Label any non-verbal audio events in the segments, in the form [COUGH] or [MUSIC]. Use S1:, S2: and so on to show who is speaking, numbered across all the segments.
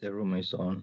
S1: The room is on.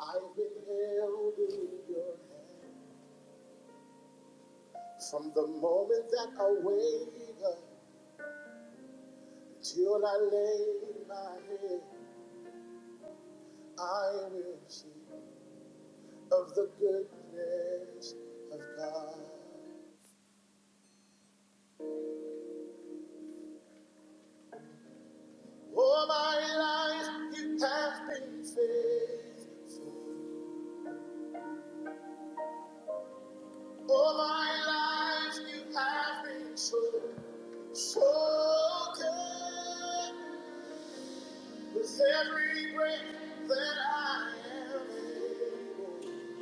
S2: I have been held in your hand from the moment that I wake up till I lay my head. I will sing of the goodness of God. All my life you have been faithful. All my life you have been so, so good. With every breath that I am able,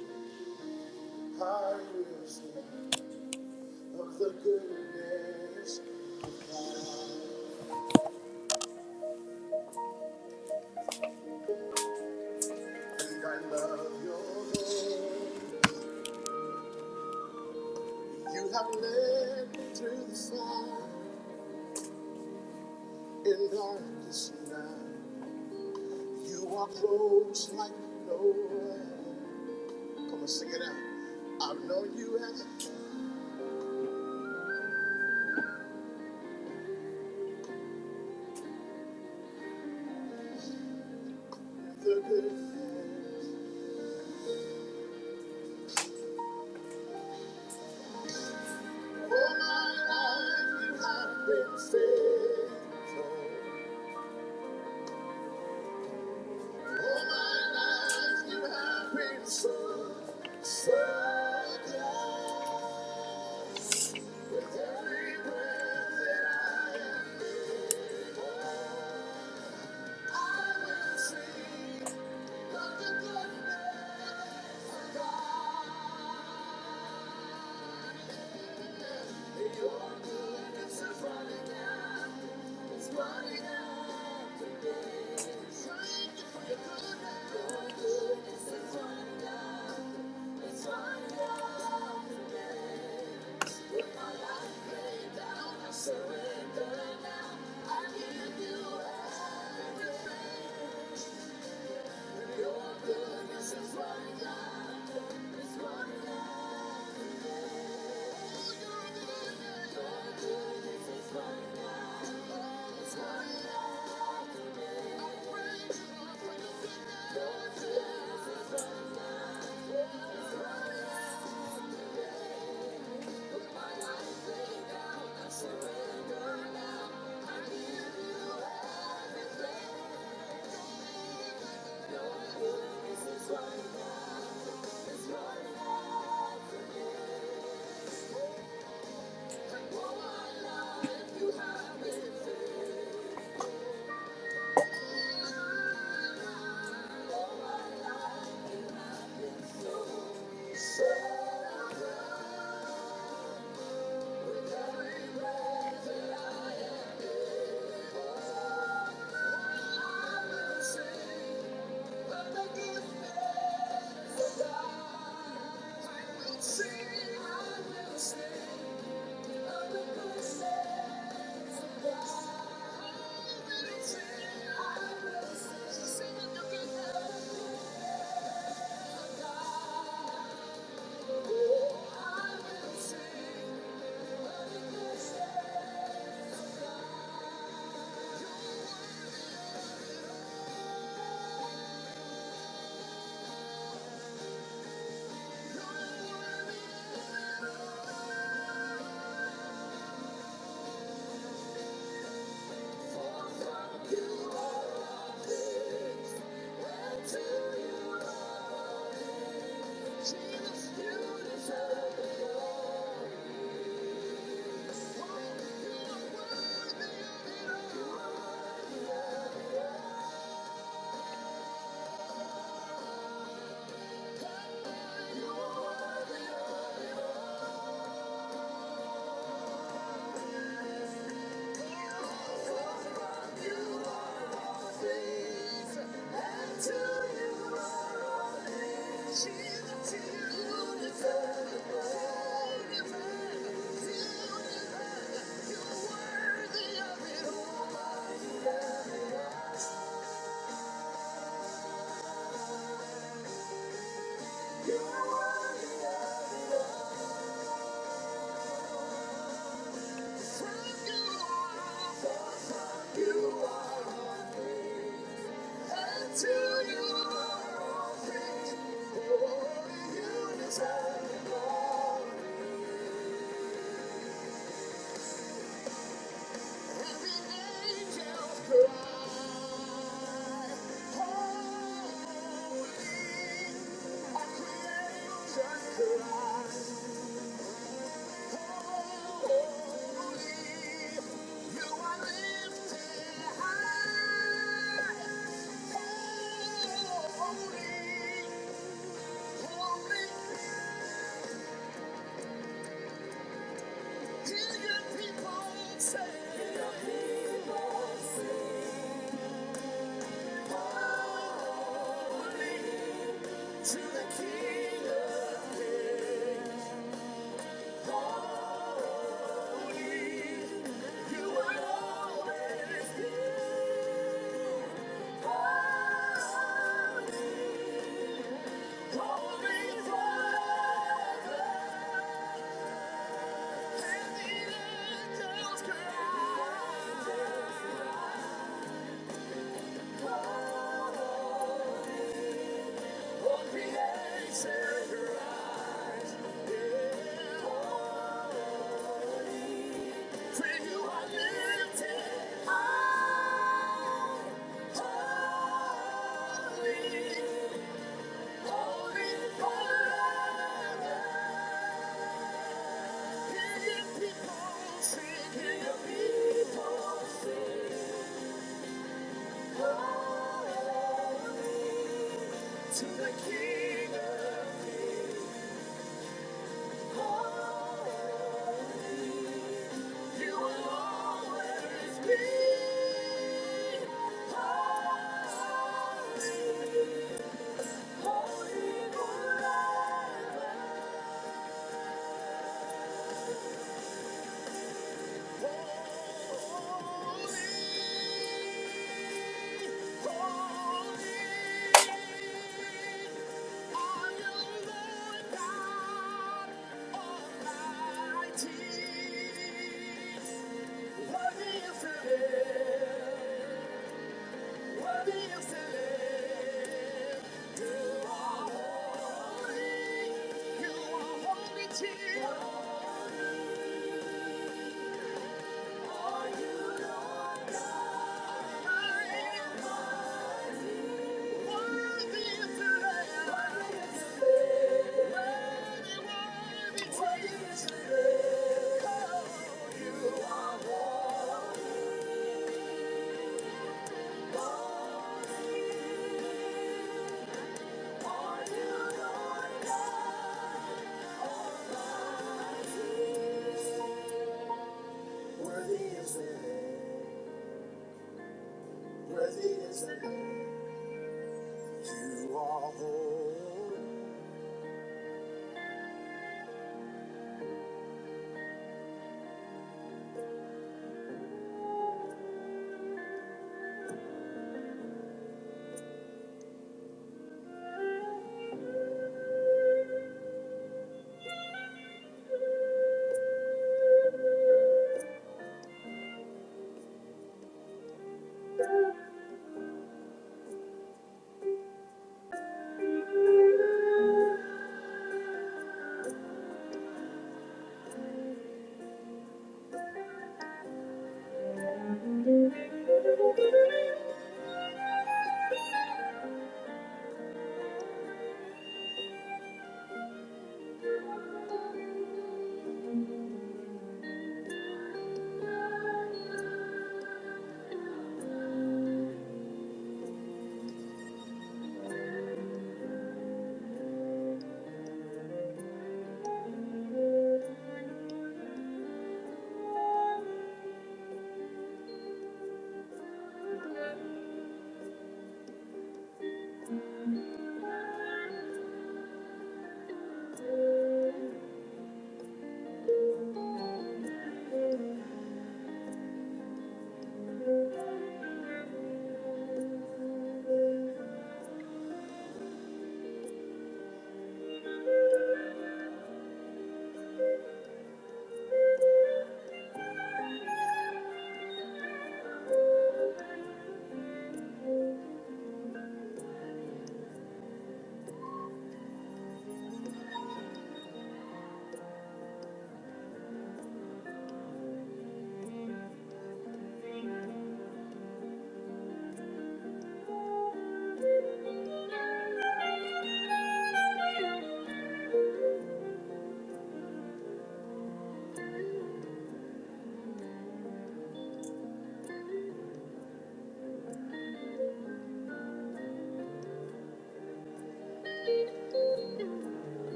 S2: I will sing of the goodness of God. I Think I love your Lord. You have led me through the fire in darkest night. You are close like no one. Come on, sing it out. I've known you as the good friend. So so good, I will sing. Surrender now. I give you everything. Your goodness is running out. It's running out. Oh, your goodness. is running out. It's running out. I pray, I pray your goodness. Your goodness is running out. It's running out. Put my life laid down. I surrender now. I give you everything. Your goodness is running out. Thank you. Thank you. are worthy. You are on me. Holy, holy, Do your people say? Holy to the King of Kings. Holy, you will always be. Holy, holy forever. And the angels cry. Oh, creator, yeah. Oh, for you I lifted high. Holy, holy people sing, hear people sing. Holy to the King of Kings. Holy. You will always be holy, holy forever. Holy are you, Lord God Almighty. Worthy is the Lamb, worthy is the Lamb. You are holy, Jesus. Worthy is the Lamb. Worthy is the Lamb. Worthy is the worthy is the You are holy,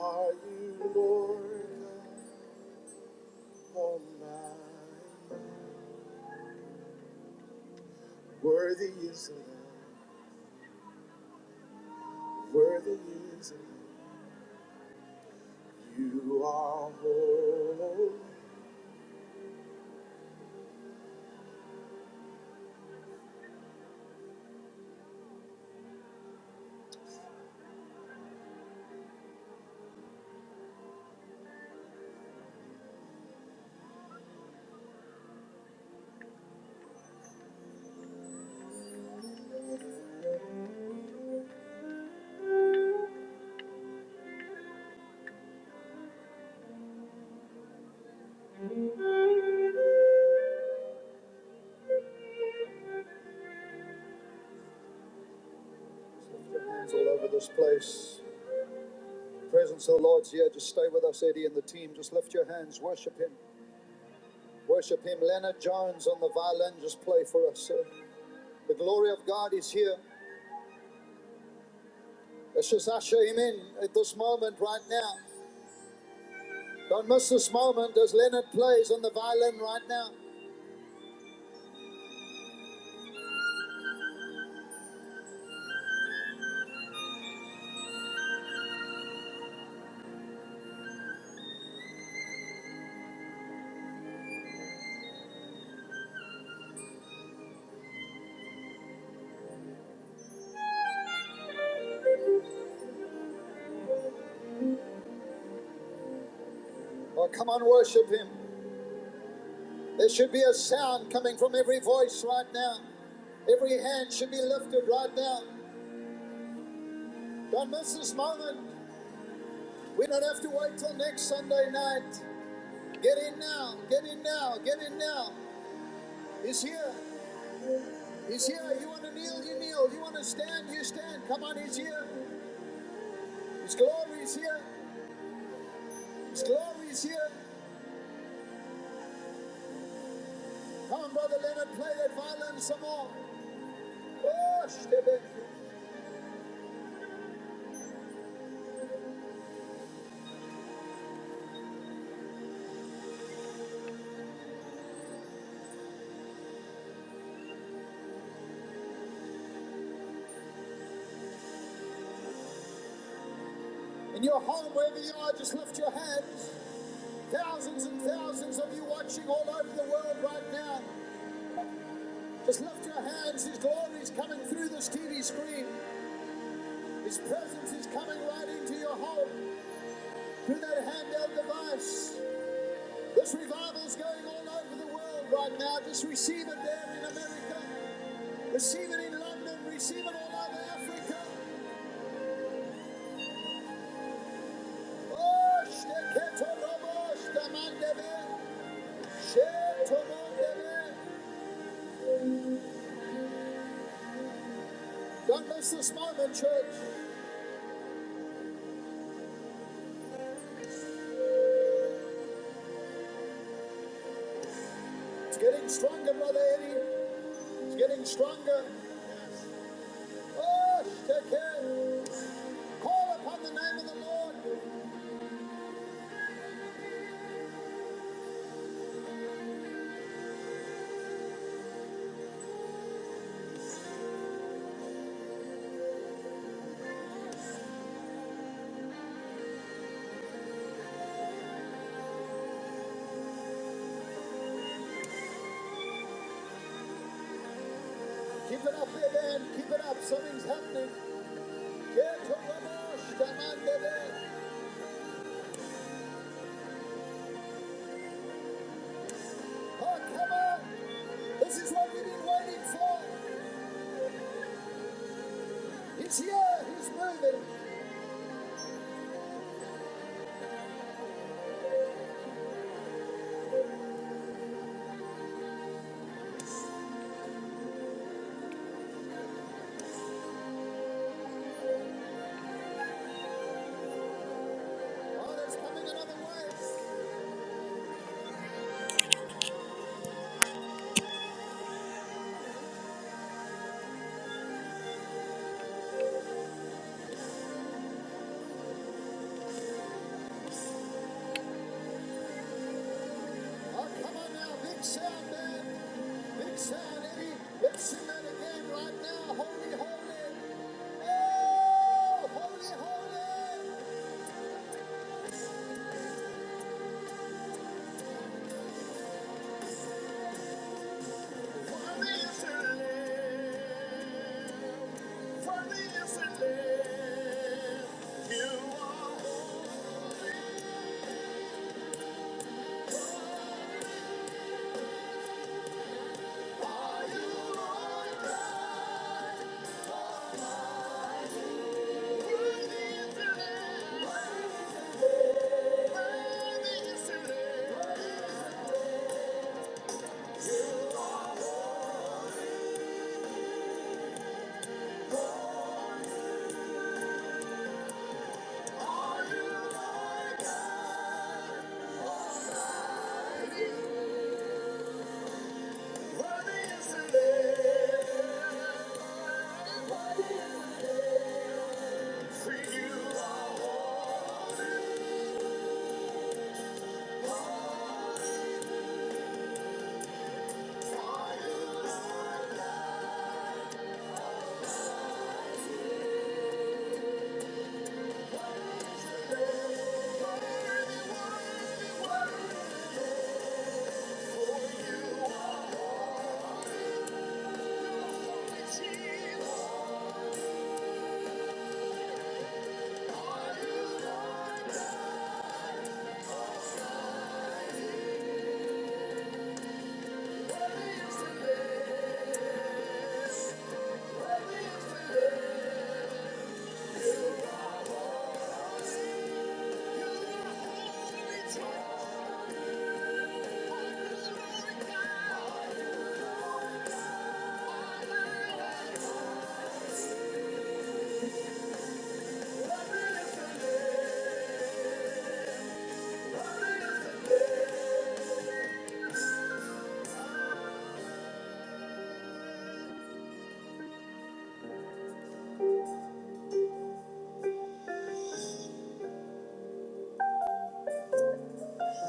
S2: are you Lord God Almighty? Worthy is the Lamb, worthy is the Lamb. You are holy. Lift your hands all over this place. Presence of the Lord's here. Just stay with us, Eddie, and the team. Just lift your hands, worship Him. Worship him. Leonard Jones on the violin, just play for us. sir. The glory of God is here. Let's just usher him in at this moment right now. Don't miss this moment as Leonard plays on the violin right now. Oh, come on, worship him. There should be a sound coming from every voice right now. Every hand should be lifted right now. Don't miss this moment. We don't have to wait till next Sunday night. Get in now. Get in now. Get in now. He's here. He's here. You want to kneel, you kneel. You want to stand, you stand. Come on, he's here. His glory is here. His glory is here. Come on, brother Leonard, play that violin some more. Oh, shtebe. in your home, wherever you are, just lift your hands. Thousands and thousands of you watching all over the world right now. Just lift your hands. His glory is coming through this TV screen. His presence is coming right into your home through that handheld device. This revival is going all over the world right now. Just receive it there in America. Receive it in London, receive it all over Africa. Oh, Sheketo Robo, Shtamandebe, Don't miss this moment, church. It's getting stronger, Brother Eddie. It's getting stronger. Oh, keep it up, baby, and keep it up. Something's happening. Sheketo Robo, Oh, come on. This is what we've been waiting for. He's here. He's moving. Oh, come on now. Big sound, man. Big sound, Eddie. Let's sing that again right now. Holy, holy. Oh, holy, holy. Worthy is the Lamb. Worthy is the Lamb. Worthy is the Lamb. Worthy is the Lamb. Are you my God? Worthy is the Lamb. Worthy is the Lamb. For you are. Are you Lord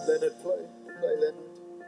S2: Leonard play, play by Leonard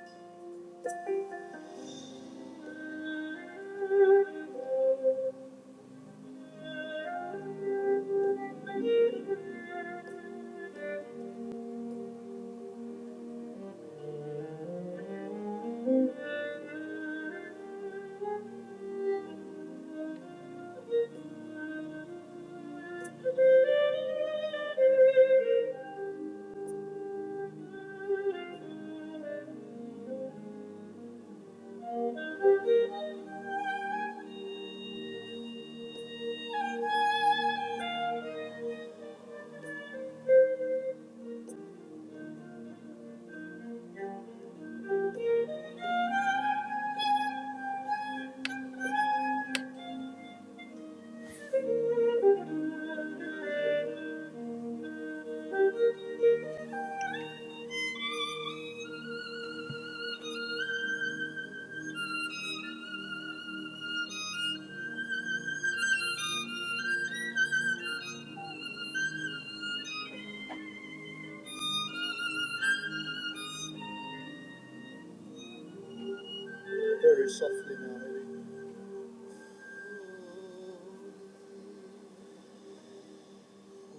S2: very softly now. Maybe.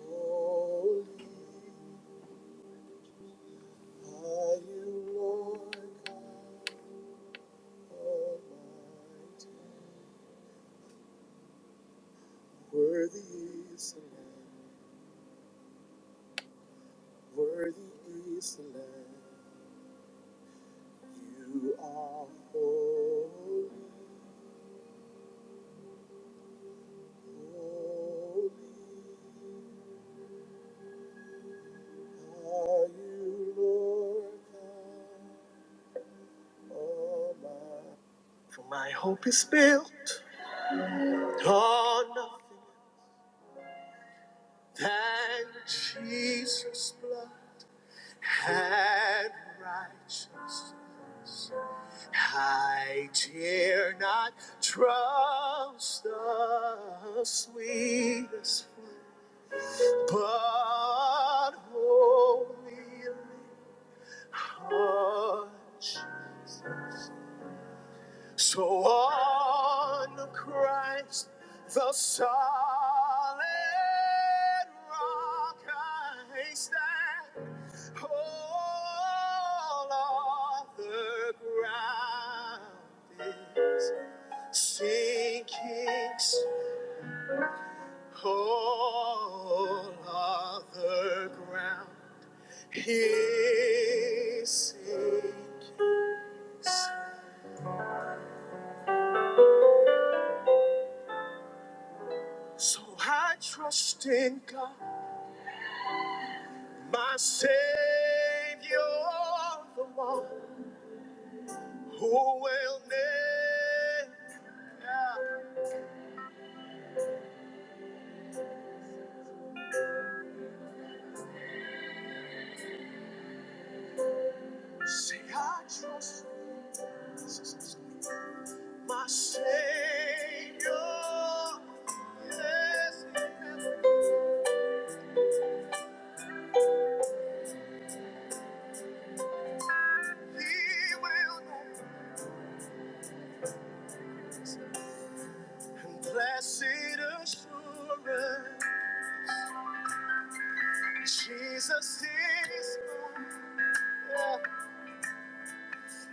S2: Holy are you, Lord God Almighty. Worthy is the Lamb. Worthy is the Lamb. You are holy, holy. Are you Lord God Almighty? For my hope is built on nothing than Jesus' blood and righteousness. I dare not trust the sweetest, friend, but only a hush. So on Christ, the solid rock I stand. All other ground is sinkings all other ground He sinks. So I trust in God, my Savior, the one who will never say I trust Jesus, my Savior. Yes, He will never. And blessed assurance. Jesus is born.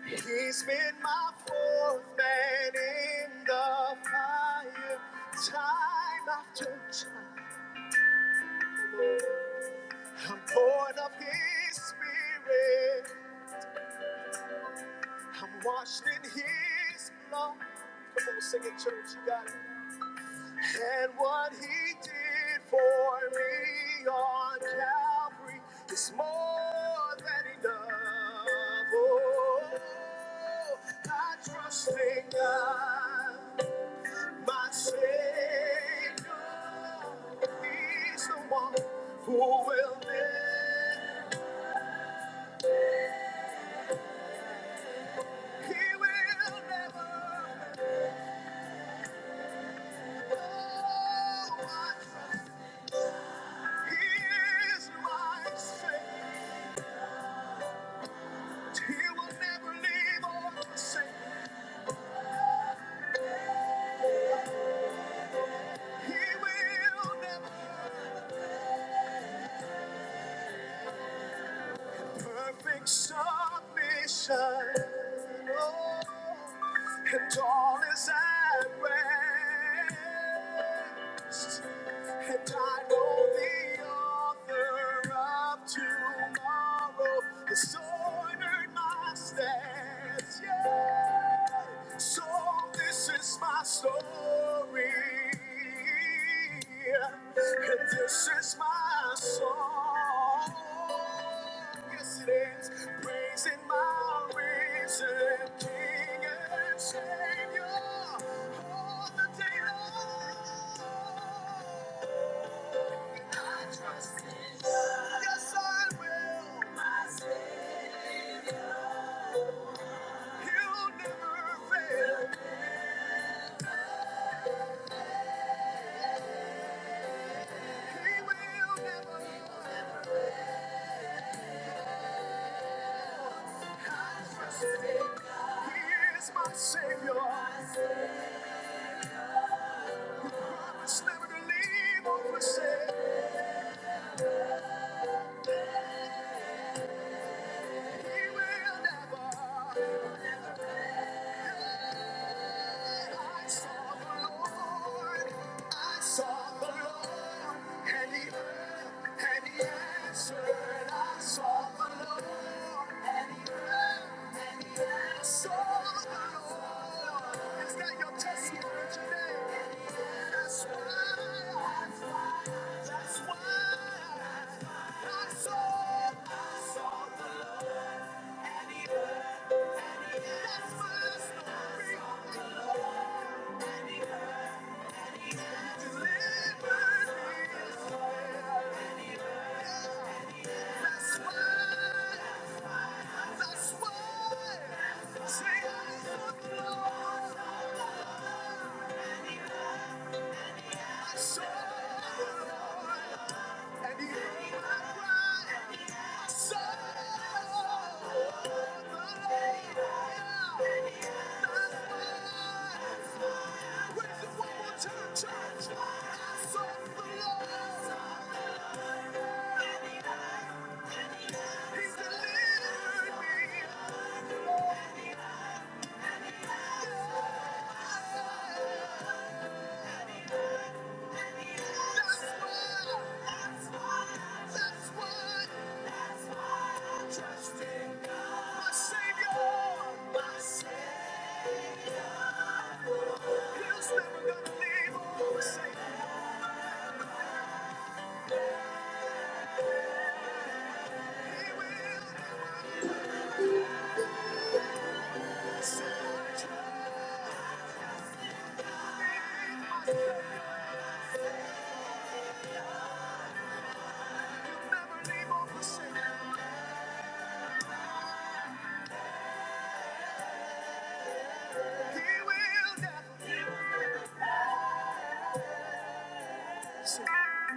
S2: He's been my fourth man in the fire. Time after time, I'm born of His Spirit. I'm washed in His blood. Come on, sing it, church. You got it. And what He did for me on Calvary is more than enough. Oh, I trust in God, my Savior. He's the one who will live. He will never. Oh, He is my Savior. He will never leave or forsake. He will never. And this is my song. Yes, it is. Praising my risen King and Savior all the day long. And I trust in You. Yes, I will. My Savior. He'll never fail. He is my Savior. He's never to leave or forsake. He will never. I saw the Lord, I saw the Lord, and he answered. I saw the Lord, and he answered. I saw, the Lord, and he heard That's why. He delivered me.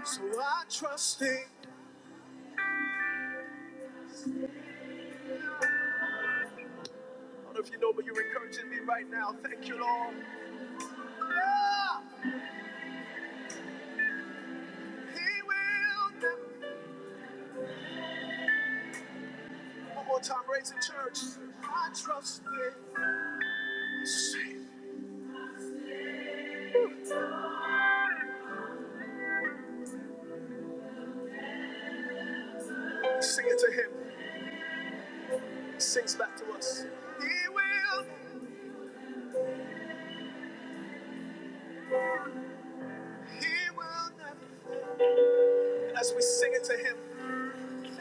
S2: So I sing. I don't know if you know, but you're encouraging me right now. Thank you, Lord. Yeah, He will never. One more time, raise in church. I trust in Sing it to him. He sings back to us. He will, he will never. And as we sing it to him,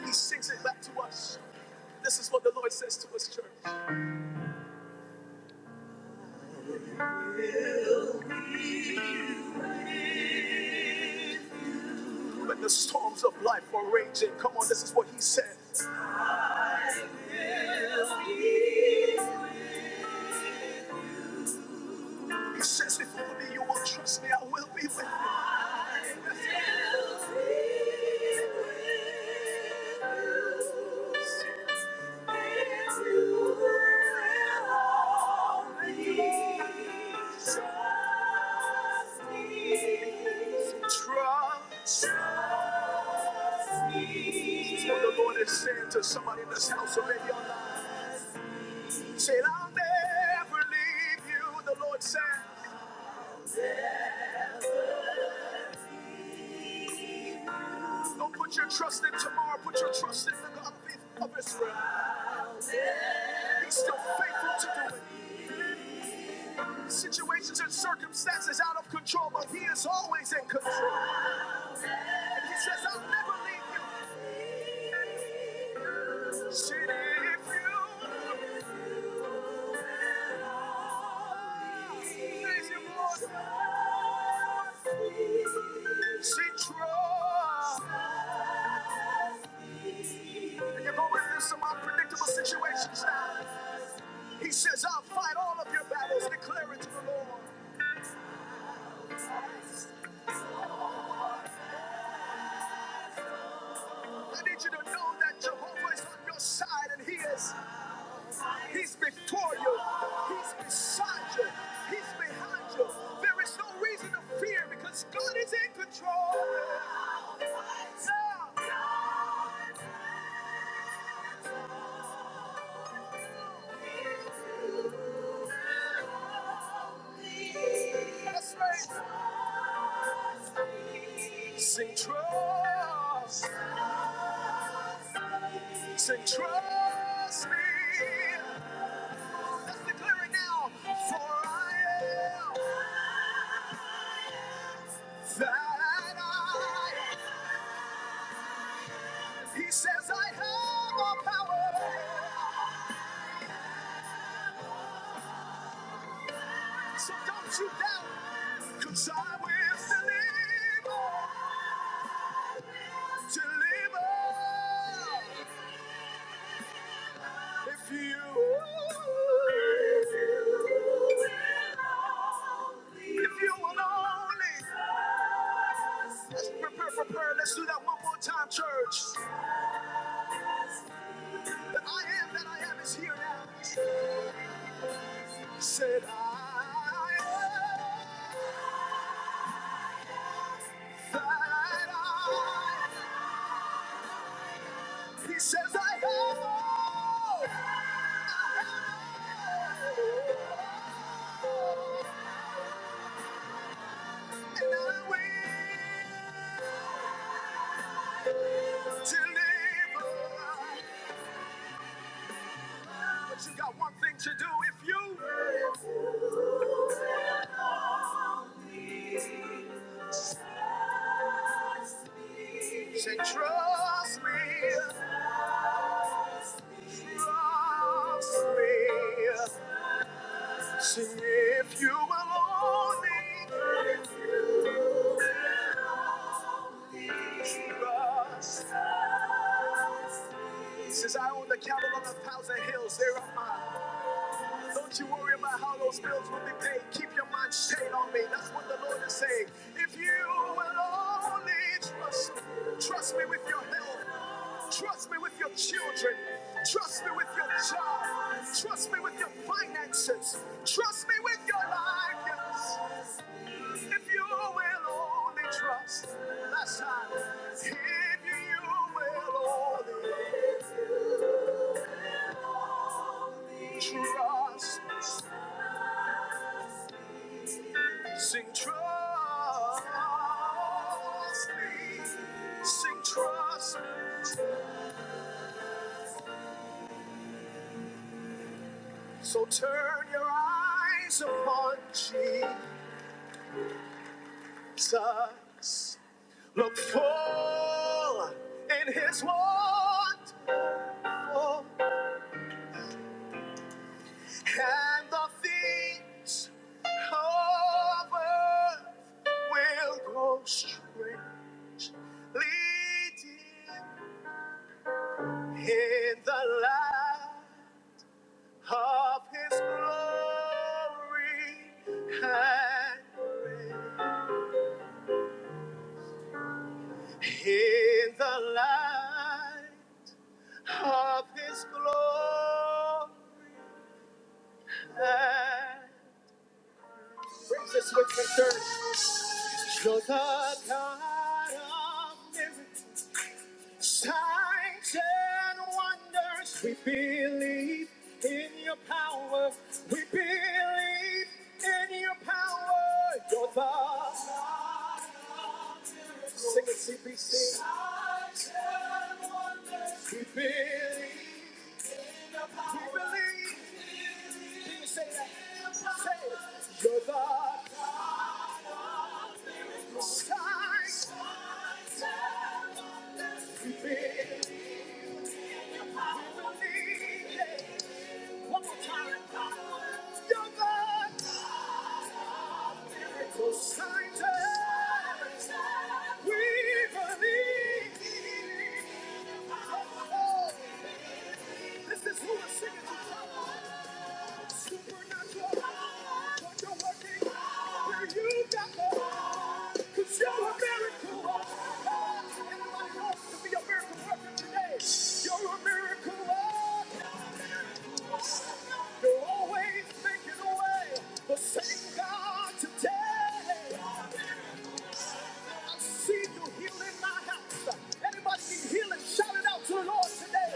S2: he sings it back to us. This is what the Lord says to us, church. When the storms of life are raging, come on, this is what he said. I will be with you. He says, if only you will trust me, I will be with you. Trust me. That's what the Lord is saying to somebody in this house or maybe online. Say, I'll never leave you, the Lord says. Don't put your trust in tomorrow, put your trust in the God of Israel. He's still faithful to do it. Situations and circumstances out of control, but He is always in control. And He says, I'll never leave you. Said, if you praise Him, Lord, see trust. And you're going through some unpredictable situations now. He says, I'll fight all of your battles, declare it to the Lord. I need you to know that Jehovah is on your side and He is. He's before you. He's beside you. He's behind you. There is no reason to fear because God is in control. Sing trust, sing trust me. Let's declare it now. For I am that I. He says I have all power. So don't you doubt, cause I will deliver, deliver. If you, if you will only, let's prepare for prayer. Let's do that one more time, church. The I am that I am is here now. He Said I am that I am. He says I am. all. I am all. But you got one thing to do if you say trust me, trust me. Sing if you will only trust. He says I own the cattle on a thousand hills, they are mine. Don't you worry about how those bills will be paid. Keep your mind stayed on me. That's what the Lord is saying. If you will only trust, trust me with your health. Trust me with your children. Trust me with your job. Trust me with your finances. Trust me with your life. Yes. If you will only trust, last time. If you will only trust. Sing trust me. Sing trust. So turn your eyes upon Jesus. Look full in his wonderful and the things of earth will grow strangely dim. His six CBC. This is who we're singing to. Anybody need healing? Shout it out to the Lord today.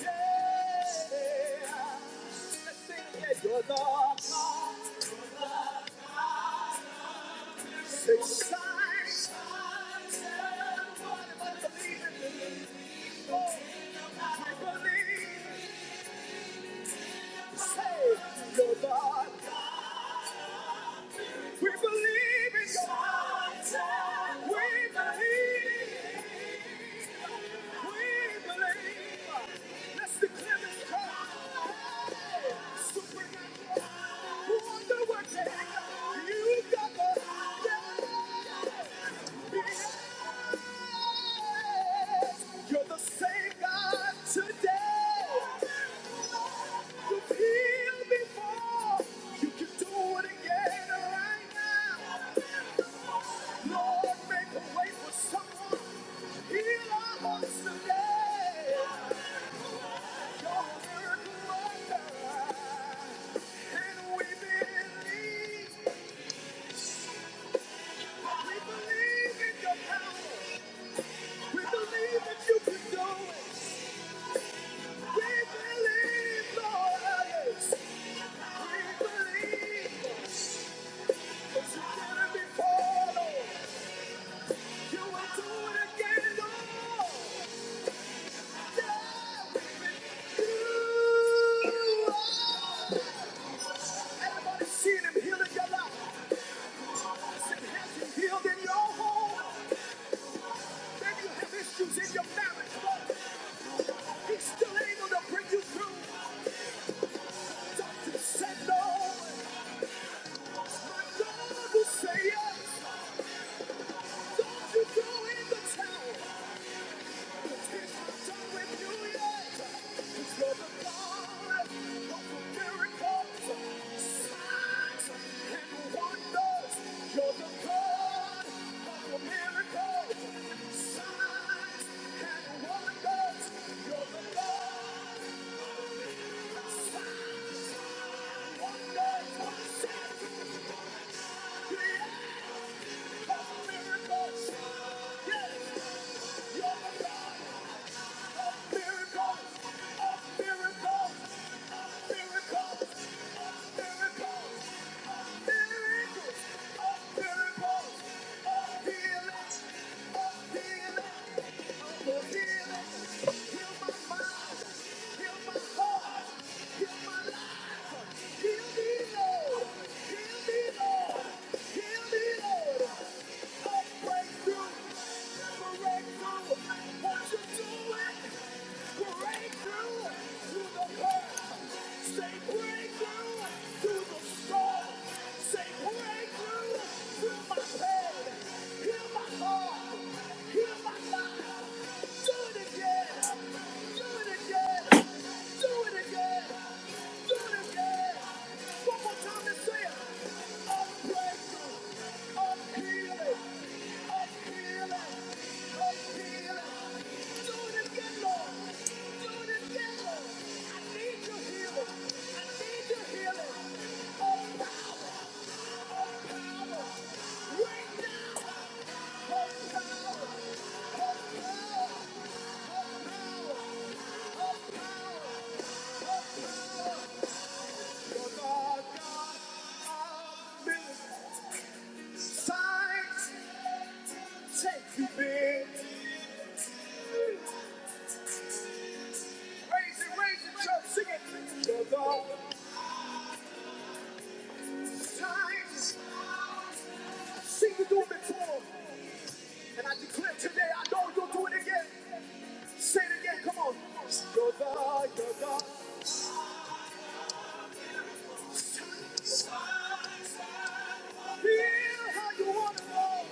S2: Yeah. Let's sing You're the You got the You're the same God today. You've healed before. You can do it again right now. Lord, make a way for someone. Heal our hearts today. You're a miracle worker. And we believe. We believe in your power. We believe that you can do it. We believe, Lord, yes. We believe. What you did it before, Lord. You will do it again, Lord. Yeah, we believe you. Everybody seen him heal in your life. Listen, has him healed in your home? Maybe you have issues in your marriage, but he's still able to bring you through. Just say no. My God will say yes. Don't you go in the towel. Miracles, miracles, miracles, miracles, miracles. Heal me, Lord. Do it again! Do it again! One more time and say it! Signs Take you, big. Raise it, raise it, church, sing it. The Lord times, sing you do it before. And I declare today, I know you'll do it again. Say it again, come on. You're the, you times. Feel how you want to go.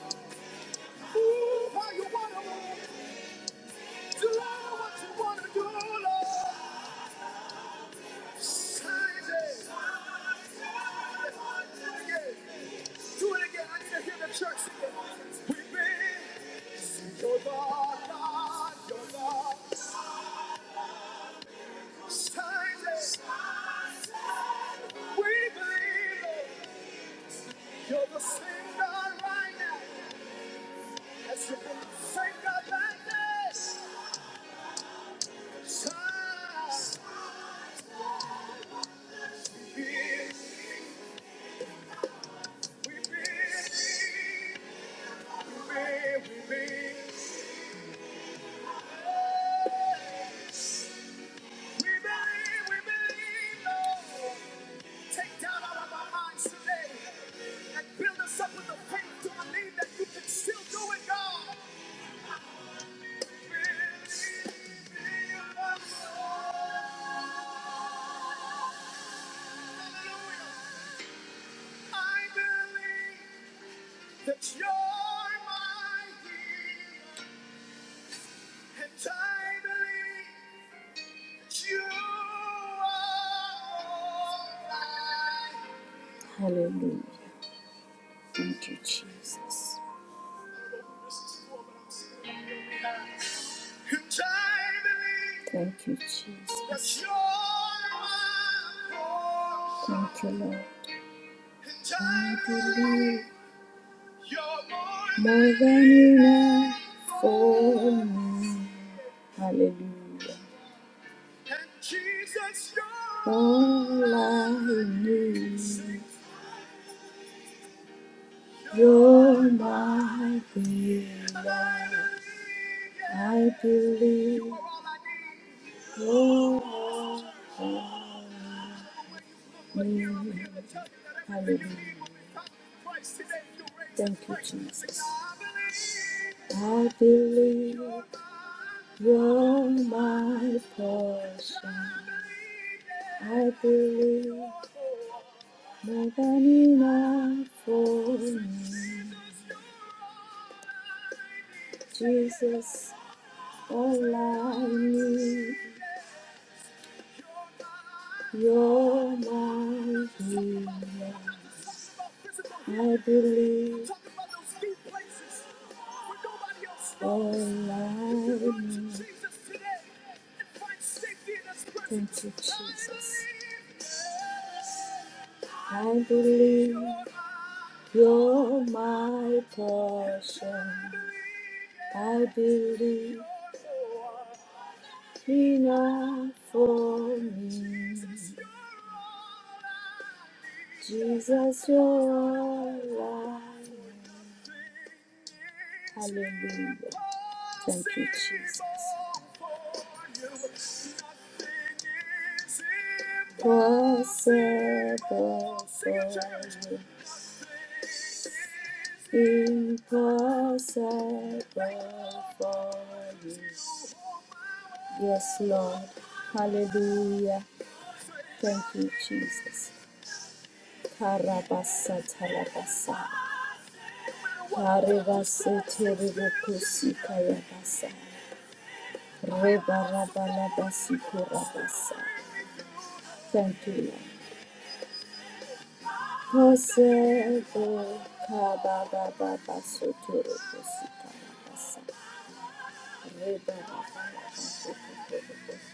S2: Move how you want to move. Do what you want to do, Lord. Times it. Do it again. Do it again. I need to hear the church sing it. We've been seen your God, God, your God. Shines it. We believe it. You're the same God right now. As you've been the same God like this. Shines. We believe. We believe. We believe. We believe. We believe. We believe. take doubt out of our minds today and build us up with the faith to believe that you can still do it, God. Believe in your love, Lord. Hallelujah. I believe that you're my healer, and I believe that you are all right. This is cool, but I'm serious. Thank you, Jesus. Thank you, Lord. I believe more than enough for me. Hallelujah. All I need, you're my healer. I believe. Oh, I oh, mm, hallelujah. Thank you, Jesus. I believe you're my portion. I believe more than enough for me. Jesus, all I need. You're my healer. I believe all I need. Thank you, Jesus. I believe you're my portion. I believe Enough for me. Jesus, you're all I need. Hallelujah. Thank you, Jesus. Possible for you. Impossible for you. Yes, Lord. Hallelujah. Thank you, Jesus. Karabasa tarabasa. Karabasa terebukusi kayabasa. Rebarabalabasi kurabasa. Thank you, Lord. Kosebo kababababaso terebukusi karabasa. Rebarabalabasi kurabasa.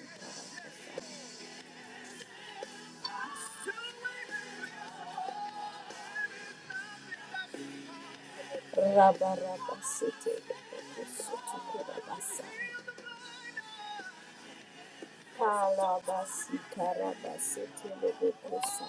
S2: Rabarabasi terebukusi kurabasa. Kalabasi karabasi telebekosa.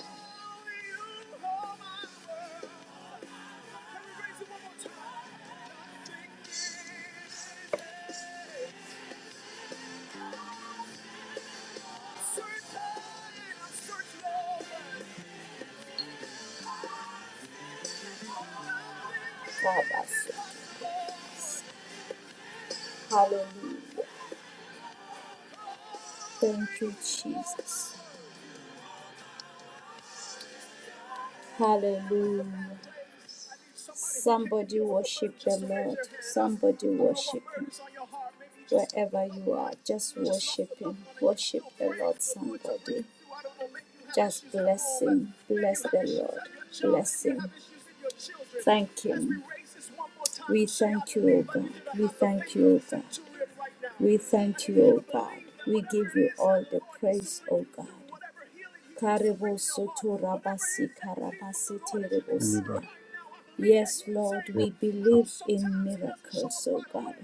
S2: Kabasi. Hallelujah. Thank you, Jesus. Hallelujah. Somebody worship the Lord. Somebody worship Him. Wherever you are, just worship Him. Worship the Lord, somebody. Just bless Him. Bless the Lord. Bless Him. Thank Him. We thank you, O God. We thank you, O God. We thank you, O God. We give you all the praise, O God. Karebo soto rabasi karabasi
S3: Anybody
S2: terebosia. Yes, Lord, we believe in miracles, oh God.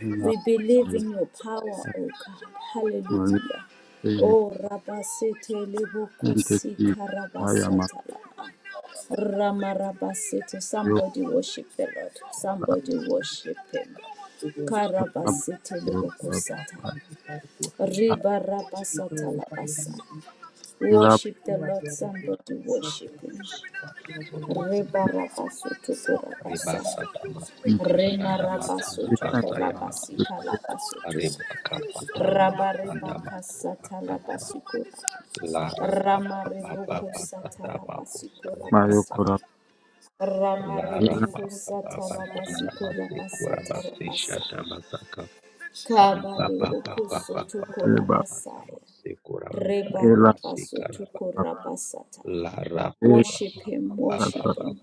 S3: na
S2: We believe in your power, oh God. Hallelujah.
S3: multi
S2: Oh, Rabasete
S3: entity
S2: Lebokosika
S3: via
S2: Rabasatala. Rama Rabasete.
S3: Matioka
S2: Somebody worship the Lord. Somebody
S4: Thank
S2: worship him.
S3: lab
S2: Karabasete
S3: Matioka
S2: Lebokosata. Riba Rabasata Labasa.
S3: lab
S2: Worship the Lord. Somebody worship him.
S1: Sota
S2: Reba Rabasoto Kurabasa.
S1: ribasa tamasika shanda matana
S2: Remarabasutu
S3: Satan
S1: basa ya
S2: korabasika
S1: makusa
S3: to
S2: labasutu.
S1: riba kapata masanda makupa
S2: Rabarebakasata
S1: tata
S2: labasikura.
S1: lara papa papa
S2: Ramarebokosata
S1: pasata makusa na
S2: labasikura
S1: pasana
S3: Mayokora
S2: basara.
S1: lara papa
S2: Ramarebokosata
S1: papa sanda
S2: labasikura
S1: masikura
S2: basata
S1: basisha
S2: rabasara.
S1: tamasaka riba papa papa
S2: Kabalebokosoto
S1: papa pasata
S2: korabasaya.
S1: masikura basaya masika
S2: Rebarabasutu
S1: raba
S2: korabasata.
S1: lara papa
S2: Worship him,
S1: papa
S2: worship him.
S1: papa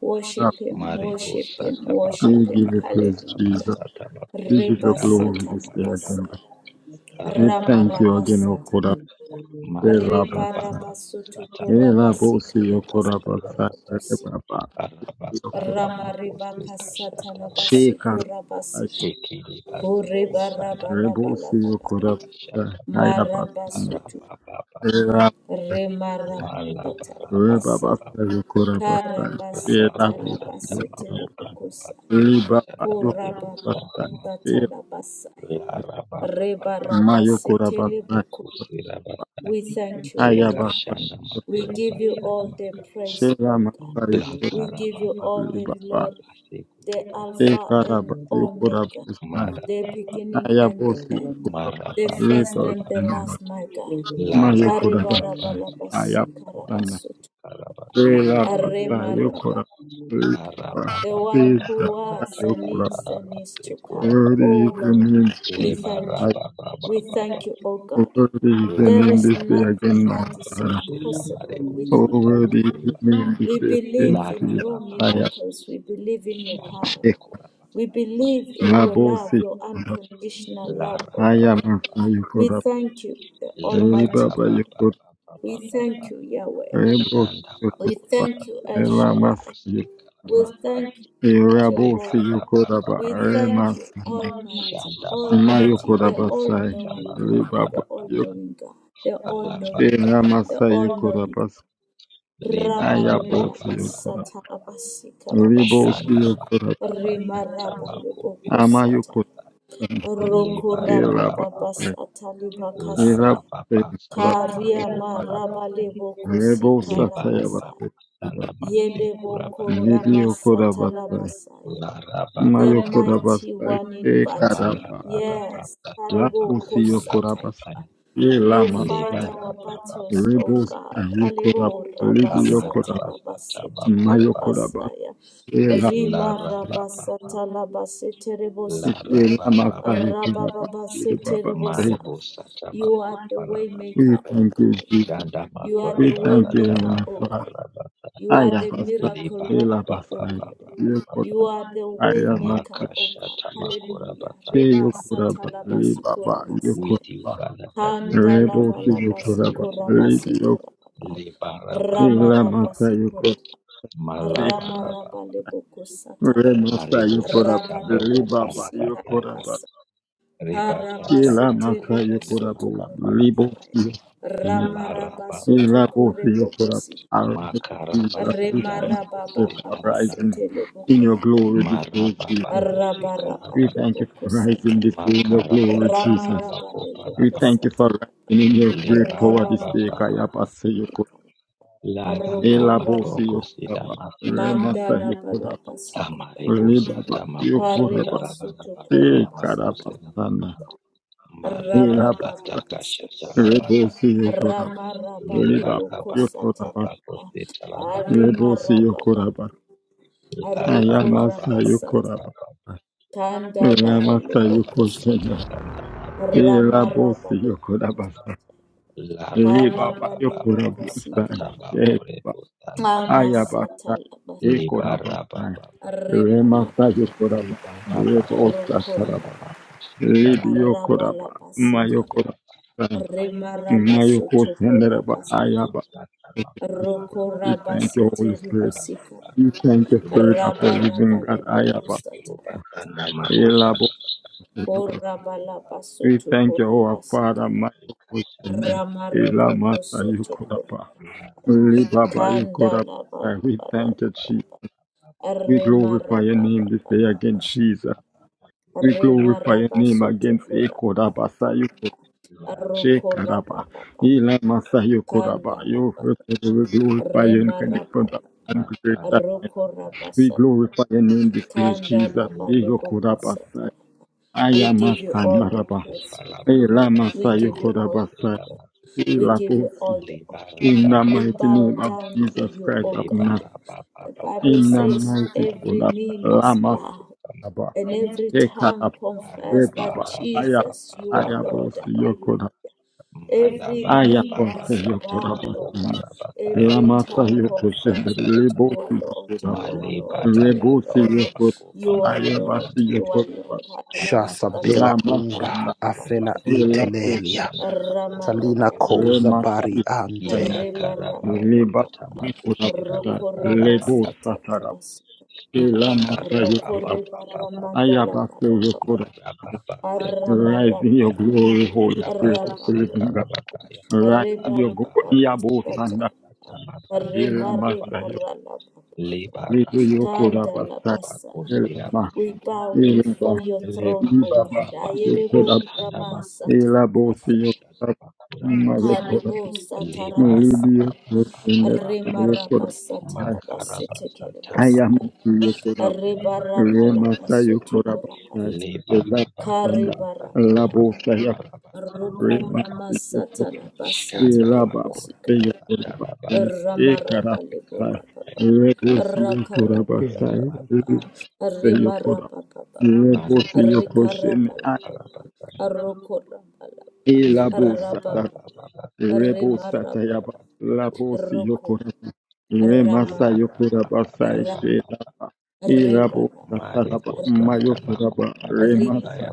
S2: Worship him,
S1: Maribo
S2: worship him,
S1: Satabako
S3: we
S2: worship
S3: give
S2: him.
S3: you praise
S1: Palabaraba
S2: Hallelujah.
S3: Jesus
S1: Satabako
S3: we give you glory
S1: Shinamaka
S3: this day
S2: Rebasatalabasa.
S3: again
S1: Parababa
S3: we thank you again
S1: Arababa
S3: O
S2: Ramarabasata.
S3: Kora Ela
S1: Marababa
S2: Rebarabasutu
S3: Ela
S1: Satamakura
S2: kurabasika
S3: Bosi O
S1: Basika
S3: Kora Basa
S1: Sharabasa
S2: rabasitelekosi.
S3: Ela
S1: Arabasanda Makosika
S2: Ramarebakasatalabasi
S1: Shatarabasa
S3: Shekar,
S2: kurabasiti.
S1: Ekiri Basiko Santa
S3: Rebo
S1: Maribo
S3: Sio
S2: Hurebarabalabalaba.
S3: Korabasa
S1: Sayamashaka
S3: Ayabasana
S2: Marabasutu.
S1: Arababa
S3: Era
S2: Remarabasata
S3: Reba
S2: labasa.
S1: Malabarababa
S3: Basa Yokorabasa Era
S2: Karabasata
S1: Rabako Santa Mako
S2: labasete
S3: Yokorabasa
S1: Kanabasika
S3: Reba
S1: Shanda Mareko
S2: Korababa
S1: Santa
S3: Yokorabasa
S1: Masa
S3: Era
S2: Satalabasaya.
S1: la Baba Baba Baba
S3: Mayo
S1: Santa
S3: Korabasa
S1: Mareko
S2: Rebarabaseteleboko.
S1: Sira Basta
S2: We thank you, O
S1: Reka
S2: God.
S3: Ayabasa
S1: Shanda Mako
S2: We
S1: Rabasa
S2: give you all the
S1: Yamakaba
S2: praise,
S3: Shera
S2: O God.
S3: Masa
S2: We
S1: Lakara
S2: give
S1: Baba
S2: you all the
S3: Yokorabasa
S1: Baba
S2: glory,
S1: Basiku
S2: the
S1: Ribasa
S2: Alpha
S3: Sheka
S2: and
S3: Raba
S1: Yamakaba
S2: Omega,
S3: Yokorabasa
S1: Mara
S2: the beginning and the
S3: Ayabosi
S2: end,
S1: Mara
S2: the
S3: Yokorabasa
S1: Baba
S2: first
S3: Reba
S2: and
S1: Baba
S2: the last, my God.
S1: Lara
S3: Mayo
S1: Baba Baba
S3: Korabasa
S1: Baba Santa Mako
S2: Karibarabalabasikarabasutu.
S1: Sika
S3: Bela
S1: Rabashanda
S3: pata
S1: Mako
S2: Aremaraba
S3: yokora.
S1: La rapa pa
S2: the
S1: pa
S2: one
S3: Bela
S2: who was and
S3: yokora.
S1: pa pa pa
S2: is
S1: pa pa pa ra pa
S2: and is
S1: se
S2: to
S1: kura
S2: come.
S1: pa sa
S3: Worthy is
S2: Oh
S3: the
S2: Lord,
S3: name, of
S1: le
S2: we
S3: Jesus.
S1: ba ra
S2: thank you.
S3: I
S1: pa pa pa
S2: We
S1: pa pa
S2: thank you, O God.
S3: worthy is the
S2: There
S1: la ka
S3: name
S2: is
S1: ra
S3: this day
S1: pa sa
S2: nothing
S3: again,
S1: ta
S3: now,
S2: that
S1: ma
S2: is
S1: ko
S3: Father.
S1: she ra ma re
S2: impossible
S1: bu sa
S2: with
S3: Oh,
S2: you,
S1: ta
S2: O
S1: ma you.
S3: worthy
S1: ko
S3: is
S2: God.
S3: the
S1: pa ra
S3: name this
S2: We
S3: day
S2: believe
S3: again,
S1: la ra
S2: in
S3: Jesus.
S1: pa pa
S2: your
S1: pa
S3: I am
S2: miracles. We believe in your
S1: sha
S2: power.
S1: ma
S3: sick.
S1: ko ra pa sa
S2: We
S1: ya ma ko
S2: believe in
S1: ta
S2: your
S1: ma
S3: Labo
S2: love,
S3: sick.
S2: your unconditional
S1: la
S2: love,
S1: ra
S2: O
S3: I
S1: pa
S3: am
S2: God.
S1: pa
S3: on fire,
S1: pa pa
S2: We
S3: yokora.
S2: thank you, the
S1: Liba
S3: Hey,
S2: Almighty
S1: raba
S3: Baba,
S1: ba
S2: God.
S1: ba
S3: yokora.
S1: ba ba ba
S2: We
S1: ba.
S2: thank you, Yahweh.
S3: Hey, boss,
S1: Shanda
S2: We
S1: makura
S3: yokora.
S2: thank you,
S1: rasa
S2: El
S3: Bela
S1: tabako
S3: masa
S2: Shaddai.
S1: sika
S2: We
S3: yokora.
S2: thank you,
S1: rabasa.
S3: Hey, Rabo,
S1: Liba
S3: see
S2: Jehovah.
S3: you,
S1: raba ba ba ba.
S2: We thank you,
S3: Kodaba.
S1: ba.
S2: Almighty,
S1: Shanda makura
S2: Almighty, the
S1: bako
S2: all
S3: Mayokorabasai,
S1: sika
S2: knowing God,
S1: baka para
S2: the
S3: Ribaba,
S2: all
S1: rasa.
S2: knowing God, the all knowing God,
S3: Yoshena
S2: the
S1: ba
S3: Masai
S2: all
S1: ba.
S2: knowing God.
S3: Yokorabas,
S1: Liba
S2: Rabba reba
S1: raba
S2: la
S3: Ayabos
S1: ba ba ba.
S3: Yokorab,
S2: basata la basika la
S3: Ribos
S2: basaya.
S1: Shanda
S3: Yokorab,
S1: makura
S2: Rima
S1: basa
S2: rabba le
S1: tabako
S2: boko
S1: pika
S2: sataya.
S3: Amayokor,
S2: Roko
S1: Liba
S2: rabba
S1: raba
S3: Elaba,
S2: baba
S1: baba,
S2: sata li
S1: la
S3: Elab,
S2: bakasaya.
S1: raba basa
S3: Yokorab,
S1: kaba
S2: Karia ma
S1: kuba
S2: rabba
S1: raba.
S2: le boko
S3: Rebo
S2: sika
S1: Liba
S3: Satayabas,
S1: raba
S2: rabasaya.
S1: sanda masi
S2: Yele
S1: kura
S2: boko
S1: basi
S3: Libi
S2: rama
S1: kasa
S2: sata
S1: taba.
S2: la
S3: Yokorabasai,
S2: basaya
S1: La raba baba
S2: the
S1: baba,
S2: mighty
S3: Mayokorabasai,
S2: one in battle.
S1: mala
S3: Ekaraba,
S1: bara
S2: Yes,
S1: baba tamba
S2: Haribo
S3: Lapusi
S1: kuba
S3: Yokorabasai,
S2: Kosatayaba. You fight
S3: Elamasai,
S2: our battles, O
S3: Rebos
S2: God.
S3: Yokorab,
S2: Alebo
S3: Libi
S1: amara
S3: Yokorab,
S1: basa taba kuba
S3: Mayokorabas,
S2: Rabasatalabasetikerabasaya.
S1: la
S2: Rima
S1: Rima
S3: Ishe
S2: Rabasatalabaseterebosia.
S1: ra ba
S3: Lama
S1: ba ba rabasa kalabashite la rabasa. ra ba ba ba
S3: Kaye Kuraba. Ye
S1: Rabadabashite
S3: Baba. Say,
S2: Rabababaseterebosaya.
S1: marebo rabasa. sata
S2: You
S1: You
S2: are the way
S3: We
S2: maker, O
S3: thank you,
S2: God.
S3: Jesus.
S1: mako palabasa shanda You are makora
S2: You are
S1: the
S3: We
S2: the way
S3: thank you,
S2: maker,
S3: Heavenly
S2: O
S3: Father.
S2: God.
S1: palabasa
S2: You
S1: You
S2: are
S3: Aya
S2: the
S3: Basa.
S2: miracle
S3: Ela
S1: ba ba
S2: worker,
S1: ba
S2: O
S3: Basa.
S2: God.
S1: ba ba ba ba
S3: Ye Kuraba.
S2: You are the way
S3: Aya
S2: maker,
S1: maka
S3: Basa.
S1: maker.
S2: O God.
S1: shata makora
S2: Hallelujah.
S1: Hallelujah.
S3: She
S1: batanda
S2: Reba
S3: Yo
S1: mako
S3: Kuraba.
S1: silaba
S3: Li
S2: satalabasiko
S3: Baba. Yo
S2: rabasaya.
S1: with you,
S3: Kuraba.
S1: Father, that we are
S3: Rebo
S1: everything
S3: Ki Yo
S1: without you
S2: Kandalabalabasiko
S3: Kuraba.
S1: is nothing.
S3: Li
S1: Ramadabashite
S3: Yo.
S2: rabasika rababa.
S1: Libarababababa,
S2: Rama
S3: Ela Masa Yo
S2: rabasiko
S3: Kuraba.
S2: laba. Rama
S1: rabasa.
S2: rabaleboko
S3: Rebo
S2: satalaba.
S3: Sa Yo
S1: Marebo
S3: Kuraba.
S1: sata mako
S3: Li
S2: Rabaleboko
S3: Baba Yo
S2: sika
S1: parabakaya.
S3: Kuraba.
S2: rabasa.
S1: Rebakata
S3: Ela
S2: Karabasete
S1: mako
S3: Masa Yo
S2: rebo
S1: shinda
S3: Kuraba. Libo
S1: makaparata.
S2: korabasaya.
S3: Ki Yo.
S2: Rama
S1: Larababa
S3: Ila
S2: rabasoto
S3: Bofio
S2: koreboko
S3: for our Jesus.
S1: makaraba
S3: We
S1: sata
S2: Baba
S3: thank
S1: mako
S3: you
S2: Baba
S3: for
S1: sita
S2: Baba
S1: maraba.
S3: rising
S2: setele
S3: in
S2: bokos
S3: your glory this day,
S1: Maraba bako
S3: Jesus.
S2: rabara
S3: We
S2: ale
S1: sikarabata.
S3: thank you for rising this
S2: bokosataya
S3: day in your
S1: Makaraba
S3: glory,
S1: sata
S3: Jesus.
S2: ramara
S1: mako
S2: bale
S3: We thank
S1: parabata.
S3: you for
S2: bokosatara
S3: rising in your great power
S2: raba
S3: this
S1: Lebaraba
S2: Baba
S3: day,
S1: baba.
S3: Kayaba
S2: Baba.
S3: Sayoko.
S2: sekala
S1: Larababa
S2: aroko
S3: Ila
S1: bako
S3: Bofio
S2: Rabala.
S1: sita
S3: Kuraba. Rema
S1: masata
S2: Mandala
S3: Sayokuraba.
S1: la amarebo
S3: Libaba
S1: sata
S2: Remarababababasitelebokosa.
S1: mako sata
S3: Yokuraba.
S1: rabarabata
S3: E
S1: ya mako
S2: Rabarabababokosataya.
S3: Karabasana.
S2: Ramarabalebokosatara. Rabababababasikaya. Arokorabala. Mandalabalabasukorabasa. Karebasutokorabasatara.
S3: Ila
S1: Maribasa
S3: Basa.
S1: takasha
S2: Rababababasete.
S1: talabada
S3: Rebo
S5: Shata.
S3: Sayokuraba. Libaba
S1: libara baba
S3: Yokuraba.
S1: baba
S2: Ramarabalebokosatara.
S1: kose talabasa nama
S3: Rebo
S2: Aremarabala.
S3: Sayokuraba.
S1: lara baba
S3: Ayamasa
S1: baba
S2: Arokorabasataya.
S1: baba
S3: yokoraba.
S2: Tanda laba
S1: mara
S3: Elamasa
S2: lebo
S1: baba tiku
S3: yokoshena.
S2: kosatai.
S1: tanda mara kataya
S2: Rama
S3: Elabose
S2: raba
S1: baba
S2: lebo
S3: yokorabasa.
S2: kosatai.
S1: lara baba
S3: Elibaba
S2: Talaba
S1: baba
S2: lebo
S1: baba
S3: yokorabusa.
S2: kosikara.
S1: tabakore
S3: Sheba.
S1: bustanda baba
S2: Amasata
S3: Ayabasa.
S2: laba basi.
S1: libara
S3: Ekorabasa.
S1: baba baba
S2: Reba
S3: Remasa
S2: raba laba.
S3: yokoraba.
S1: libara basi
S3: Rebosa
S2: Roko
S1: kusanda
S2: raba
S3: taraba.
S2: ba.
S1: bako shikara
S3: Libi
S2: Raba
S3: yokoraba.
S2: laba sikara.
S1: basa
S3: Mayokorabasa.
S2: Rema raba sotoko
S1: Makara
S3: Mayokosheneraba.
S2: raba sikara.
S3: Ayaba.
S2: Roko
S3: We
S2: raba
S3: thank you, Holy
S2: sete rebo
S3: Spirit.
S2: sikara.
S3: We thank you, Spirit of the
S2: Raba
S3: Living
S2: raba
S3: God.
S2: lebo
S3: Ayaba.
S2: kosatai.
S3: Elabose yokoraba.
S2: Koraba laba
S3: We thank
S2: sotoko
S3: you, our
S2: raba sikara.
S3: Father. Ela
S2: Ramareboko
S3: masa
S2: sotokoro.
S3: yukurapa. uli baba
S2: Kanda
S3: yukurapa.
S2: la ba la
S3: We
S2: ba la
S3: thank
S2: ba
S3: you,
S2: la
S3: Jesus.
S2: ba.
S3: We
S2: Rema
S3: glorify your
S2: raba
S3: name this day again, Jesus. We glorify your name against Ekodaba Sayuko Shekaraba. Ela masa yukurapa. You we glorify your incarnate and creator.
S1: Baba Dana,
S3: We glorify your name this day, Jesus. E
S1: Libara Baba
S3: yukurapa say.
S2: satara.
S3: I
S2: We
S3: am a
S2: give you
S3: son,
S1: Shanda
S2: all the
S3: Baraba.
S1: makupa
S2: praise, O
S1: la
S2: God.
S3: Ela
S1: barabasa
S2: We
S3: masa
S1: ya
S2: give you all
S3: yukurapa
S2: the,
S3: say.
S1: makusenda maku.
S2: we
S3: Ela
S2: give you
S3: bosi.
S2: all the honor.
S1: Libara
S3: In
S1: baba
S3: the
S2: We
S1: baba.
S3: mighty
S2: bow
S3: name of
S2: down to
S3: Jesus
S2: you,
S3: Christ
S2: O
S3: of
S2: God.
S3: Nazareth,
S1: Libara baba
S2: The
S1: baba
S2: Bible
S3: in the
S2: says
S3: mighty
S1: tamakupa la
S3: name
S2: every
S3: of
S1: baba
S2: knee must
S3: Lamas
S2: bow
S1: makusenda
S3: Abba,
S2: and every
S1: maku.
S2: tongue
S3: Ekara,
S1: Ala
S2: confess that
S3: Ebaba,
S1: bara
S3: Aya,
S1: baba
S2: Jesus, you are
S1: baba
S3: Ayabos
S2: Lord.
S1: baba.
S2: Hallelujah.
S3: Yokoda,
S1: Mala
S2: Every
S1: bara
S2: knee
S3: Ayabos
S1: baba
S2: must
S1: sata
S3: Yokoda,
S2: bow, Lord.
S1: makupa
S3: Basanda,
S1: la basa ya
S2: Every
S3: Lamasa
S2: tongue
S1: makusanda
S3: Yokoshe,
S2: confess
S1: marabasa.
S2: that
S3: Lebos
S2: you are Lord,
S3: Yokoda,
S2: you are
S1: Mali
S2: Lord,
S1: bara
S2: you are
S3: Lebos
S1: basa
S2: Lord,
S3: Yokoda,
S1: tamakupa
S2: you
S1: la
S2: are
S3: Ayabas
S2: Lord,
S1: basa.
S2: you are
S3: Yokoda,
S2: Lord. Hallelujah.
S1: La bara
S6: Shasabela
S1: bara bara se
S2: Satalabasika.
S6: ungra
S3: Lamasanda,
S1: kura
S6: afela
S1: basa ya
S3: Elapo,
S6: itelelia.
S1: makashanda kura bara
S6: Salina
S2: Rama
S1: basa
S6: koza
S3: Remasa
S6: bari
S1: ila
S6: ante.
S3: Yokoda,
S1: kara baba
S3: Lebas
S1: tata
S2: Rebarabalababa.
S1: baku shira
S3: Yokoda,
S1: basa
S2: Arokora
S1: da baka
S3: Lebos
S1: basa li
S3: Ela Maka
S1: kara baba
S3: Yokoda,
S1: baba baba
S3: Ayabasa
S2: Rokorebaramadalabarababa.
S3: Yokoda,
S1: mara baba se kura
S3: rise in your glory,
S2: Aramarabalaba.
S3: Holy Spirit of the
S2: Arababa.
S3: living God,
S1: basa ya,
S3: rise in your glory,
S2: Rebababa
S3: Yabo Sanda,
S2: satalaba.
S3: Ela Masa Yokoda,
S1: Marababa
S2: Remarebaralababa.
S1: Lebara
S3: Little
S1: lebara
S3: Yokoda
S1: lebara baba
S3: Basa,
S1: baba
S2: Tandalabasaya.
S3: Ela Ma,
S2: We bow
S3: Ela
S2: before
S3: Ba,
S2: your throne, O
S3: Iba
S2: God.
S3: Ba, Yokoda,
S2: Ayelebo
S3: Ela
S2: Ramasatalabasaya.
S3: Yokoda, Ma Yokoda,
S2: Kalibo
S3: Muribi
S2: satarabasaya.
S3: Yokoda,
S1: baba
S3: Yokoda,
S1: makara baba tamako
S2: Remarabasatalabasetekerebosaya.
S3: Ayamasi
S1: pala baba
S3: Yokoda,
S1: kosira
S3: Remasa
S1: baba
S3: Yokoda,
S2: Rebarabalabasotokorabasa.
S1: lebara
S3: Ela
S1: baba baba
S2: Karebarabalaba.
S1: Lebarababababababakosirabakaba. Rebarababasikusanabakurabakashadabakurabakaba. Lebarababababababa. Makarabasatamakopalabasandamakusirabasa.
S3: Rema
S1: Lebarababababasatamakopalabasandamaka.
S3: Yoko Iraba
S2: Rokoramasatalabasetekerebosikala.
S3: Yorubasa Ekarabasa
S2: Ramarabalibulababa,
S1: Shandamakurabasatalabasayabakusikabasayaba.
S3: Rebus Yokorabasa
S1: Elabaraba
S2: Rakarabalababa,
S3: Yokora
S2: Rimarabalababa,
S3: Rebus
S1: Maribo
S3: Yokoshin
S1: Satamako
S2: Rikarabalababa,
S1: Kalabasaya
S2: Rokurabalaba,
S3: Elabo
S1: Libarababa
S3: Sata
S2: Rabababa,
S3: Rebo
S1: Sakaya
S3: Satayaba
S2: Rimarabala,
S1: Basikura
S3: Labos
S2: Rokura,
S3: Yokora Remasa
S2: Ramamama,
S1: Larababa
S3: Yokorabasa
S2: Rab,
S1: Baba
S3: Shelaba Elabo
S2: Ribaraba,
S3: Sataraba
S1: Maribo
S2: Rokura,
S1: Satamako
S2: Ribar,
S3: Mayokoraba
S1: Parabasaya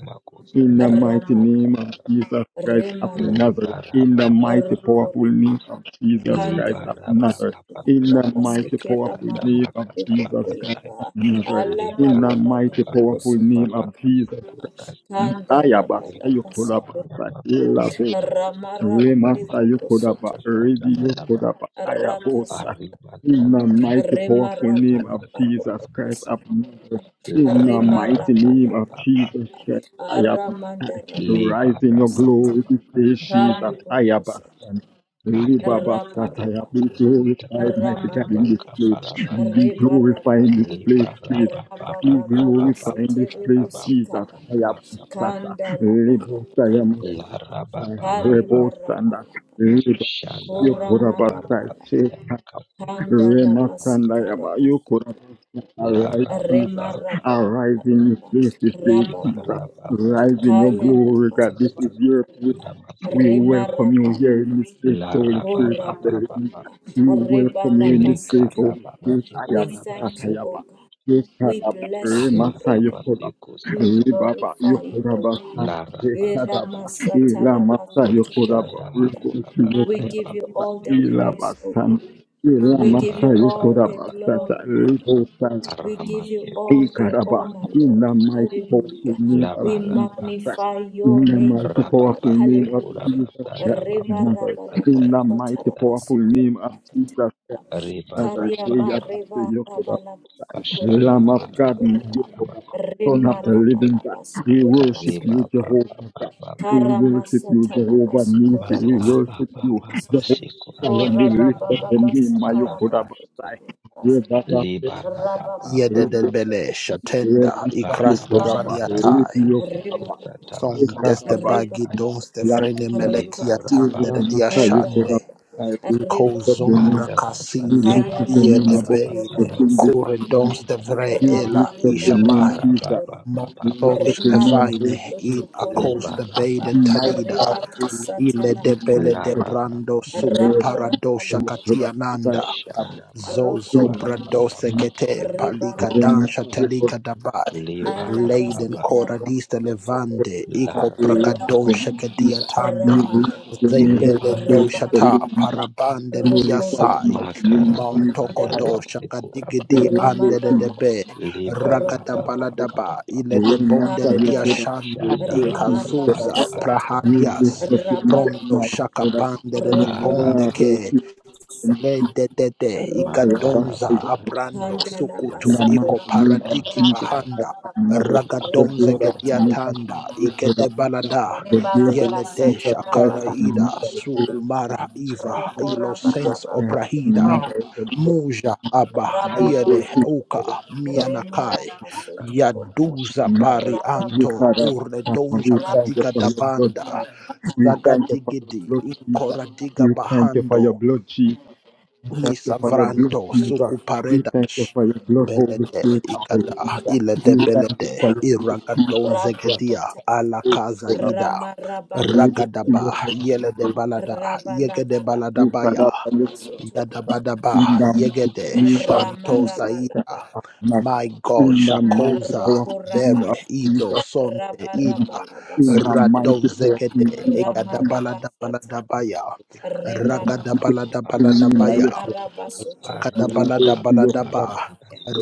S3: In the
S1: Makosaya
S3: mighty
S1: Masika
S3: name
S2: Ramaraba,
S3: of
S1: Paraba
S3: Jesus Christ of
S2: Rimaraba,
S3: Nazareth. In the mighty
S1: Libarababa
S3: powerful
S2: Rokura.
S3: name of Jesus
S2: Kanda
S3: Christ of
S2: la baso
S3: Nazareth.
S1: Libarababa
S3: In
S2: tukura
S3: the
S2: pase
S3: mighty
S1: Sekusika
S2: kera
S3: powerful
S2: mara
S3: name of
S1: Sandamaka
S2: pale boko
S3: Jesus
S2: ya
S3: Christ
S1: Palabasaya
S2: ba
S3: of Nazareth.
S2: ala
S3: In
S2: bala
S3: the
S1: baba
S2: bale
S3: mighty
S2: boko
S3: powerful
S2: soto
S3: name of Jesus.
S1: Baba
S2: kanda la
S3: Ayabas
S2: bala
S1: Lebara
S2: basi
S3: Ayokodaba.
S1: baba
S2: kura
S1: baba
S3: Elabe.
S2: ramara bale
S1: baba,
S3: Remasa
S2: boko
S3: Yokodaba.
S2: soto
S3: Redi Yokodaba. Ayabosat.
S2: rakasata
S1: kahibat
S3: In the
S1: ada
S3: mighty powerful
S2: remara
S1: makusita, ada
S3: name
S2: bala
S3: of
S2: baro
S1: makapala
S3: Jesus
S2: boko
S3: Christ
S2: si
S1: masa.
S3: of Nazareth. In the
S1: Laraba
S2: remara
S3: mighty
S1: baba
S3: name
S2: bala
S3: of
S1: baba
S2: bala
S1: baba,
S3: Jesus Christ.
S2: aramanda rabale
S3: Rise in
S1: lebara
S2: boko
S3: your
S1: baba
S2: sata
S3: glory,
S1: baba
S3: say
S2: kale
S3: Jesus.
S1: baba,
S3: I
S2: boko sata
S3: abastan.
S1: kahibat ada
S3: Libabasataya,
S2: rapa
S3: be
S1: makusita,
S3: glorified, mighty
S1: ada
S3: God, in this
S2: Ramandana.
S3: place.
S1: makapala masa.
S3: Be
S2: Reba
S3: glorified
S2: raba
S3: in this
S2: baba.
S3: place,
S1: Lebara
S3: please.
S1: baba
S2: Raba
S3: Be
S1: baba
S2: baba
S1: baba
S3: glorified
S1: baba,
S3: in
S1: kahibat
S2: basete
S3: this
S1: ada makusita, ada
S2: rebo
S3: place, Jesus. I
S2: sikaraba.
S1: makapala masa.
S3: abasata.
S2: Kanda laba laba
S3: Libosaya makusa.
S2: sikoraba.
S1: Laraba baba
S2: Kare
S1: baba.
S2: baraba
S3: Rebosanda.
S2: laba.
S1: Shanda
S2: Kora
S1: makobara
S2: maraba laba.
S1: bataya
S3: Libabasaya.
S1: makase
S2: Kanda
S1: kusanda
S3: Rema
S2: laba
S1: makabara
S3: Sandayaba,
S2: sikaraba
S3: you could have
S2: sutu.
S3: said, arise,
S1: lara baba
S2: Rema
S3: Jesus,
S2: raba
S1: baba
S2: laba
S3: arise in your
S2: laba.
S3: place this day,
S2: Raba
S3: Jesus.
S1: libara
S2: baba baba.
S1: baba
S3: Rise in
S1: tata
S3: your
S2: Kaya
S3: glory,
S2: laba
S3: God.
S1: makobara
S3: This is
S1: bara
S2: sutu.
S3: your prayer
S1: basanda
S3: we
S1: masekura
S2: Rema
S3: welcome you
S2: raba
S3: here in
S2: laba.
S3: this place, so
S1: lara
S3: Holy Spirit
S1: baba
S2: Ora
S3: of the
S1: baba
S2: baba
S3: living
S1: ba
S3: God.
S2: ba.
S3: We
S2: Reba
S3: welcome
S2: la
S3: you in
S2: ba
S3: this place,
S1: lekara
S3: Holy
S1: baba
S2: ba.
S3: Spirit.
S2: We
S3: Ayaba,
S1: sekura
S2: thank
S1: basa
S2: you, O
S3: Satayaba,
S2: God. We
S3: Yekaraba,
S2: bless you,
S1: amara
S2: O
S3: Remasaya,
S2: God.
S3: Kodaba,
S1: baseku
S2: We
S1: sata
S3: Ribaba,
S2: glorify you, O
S3: Yokodaba,
S2: God.
S1: lara baba
S2: Era
S3: Satekadaba,
S2: masata
S3: Ilamasa,
S2: raba
S1: baba
S2: soto
S3: Yokodaba,
S1: shanda
S3: Ribuki,
S1: makora
S2: We
S1: basaya
S2: give you
S3: Yokodaba,
S2: all
S1: makose
S2: the
S1: kara
S2: praise, O God.
S3: Ilabasanta,
S2: We
S1: We give
S2: give
S3: Ilamasa,
S2: you
S1: you all
S2: all the
S3: Yokodaba,
S1: the
S2: glory, my God.
S1: Lebarababa the
S3: Sata,
S2: We
S1: glory. We
S2: give
S1: give Aramake
S2: you
S1: you all
S2: all
S1: the
S2: the
S1: Kusata
S3: Ikaraba,
S1: honor.
S2: honor,
S3: in
S2: Lord.
S3: the mighty powerful
S2: Hallelujah.
S3: name
S1: Bakusa
S3: of
S2: We
S1: We
S3: Jesus Christ.
S2: magnify
S3: In
S2: your
S3: the
S2: name,
S3: mighty
S2: O God.
S3: powerful
S1: Labarababa
S3: name
S1: magnify
S3: of
S1: your
S2: Hallelujah.
S1: name, O God.
S3: Jesus Christ.
S1: Rababa Hallelujah. Sekura Batana
S3: of
S2: Reba
S1: Mako Rema
S3: Nazareth.
S2: raba laba
S3: In
S1: Pataya
S3: the
S2: sata
S3: mighty
S2: raba
S3: powerful
S2: siko
S3: name
S2: raba
S3: of Jesus Christ. of
S2: raba.
S1: Makatana
S3: Nazareth.
S1: Karia Ribababa
S3: Hey,
S2: Kariama
S3: Abba, say,
S2: reba
S1: Madreva
S3: Yokoba.
S2: raba laba siko
S1: Kashanda
S2: raba
S3: Lamb of
S2: soto
S3: God,
S1: Marabata
S3: Yokoba. Son of
S2: Rema
S1: Makuparaba
S3: the
S1: Rema
S2: raba
S3: living God.
S2: laba
S3: We
S2: siko raba
S3: worship you,
S2: soto
S1: Karibaba Baba
S3: Jehovah God. We
S2: Karama
S1: Kalama
S3: worship you,
S2: sata laba
S3: Jehovah
S2: siko
S3: Nisi.
S2: raba
S3: We
S2: sete
S3: worship you,
S1: Barabababa
S2: ko
S3: Jehovah.
S1: Sekura
S3: Shalom. We lift up
S1: Batana
S2: baba
S3: the
S2: basi
S1: Korababa
S3: name,
S2: karaba
S3: Mayokoda
S1: Makuparabata Shikarabash
S2: soto
S3: Basai.
S2: Rabba
S1: Libarababa
S6: Yededebele
S3: Thank
S6: shatenda ikrasto
S2: Panda
S1: Karabakanda
S6: valiatai.
S1: makosi
S2: Riba
S1: kusata
S6: Son teste
S2: Riba
S6: testebagi
S1: makabarabara.
S6: donste frene melekia
S2: Rokora
S3: you.
S6: tande de
S1: Libarabababababa.
S2: Honda
S6: diashande.
S2: Laba Riba
S6: Kozombra
S1: Marabakata
S6: kasiye.
S2: Kaya Laba Sikora
S1: makoparabakaya
S6: Yedebeden
S2: Basi
S6: kure
S1: makosi
S6: donste
S1: kata.
S6: vre
S2: Rabba Riba
S6: ela
S2: Laba Sikora
S1: Libarabababababa.
S6: Monsters
S2: Rema Rabba
S6: Evine in
S2: Sotokora
S6: Acosta Bay and Talida.
S2: Riba
S1: Libarabababababa.
S2: Kasata
S6: Ile
S2: Laba
S6: de Bele de
S2: Sikora
S6: Brando
S1: Larababababa.
S6: Suku
S2: Rama
S6: Parado
S2: Rabba Lebo
S6: Shakatiananda.
S2: Kosikaya
S1: Shanda
S2: Roko
S6: Zozo
S2: Rabba
S6: Brado Sekete
S2: Reba
S1: makoparabarabasatamako.
S6: Palika
S2: Rabba
S6: Dansha Telika Dabai Leiden
S1: Libarababa.
S2: Alabasika
S6: Koradista
S3: Thank
S6: Levande
S2: Rabasotokoraba
S6: Iko
S1: Larabababa.
S6: Pragadon
S2: Rakalaba
S6: Shekedia Tanda
S2: Ramandalaba
S6: Zebele
S1: Lebaraba
S2: Rebaraba
S6: Doshata Parabande Diasai
S2: Rokorababa
S6: Mountoko
S1: makarabakata
S6: do
S2: Kandalaba
S6: Shakadigidi
S1: masekurabata
S6: Ande de
S2: Remarabalaba
S6: Debe Ragada
S2: Rokorababa
S6: Baladaba
S1: lebarabababababa
S6: Ile de Bonde de
S2: Kandalaba
S6: Diashanda
S1: shanda
S6: Ikazuza
S2: Remaramasata
S1: makoparabarabasata
S6: Prahadias
S2: Rabara
S1: makopa
S6: Brondo Shaka Bande de Bonde
S2: Rokorama
S1: larababa
S6: Le de de de
S2: Rokora
S6: igadonza
S3: you.
S1: makarabasata
S6: abrando
S2: Kandalaba
S3: In
S6: sukutu
S1: makosenda
S3: the
S6: iko
S3: mighty
S2: Sikoraba
S3: name of
S1: marebosayama
S6: paratiki
S3: Jesus
S2: Rababa
S3: Christ
S6: bahanda
S3: of Nazareth, the
S6: ragadonze
S3: blood of
S1: sharababababasata
S2: Rekosatala
S3: Jesus
S6: gediatanda
S3: is with
S6: igede
S3: us. The
S6: balada
S3: blood of
S2: Rebaba
S3: Jesus
S6: yele de
S2: basatana
S3: Christ
S6: shakara
S3: of
S6: ida
S3: Nazareth is
S2: basetekera
S3: with us.
S6: sukumara
S3: The
S6: iva
S2: roko
S3: blood of
S6: ilo
S2: rababa
S3: Jesus
S6: sense
S2: baba
S3: Christ of
S6: oprahida
S2: setere
S3: Nazareth, the blood
S2: kala
S6: muja aba
S3: of my faith
S2: rababa
S3: is
S6: iede
S2: baba
S6: uka
S3: with us.
S2: rema
S6: mianakai
S2: raba sotokora
S6: yaduza
S1: makoshetara
S6: bari
S3: Nazareth.
S2: rababa
S3: We
S6: anto
S2: baba
S3: Father,
S6: uredonja
S3: we
S2: rababa
S3: thank you
S6: katika
S3: for
S2: baba
S3: your blood,
S6: dabanda
S2: re
S3: Jesus. We thank you for your
S6: zagadigidi
S3: blood, Jesus.
S6: inkora diga
S3: We thank you for your
S6: bahando
S3: blood, Jesus. We thank you for your blood,
S6: Nisavranto
S3: Jesus. We thank you
S6: sukuparedas
S3: for your blood, Holy
S6: belede
S3: Spirit of the
S6: ikada
S3: living God.
S6: ilede
S3: We thank
S6: belede
S3: you for your blood,
S6: iragadon
S3: Jesus.
S2: raba
S3: Christ.
S6: zegedia
S2: sata
S6: ala
S3: We
S6: kaza
S3: thank you for your blood.
S6: ida
S2: rama raba
S3: We
S2: laba
S3: thank
S6: ragadaba
S2: soto
S3: you
S6: yelede balada
S2: raba laba
S6: yegede
S2: raba
S6: balada
S3: for
S6: baya
S3: your
S2: raba sotokora
S3: blood.
S6: yadabadaba
S3: In the
S6: yegede
S3: mighty name of
S2: rama
S6: shanto
S3: Jesus
S2: raba
S3: Christ
S6: saida
S2: laba
S3: of Nazareth.
S6: my God,
S3: In the mighty
S6: Shakoza,
S2: roko
S3: powerful name
S2: raba
S3: of
S6: Bere,
S3: Jesus
S6: Ido, Sonte, Ida,
S3: Christ. In the
S6: Rado,
S3: mighty powerful
S2: Rabarabalabasotokuraba.
S6: Zegede,
S3: name of Jesus.
S2: Ramarabasata.
S6: Egadabaladabaladabaya,
S3: In the
S1: kusana
S3: mighty powerful
S2: Rebarabalaba.
S6: Ragadabaladabaladabaya,
S3: name of Jesus. You
S6: Ragada
S3: will
S2: Remarabasotokuraba.
S6: balada
S3: go
S6: balada
S3: to
S6: ba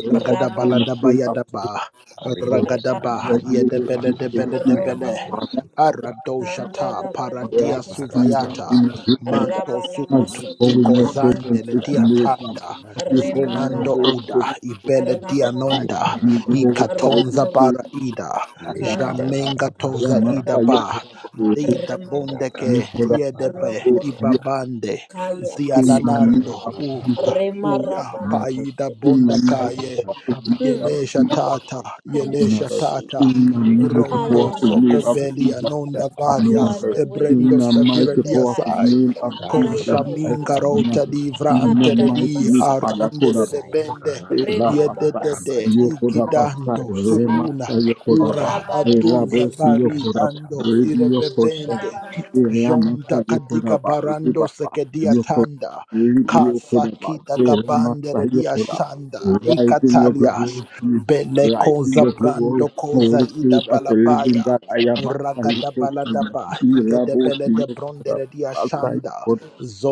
S3: your
S6: Ragada
S3: Holy
S6: balada
S3: Spirit
S6: bayada
S3: of
S6: ba
S2: Rabababasotokuraba.
S1: Rebo
S3: Thank you.
S6: Ragada ba
S3: know,
S6: Rakadabaladabaladaba. Ragadabaladabayadaba. Ragadaba
S1: satana
S3: we were
S2: Ramarabalaba.
S3: to
S1: kapala
S3: receive
S1: masaya
S6: yedebeledebele.
S3: our
S1: makosi
S3: that.
S2: Rokorababa.
S1: kapakala
S6: Aradoshata
S3: As
S6: paradia
S2: Kandalabalebokosata.
S1: liberana
S6: suvayata.
S1: baba
S6: Manto sukutu
S3: you're calling
S6: iko
S3: your
S1: karaba
S3: children,
S6: zandele
S3: Christian
S6: dia
S2: Rabalabasotokorebokosata.
S1: satana
S3: leaders, as
S6: tanda.
S1: kupala
S3: you're calling
S1: satana
S3: your
S6: Zinando
S3: whole
S1: makupa
S3: Christian
S6: uda
S2: Remarabalaba.
S6: ibele dia nonda.
S3: leaders, you
S2: Rakarabalaba.
S1: liberaba baba
S3: glorify the
S6: Ikatonza para
S3: truth.
S2: Rokorababa.
S6: ida.
S3: Alabata,
S1: lekaraba
S6: Jamenga
S1: baba
S6: toza
S1: baba
S3: Ramasa,
S6: ida
S2: Kandalaba.
S3: you put
S6: ba.
S3: up with it,
S6: Lida
S2: Remarabala,
S3: you
S6: bondeke
S3: put
S1: lekaraba
S3: up
S1: baba
S6: yedepe
S1: baba
S3: with
S2: Rokoraba,
S3: it,
S6: ibabande
S2: Kaya
S3: in the
S2: Basuto,
S3: name
S6: ziananando
S3: of
S1: lekaraba baba
S6: uya
S3: Jesus Christ,
S6: uya
S3: in
S2: Remarabala
S6: paida
S2: Basuto.
S3: the mighty name of
S6: bondakaye
S1: lekaraba baba
S3: Jesus
S2: Hmm.
S6: yelesha
S1: satana
S3: Christ,
S6: tata
S1: kupa kara
S2: Thank you,
S6: yelesha
S3: never
S2: Jesus.
S6: tata
S3: in the mighty
S6: rondo
S3: powerful
S1: lekaraba
S2: Ayala
S1: baba
S6: soko
S3: name of
S2: Basika.
S6: belia
S1: satana
S3: Jesus
S6: nonda
S3: Christ
S1: kupa
S3: of
S2: You are
S6: varias
S2: the
S3: Nazareth.
S2: way, the
S1: raba
S3: In
S6: ebrendo
S3: the
S2: truth,
S6: stavira
S2: and
S3: mighty
S2: the life,
S3: powerful
S6: diasai
S2: O
S3: name of
S2: God.
S3: Jesus
S6: Cosa
S3: Christ
S2: Ayelevokos.
S1: Dalamada
S6: minga
S3: of
S6: rocha
S3: Nazareth.
S6: di
S1: mukuba
S3: In
S1: nama,
S3: the
S6: vrante de
S2: Andala
S3: mighty
S6: di
S3: name,
S2: Basika
S6: arande de de
S3: Ayakoda
S2: Basaya.
S6: bende
S3: Ela
S1: sekarada
S2: Reba
S3: Elabasai,
S1: muka
S2: Babasa
S6: yedede
S1: masih sana.
S3: Yokodabasai,
S6: igidando
S1: Suku
S2: Tarabasika.
S6: sukuna
S3: Remasa Yokodaba,
S6: Ura
S1: pada
S2: Rabare
S1: nama
S6: aduza
S2: Bokus.
S3: Elabosi
S6: bari
S1: terkasar
S3: Yokodaba,
S1: sama.
S6: ando
S3: Radio Koshana,
S6: irebebende.
S2: Rabaraba.
S3: Elamasa
S6: Jonda kadiga
S3: Yokodaba,
S6: barando
S3: Ribaba,
S6: sekedia
S3: Yokodaba,
S6: tanda.
S3: Ridi Yokodaba,
S6: Kasaki dagabande
S3: Elamasa
S6: redia
S3: Yokodaba.
S6: shanda.
S3: Rise in your
S6: Ikatalias.
S3: glory, Jesus.
S6: Bele
S3: Rise in
S6: koza
S3: your glory,
S6: brando koza
S3: Holy
S6: ida
S3: Spirit of the living
S6: balabaya.
S3: God. I am Masa
S6: Ragada
S3: Yokoshana,
S6: baladaba. Igedebele de
S3: Elabosi
S6: bronde
S3: Yokodaba,
S6: redia
S3: Masa
S6: shanda.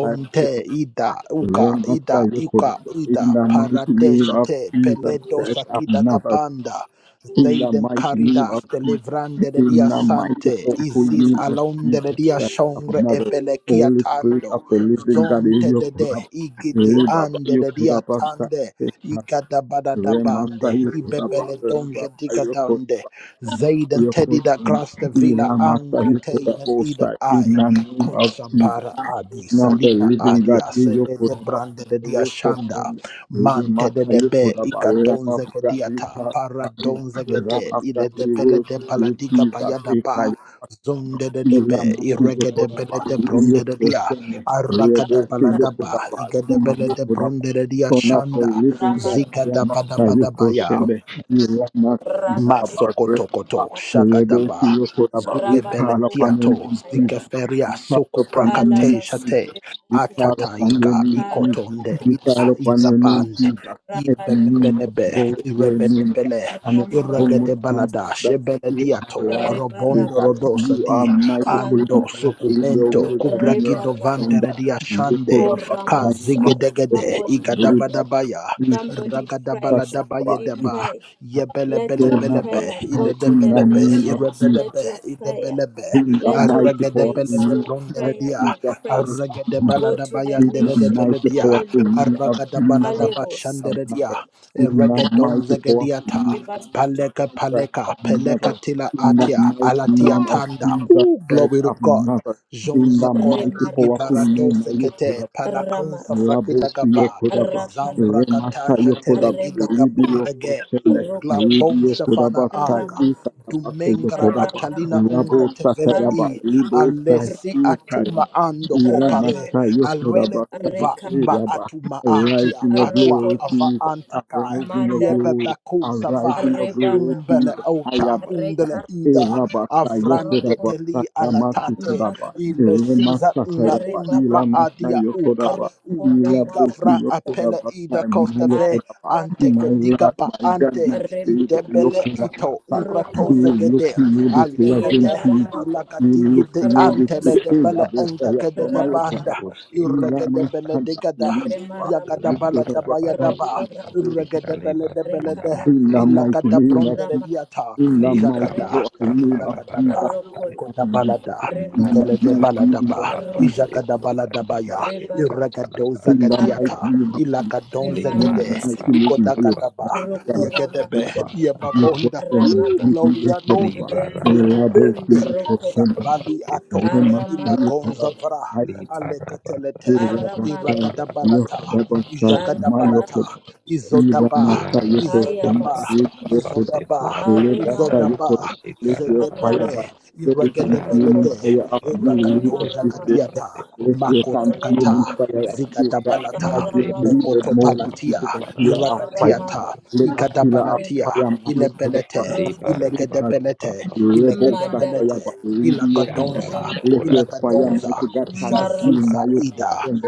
S3: Yokodaba.
S6: ida uka
S3: Run after
S6: ida
S3: you for the
S6: uka
S3: in
S6: ida
S3: the mighty name
S6: paradesha
S3: of
S6: te
S3: Jesus
S6: peledo
S3: Christ of
S6: sakida
S3: Nazareth.
S6: gabanda
S3: In the
S6: Zeiden
S3: mighty name of
S6: Caridas,
S3: Jesus.
S6: Delivrande de
S3: In
S6: Dia
S3: the mighty
S6: Sante,
S3: powerful
S6: Isis
S3: name of
S6: Alonde de
S3: Jesus
S6: Dia
S3: Christ of
S6: Shongre
S3: Nazareth.
S6: Ebelekia
S3: Holy Spirit
S6: Tando,
S3: of the living God,
S6: Zonte
S3: you
S6: de
S3: could
S6: De, Igidi
S3: have
S6: Ande
S3: you
S6: de
S3: could
S6: Dia Tande,
S3: have
S6: igada
S3: Remasa
S6: Igadabadadabande,
S3: Yokodaba,
S6: Ibebele
S3: Reba
S6: Donja Digadande,
S3: Yokodaba,
S6: Zeiden Teddy da
S3: Yokodaba,
S6: Grasta Villa
S3: Ilamasa
S6: Angre
S3: Yokodaba,
S6: Teinen
S3: Osa,
S6: Ida Ai,
S3: in the name of
S6: Kosa
S3: Jesus.
S6: Bara Adi,
S3: Now the
S6: Salina
S3: living God,
S6: Adia,
S3: we
S6: Sele de
S3: Yokodaba,
S6: Brande de Dia Shanda.
S3: Yokodaba,
S6: Mante de
S3: Remasa
S6: debe
S3: Yokodaba,
S6: ikadon
S3: Rama God, we
S6: zegediata
S3: call upon you,
S6: paradon zegede
S3: Rama God,
S6: ile de
S3: we
S6: bele de
S3: worship you,
S6: baladiga
S3: Jesus,
S6: bayada ba
S3: Ekaya.
S6: zonde de debe
S3: Ilamasi
S6: irege de
S3: Yokodaba,
S6: bele de bronde de dia
S3: Yokodaba,
S6: aragada
S3: Rebo
S6: baladaba
S3: Yokodaba,
S6: igede
S3: Yuma
S6: bele de
S3: Yokodaba,
S6: bronde de dia
S3: so now for
S6: shanda
S3: living God,
S2: Ramarasiko.
S3: I
S6: zigada
S3: am not
S6: bada
S3: a
S6: bada
S3: Yoko
S6: baya
S3: Shende. You are not
S2: Rabale.
S3: about Rebaba.
S6: Masokotokoto,
S3: Rebo
S6: Shakadaba,
S3: Yoko about we
S2: Rabale
S6: Zugebele
S3: call upon your
S6: tiato
S3: name,
S2: Bokusikaya.
S3: Jesus. We
S6: Zikeferia,
S3: call
S6: Soku
S3: upon your name,
S6: prakate
S3: Jesus.
S6: Shate,
S2: Alabasete
S3: We call
S2: bokosa
S3: upon your
S6: Atataika,
S3: name,
S2: kara
S3: Jesus.
S6: Ikotonde,
S3: We
S6: Ida,
S3: call
S2: rabasata
S3: upon your name,
S6: Izabande,
S3: Jesus. Every
S2: rabale
S3: name must
S2: bokosika
S3: both
S6: Ibebebelebe,
S3: your name, God,
S6: Irebelebele,
S3: and every
S2: rama
S3: tongue must
S2: rabala
S6: Irregedebalada,
S3: confess that
S2: basura
S3: you are
S6: Shebelediato,
S3: Lord,
S2: reba
S6: Robondo
S2: rabala
S3: that
S6: Rodosa
S3: you
S6: di,
S3: are mightiful
S6: Ando,
S3: and
S2: kandala
S3: powerful in your
S6: Sukumento,
S3: words and in your
S2: reba
S6: Kubragido
S2: rabala
S6: Vanteredia
S3: understanding. You could
S6: Shande,
S3: have a time.
S2: koramasaya.
S3: In
S6: Kazigedegede,
S3: the
S2: Somebody pray.
S3: name
S6: Igadabadabaya,
S2: Somebody pray. Somebody
S6: Ragadabaladabayedaba,
S2: pray.
S6: Yebele
S2: Let
S6: bele
S2: your
S6: bele be,
S2: prayer go
S6: ile de
S2: to the
S6: bele be,
S3: of
S2: nations.
S6: irebe de
S3: Jesus,
S2: Let
S6: be,
S2: your
S6: ile
S2: prayer,
S6: bele be.
S3: in the
S2: let your
S3: mighty
S6: arrege de
S3: powerful
S6: bele
S2: praise,
S6: de
S3: name
S2: your
S6: bronde
S3: of
S6: de
S2: prayer,
S6: dia, dia,
S2: your
S3: Jesus
S2: praise
S3: Christ of
S6: bayande
S2: go
S3: Nazareth,
S2: to
S6: Yebelebelebelebe, iledebelebe, irebedebe,
S2: the
S6: idebelebe, arregedebelede
S3: in
S2: nations.
S3: the mighty
S6: bronderedia, arregedebaladabayandedebeledia,
S3: powerful name
S2: Hallelujah.
S3: of Jesus Christ
S2: Alebosa
S3: of
S6: arragadabaladabashanderedia,
S3: Nazareth, in
S2: tarabasiko
S3: the
S2: rabasa
S3: mighty powerful
S6: eregedonzegediata,
S3: name of
S6: paleka
S3: Jesus Christ
S6: paleka,
S3: of
S6: peleka
S3: Nazareth,
S6: tila
S3: in the
S6: atia,
S3: mighty
S6: alatia
S3: name
S2: rababa
S3: of
S6: tanda.
S3: Jesus
S6: Ooh,
S3: Christ
S6: glory to
S3: of
S6: God.
S3: Nazareth, in
S6: Jonza
S3: the
S6: kora
S3: mighty
S6: digi
S3: powerful
S2: remarabasa
S6: barado
S3: name of
S6: sekete,
S3: Yeshua
S6: palakonza
S2: ramaraba
S3: Rabosi
S6: frakidagaba,
S3: Yokodaba,
S2: rakaraba
S3: Remasa
S6: Zambrakataja
S3: Yokodaba,
S6: telegida
S2: remara
S3: Ribi
S6: gabondege.
S3: Yokoshende,
S6: U
S2: rokora
S3: Ribi
S6: glabon
S3: Yokodaba,
S6: shafana
S3: Tai
S6: anga.
S2: ramaraba
S3: Kadaba,
S6: Dumengra
S3: Yokodaba,
S6: atalina
S2: rabaraba
S6: ungre
S3: Rabo
S6: tevele
S3: Sakaraba,
S6: i.
S2: kandala
S3: Libo Tai
S6: Alesi
S2: reba
S6: atuma
S3: Karaba,
S6: ando kopare.
S3: Ilamasa
S2: ramaraba
S6: Alwele
S3: Yokodaba, Tai
S6: uva umba
S2: Rekaraba,
S3: Raba,
S6: atuma
S3: Arise
S6: akia.
S3: in your
S6: Atwa
S3: glory,
S6: ava
S2: Rokoraba,
S3: Jesus,
S6: antakaya.
S3: arise in your
S2: Mandala,
S3: glory,
S6: Yebebeku
S3: arise in
S6: zafara.
S3: your glory,
S2: Rebaraba,
S6: Umbele
S3: Jesus,
S6: ota.
S3: Ayaba.
S6: Undele
S3: My
S2: Rekaraba,
S3: Lord,
S6: ida.
S3: my God, my Savior,
S6: Avrante
S2: Rokor,
S6: teli alatate.
S2: Makas,
S6: Ile siza na una
S2: Rebalaba,
S6: maadi dia uka
S3: Yokodaba. We
S6: udiga
S2: Rokoramama
S6: fra apele
S2: Sata,
S6: ida costa ve
S2: Araba
S6: ante
S2: Rebara,
S6: diga ba ante
S2: Remara,
S6: idebele ito
S1: Dalamada
S6: ungrato
S2: Rokoraba,
S1: muka
S3: look to
S6: zegede
S1: sana
S3: you this
S1: masih
S3: day
S1: ku.
S3: as
S1: Di
S3: in
S6: aletete
S3: Jesus.
S2: Yelabaraba,
S3: We
S6: ilagadigi
S3: look
S6: de
S3: to you
S6: ante le
S2: Rokosa,
S3: this day.
S6: debele
S1: dalamada
S6: ente
S1: masih
S3: Yabosaya,
S6: ke de
S3: no, my
S6: gabanda
S3: Yokodaba.
S1: ku sana.
S2: Rakalaba,
S1: Di
S3: Ila
S6: irregede bele
S1: dalamada
S6: de
S3: Masada,
S6: gada
S3: Yokodaba.
S2: Remaraba,
S6: yagada bala
S1: masih
S6: daba yadaba
S1: ku
S2: Rokoraba,
S3: Yokodaba,
S1: sana. Di
S6: irregede bele de bele
S1: dalamada
S6: de
S3: in
S1: masih
S3: the
S1: ku
S2: Rekarabalaba,
S3: mighty
S1: sana.
S6: ilagada
S3: name of
S6: brondere
S2: Rama,
S3: Jesus.
S6: diata
S3: In the
S1: Di
S3: mighty
S6: jagada
S3: powerful
S2: Rebara.
S1: kamaka
S3: name
S1: pada
S3: of Jesus
S6: izagadaba
S3: Christ
S1: dalamada.
S3: of
S6: Koda
S2: Arokolapa,
S3: Nazareth.
S6: balada, Kodabalada,
S3: In the
S1: Lara baba
S3: mighty
S6: Igalade
S2: Remarapa,
S3: name of
S6: Baladaba,
S3: Jesus.
S6: ijaka da
S2: Arokorapa,
S6: Baladabaya,
S2: Rebarapa,
S6: Iragado
S3: In the mighty
S6: Zagadiata,
S2: Kandalapa,
S3: name of Jesus.
S6: Ilakadon
S3: In the
S2: Remarapa
S6: Zagade,
S3: mighty
S2: Sikalapa,
S6: Ikodagadaba,
S3: name
S6: Yegedebe,
S2: Rokoramarapa,
S3: of
S6: Yebabonda, Ooh,
S2: Rabababa,
S6: Gloria
S3: Jesus. God,
S6: Nonde,
S3: you are you are the Lord, you be the forever. You are the
S2: Rekalapa,
S3: Lord,
S6: Yebebende,
S3: you are
S2: Rokorapa,
S3: forever.
S6: Zabali Ato,
S3: Rema you
S2: Aramaraba
S6: Ilagonzavra,
S3: forever.
S2: Lebukata,
S6: Alekatelete,
S3: Irabasa,
S2: Aramareboko,
S6: Iragadabalata,
S3: Yokodabasa,
S2: Alabalaba
S6: Ijagadabalata,
S3: Mayokodaba,
S2: Soto,
S6: Izodaba,
S3: Iranasa,
S2: Kaya
S3: Yokoshon,
S6: Izodaba,
S2: Basa,
S1: baba
S3: Yokodaba,
S6: Izodaba,
S1: baba
S3: Lebasa,
S2: Aremaraba.
S6: Izodaba,
S3: Yokodaba, let your fire
S1: Libara
S2: Rabalaba,
S6: Zedebele,
S3: down. Let the
S1: La ra
S3: consuming
S2: Rokoraba,
S1: ba
S6: Iregedebelede,
S3: fire
S1: ba
S3: up
S1: ba
S3: you,
S1: ba
S3: lead us
S6: Iragadonja
S1: seko
S3: this day.
S1: raba
S3: God.
S6: Kadiata,
S1: seko ba de ko ra ba de ko
S2: Remarabasatalaba,
S3: Let
S1: ba
S3: your
S1: ma ka ba
S6: Makotokata,
S1: ra
S3: consuming
S1: ba sa
S3: fire
S1: ya.
S3: up
S2: Rebarababa,
S3: you, God.
S1: Ma
S3: As
S6: Zigadabalata,
S3: you
S1: re
S3: have
S1: bo
S2: Karababa,
S3: leaded
S1: sa ta ma
S3: Moses, you
S1: ko
S6: Mekotopalatia,
S3: took a
S1: ba ra
S3: pillar
S1: ba
S3: of
S1: sa ya
S3: fire.
S1: ma
S6: Iragatiata,
S1: ko
S2: Karamaraba,
S1: sa
S3: Let a
S1: ya ma
S3: pillar
S1: de
S3: of
S1: ka
S6: Igadabalatia,
S1: ba.
S2: Rebara,
S3: fire,
S6: Ilebelete,
S1: Le ba ra
S2: Rokoraba,
S1: ba
S3: Mayokodabasa,
S1: ba ba ba
S6: Ilegedebelete,
S1: ba
S3: Rebel
S1: ba.
S3: Sakayaba,
S6: Ilegedebelete,
S2: Mandalabala,
S3: Radio
S1: Shanda
S3: Kunaba,
S1: ma
S6: Ilagadonza,
S1: ko
S2: Rebara,
S3: let
S1: ra
S3: your
S1: ba sa
S3: fire
S1: ya ma
S6: Ilagadonza,
S3: mighty
S1: ko
S3: God can
S1: sa ta
S3: you
S1: ma
S3: my
S6: Jazuza
S2: Marabala,
S1: ka ba
S6: Ida,
S3: friend,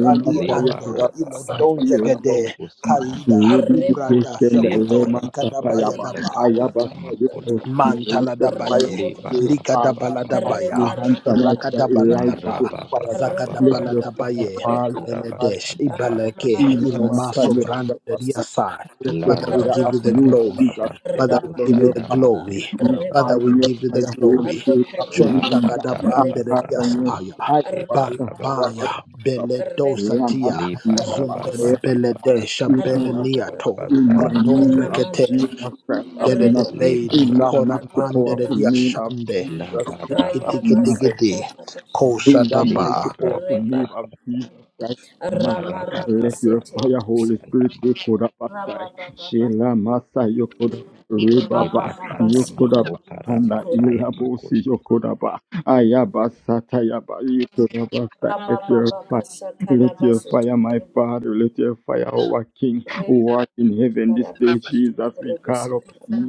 S3: Rema Saya
S1: Libara
S6: Ando,
S3: Kudaba,
S1: baba
S3: I
S6: Ilodonja
S1: baba
S2: Satalaba,
S3: Irabo,
S6: Gede,
S1: tekusana
S6: Kaida,
S3: Radio
S6: Ubrada,
S3: Christian,
S2: Remarabalaba,
S6: Shokoto,
S1: libara
S3: Rema Sakayaba,
S6: Ikadabayadaba,
S2: Ripababa,
S3: Ayaba Saya
S1: makura
S2: Satal,
S3: Christian, let the fire
S6: Mantaladabaye,
S3: of your
S1: libara
S2: Rokorabala,
S3: father,
S1: baba
S3: as you
S6: Likadabaladabaya,
S3: answer mighty
S2: Remarabalaba,
S3: God, Elijah
S1: Maraba
S6: Ragadabaladaba,
S3: with
S1: baba
S3: fire, God.
S1: baba
S3: let your
S2: Arokorababa,
S3: fire
S1: baba
S6: Zagadabaladabaye,
S3: fall,
S1: sekura
S2: Rekaraba,
S3: Father,
S6: Beledesh,
S1: basanda
S6: Ibaleke,
S1: makashata
S2: Aramaraba
S3: Rema
S6: Iloma
S3: Saya
S1: makapara
S6: Sovran
S3: Kudaba,
S2: Setelebukusa,
S6: Riasa.
S3: let your
S6: Father, we
S1: lara
S3: fire
S6: give
S3: up
S6: you the
S1: baba
S3: you,
S2: Rakayaba,
S1: baba
S6: glory.
S3: Jesus,
S6: Father, we
S3: Father,
S6: give you
S3: your
S6: the
S1: sekusanda
S3: fire.
S2: Ramarabalaba,
S6: glory.
S3: We
S1: masekura bas
S6: Father,
S3: call
S6: we
S3: on your
S6: give you the
S3: fire,
S2: Rebarabalaba,
S3: Holy
S6: glory.
S3: Spirit of the
S2: Arokorababa,
S3: living
S1: lakata
S3: God. I
S6: Shontakadabande
S3: call
S1: labasanda
S3: on your
S2: Remarabalaba,
S6: Riasaya,
S3: fire, but
S1: makushita
S3: the fire but
S6: Balabaya,
S2: Rakarabalaba,
S1: labasaya
S3: the fire.
S2: Reba,
S3: We are not
S6: Beledosatia,
S3: coming up.
S1: libara
S3: but
S1: baba
S6: Zumbele
S3: we
S2: Arokosata,
S1: baba sata
S6: Beledesha,
S3: are not coming up.
S1: makopara
S2: Arakaraba,
S6: Beleniato,
S3: In
S1: basanda
S3: the name of
S6: Ukradom
S1: makushika
S3: Jesus
S2: Ramandala,
S3: Christ
S6: De
S3: of
S6: de de
S2: Reba,
S3: Nazareth,
S6: Baden,
S3: in the mighty
S1: Libarababa,
S6: Korapande de
S3: powerful
S2: Arokoraba,
S3: name of
S6: Diashande,
S3: Jesus Christ
S6: Digi
S1: Labarababa,
S3: of
S6: Digi
S3: Nazareth.
S6: Digi
S2: Kayabasata,
S6: Di,
S2: Rabasi,
S3: In
S6: Kosa
S3: the
S6: Daba,
S3: mighty, powerful
S2: Reba,
S1: Libarababa,
S3: name of Jesus Christ, of Nazareth, let
S1: Marabasata
S3: your fire,
S2: Ramarabaseterebosa.
S3: Holy
S1: Makoshanda
S3: Spirit, you could have passed.
S2: Rabababa,
S3: Sheila Masa, you could have Rebaba,
S1: Reba
S2: Rabababa,
S1: Sanda
S3: you could have
S1: Makopa
S2: Sikoraba,
S3: and
S2: Sikoraba,
S1: Rabataya
S3: Ilabosi,
S1: Makoshi.
S3: you could have Ayaba Satayaba, you could have passed. Let your
S2: Rabababa,
S3: fire. Let
S2: Satalaba,
S3: your fire, my
S2: Sotokorobo,
S3: Father, let your fire, our King, who art in heaven this
S2: Rebaraba,
S3: day, Jesus, we
S2: Sotokorobo,
S3: call up.
S2: Sikaraba,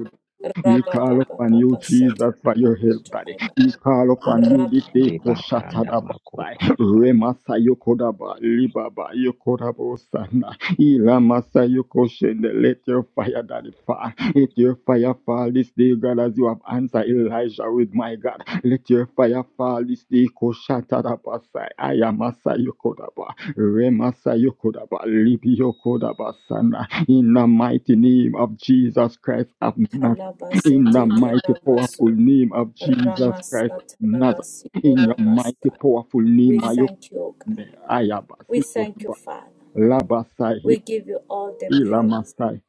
S3: We call upon you,
S2: Rabababa,
S3: Jesus, for
S2: Satalaba,
S3: your help, Daddy.
S2: Sotokora,
S3: We call upon you
S2: Rabtalaba,
S3: this day,
S1: Reba Sanda
S3: Koshatadabasai,
S1: Makopa Rabata
S3: Remasa Yokodaba, Libaba Yokodabosana, Ilamasa Yokoshende. Let your fire, Daddy, fall. Let your fire fall this day, God, as you have answered Elijah with my God. Let your fire fall this day, Koshatadabasai, Ayamasa Yokodaba, Remasa Yokodaba, Libi Yokodabasana, in the mighty name of Jesus Christ of Nazareth in the
S2: Seteke,
S3: mighty powerful
S2: Rabaso,
S3: name of Jesus
S2: ramasa
S3: Christ of Nazareth.
S2: Ramasatalaba,
S3: In your mighty
S2: korabasa.
S3: powerful
S2: We
S3: name,
S2: thank you, O God. We thank you,
S3: Ayabasikotoba,
S2: Father.
S3: Labasai,
S2: We give you all the praise.
S3: Ilamasai,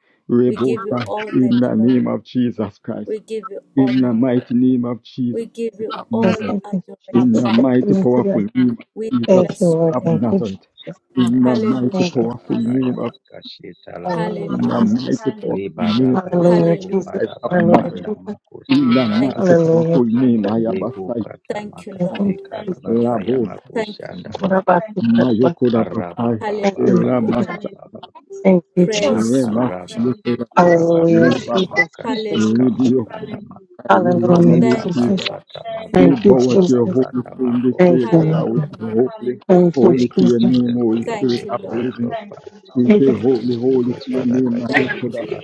S2: We give you
S3: Rebosai,
S2: all
S3: in
S2: the
S3: the
S2: glory.
S3: name of Jesus Christ,
S2: We give you
S3: in the
S2: honor, Lord.
S3: mighty name of
S2: We
S3: Jesus
S2: give
S3: Christ
S2: you
S3: of
S7: Yes,
S2: all
S3: Nazareth,
S7: thank you,
S3: in
S7: Jesus.
S3: the
S2: adoration.
S7: Thank you,
S3: mighty
S7: Lord,
S3: powerful
S7: today.
S3: name of
S2: We
S3: Jesus Christ
S7: Thank you,
S2: bless
S7: Lord.
S2: your
S3: of
S7: Thank
S2: name.
S7: you,
S3: Nazareth,
S7: Jesus.
S3: in the
S1: Makopa
S3: mighty
S7: Thank you,
S2: Hallelujah.
S3: powerful
S7: Jesus.
S1: Rabataya
S3: name of
S1: Makashita
S7: Hallelujah,
S3: in
S1: Lamatai.
S3: the
S2: Hallelujah.
S7: Jesus.
S3: mighty powerful
S1: Leba
S3: name of
S1: Raba
S7: Hallelujah, Jesus.
S2: Hallelujah.
S1: Bakopa
S3: Christ of
S7: Hallelujah,
S3: Nazareth,
S1: Rabatanda
S7: Jesus.
S3: in the
S1: Makosita
S2: Thank you,
S3: mighty
S2: Lord.
S1: Labasai.
S7: Hallelujah,
S3: powerful name,
S7: Jesus.
S1: Rebu
S3: Ayabasai.
S1: Kata
S2: Thank you,
S7: Thank you,
S2: Lord.
S1: Makasika
S7: Jesus.
S1: Rabasaya
S2: Thank you,
S1: Makoshanda
S7: What about
S1: Makopa.
S7: you, God? What-
S3: Mayokoda Bafai,
S2: Jesus.
S1: Rababa
S7: Thank you,
S1: baba.
S3: Ela
S2: Hallelujah.
S7: mighty God.
S1: baba
S7: Thank you, Jesus.
S2: Praise
S3: Masarema,
S2: you,
S1: Makaraba
S2: Jesus.
S3: Yokoda,
S1: Sekura
S7: Hallelujah,
S1: Basaya
S7: Jesus.
S1: Jesus.
S3: Ribaba,
S7: Jesus.
S1: Makasheka
S7: Jesus.
S1: Masana
S2: Hallelujah.
S3: Ribio, we run at
S7: Hallelujah,
S3: you,
S2: Thank you,
S7: Jesus.
S3: Jesus.
S2: Lord
S1: Basata Thank
S2: Jesus.
S3: We
S1: Mako
S7: Thank
S1: you, Jesus.
S7: you,
S3: bow at your
S7: Jesus.
S3: holy throne
S1: Mako
S3: this
S7: Thank
S3: day,
S7: you,
S3: God, I
S7: Lord.
S1: Sekara
S7: God.
S3: say
S2: Hallelujah.
S3: holy,
S7: Thank you,
S3: holy
S1: Thank
S3: to
S1: you,
S3: your
S7: Jesus.
S3: name,
S1: Jesus, for
S3: Holy
S1: your
S2: Thank
S3: Spirit
S2: you,
S3: of the
S1: faithfulness,
S2: Lord.
S3: living.
S1: Lord Thank Father. you,
S3: We say
S1: Thank you,
S3: holy, holy to
S1: Jesus,
S3: your
S1: Father
S3: name,
S1: God. Thank
S7: Thank
S1: you,
S2: Thank
S3: Mayokoda,
S2: you.
S1: Father.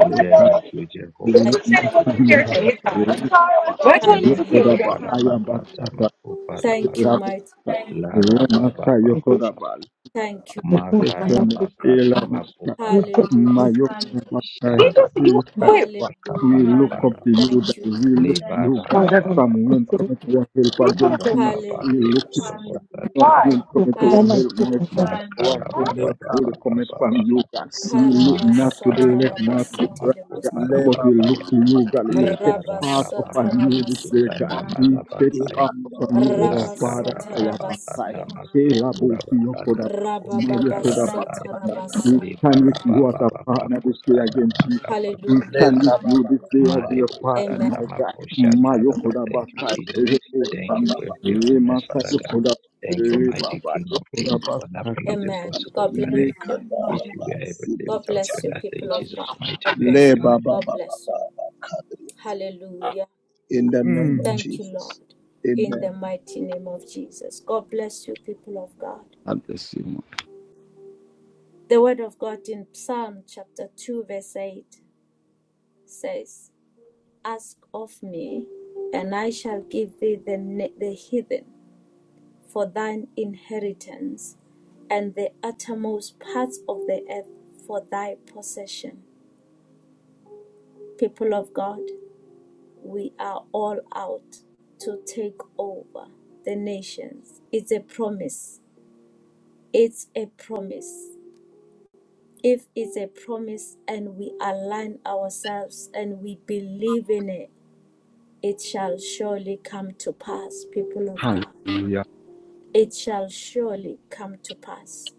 S1: We you, there
S3: Eka,
S1: like you,
S7: He
S1: Jehovah.
S7: said
S2: Thank
S1: We
S3: Rema,
S1: thank
S7: it
S2: you,
S1: you
S7: wasn't
S1: for your
S7: fair to
S3: Sanaraba,
S7: his time.
S1: faithfulness. Lord.
S7: I'm sorry, I'm sorry.
S3: Ribaba,
S7: I
S2: Lord.
S7: told him it's
S1: Lema
S7: okay. We
S3: Yokoda, Ba,
S2: Hallelujah.
S7: got you.
S1: Kaparabasata Hallelujah.
S3: Ayabasata,
S1: Mako
S2: Thank you,
S1: Parabasata.
S3: Ela,
S2: mighty
S3: Masa,
S1: Thank
S2: God.
S1: you, La Lord.
S3: Rema,
S1: Rababa
S7: He just,
S3: Yokoda,
S1: Baba
S3: Ba,
S2: Thank you, Lord.
S1: makarabasata
S3: Ela, Masa,
S1: makoparabasa
S3: My
S2: Hallelujah.
S3: Mayokana Makai.
S1: shanda
S7: he,
S3: He has
S7: wait.
S3: what? We
S2: Hallelujah.
S3: look up
S1: makoparabakaparabara
S3: to you, that
S2: Thank you,
S3: we
S2: Jesus.
S3: look to you, God. From whence
S1: lebarababababa
S7: He
S3: cometh our help
S7: told
S3: against
S7: us
S3: you? We
S1: marababate
S3: look to you,
S2: Hallelujah.
S3: God.
S1: kurabasata
S3: From
S7: why.
S3: whence cometh
S1: makopar
S3: our help, my
S2: Hallelujah.
S3: Father? Our
S7: Huh?
S3: help has only
S8: Lekabasa,
S3: cometh from
S1: makarabarabababababa
S3: you, God. We look not to the left, not
S1: makaparabasata
S3: to the right, God. But
S2: Karabasatarabasitelebusaya.
S3: we
S8: lebaba,
S1: makoparabasaya
S3: look to you, God. We set fast upon
S1: lebarabababate
S3: you this day,
S2: Rabasatalabasaya.
S1: kusanda
S3: God. We set
S1: marabasaya
S3: fast upon you,
S8: ikandorobo,
S3: our
S1: La
S3: Father.
S8: sibila,
S3: I have a sight.
S1: karabababata
S2: Rabasatalabasia.
S3: Tell
S1: masekura
S3: about your
S1: bakana
S3: Kodak. My
S1: makote
S8: ikandara,
S3: Kodak.
S1: karabakaya.
S8: sabaya,
S3: We
S2: Rabababasatarabasaya.
S3: stand with you as a partner this day
S1: Libarababababakosana
S3: against Jesus. We
S2: Hallelujah.
S3: stand
S1: makababatala.
S3: with you
S8: lekababa,
S3: this day as your
S8: lebaba,
S3: partner,
S2: Amen.
S1: Marebosata
S3: my God. My
S1: makoshata raba.
S3: Yokoda
S1: Thank you, Jesus.
S3: Basai,
S1: Thank you
S3: Rekoshana,
S1: for your faithfulness,
S3: Remasa
S1: Father God.
S3: Yokoda,
S8: sata,
S1: Thank you, mighty
S3: Rebaba
S1: King of Kings,
S3: Yokoda
S1: for nothing
S3: Basaka.
S1: is
S2: Amen.
S1: impossible
S2: God
S1: in your
S2: bless
S1: name.
S2: you.
S1: With
S8: lekandara,
S1: you, we are everything.
S2: God
S8: sibila,
S1: Without you,
S2: bless you,
S1: nothing. In
S2: people of
S1: Jesus'
S2: God.
S1: mighty
S2: God
S1: name,
S2: bless you.
S1: amen.
S2: God
S8: lebaba,
S2: bless you.
S8: kadri.
S2: Hallelujah.
S8: In the name of
S3: Mm.
S2: Thank you,
S8: Jesus.
S2: Lord, in the
S8: Amen.
S2: mighty name of Jesus. God bless you, people of God. The word of God in Psalm chapter 2, verse 8 says, Ask of me, and I shall give thee the, the heathen for thine inheritance, and the uttermost parts of the earth for thy possession. People of God, we are all out to take over the nations. It's a promise. It's a promise. If it's a promise and we align ourselves and we believe in it, it shall surely come to pass, people of God.
S3: Hallelujah,
S2: It shall surely come to pass.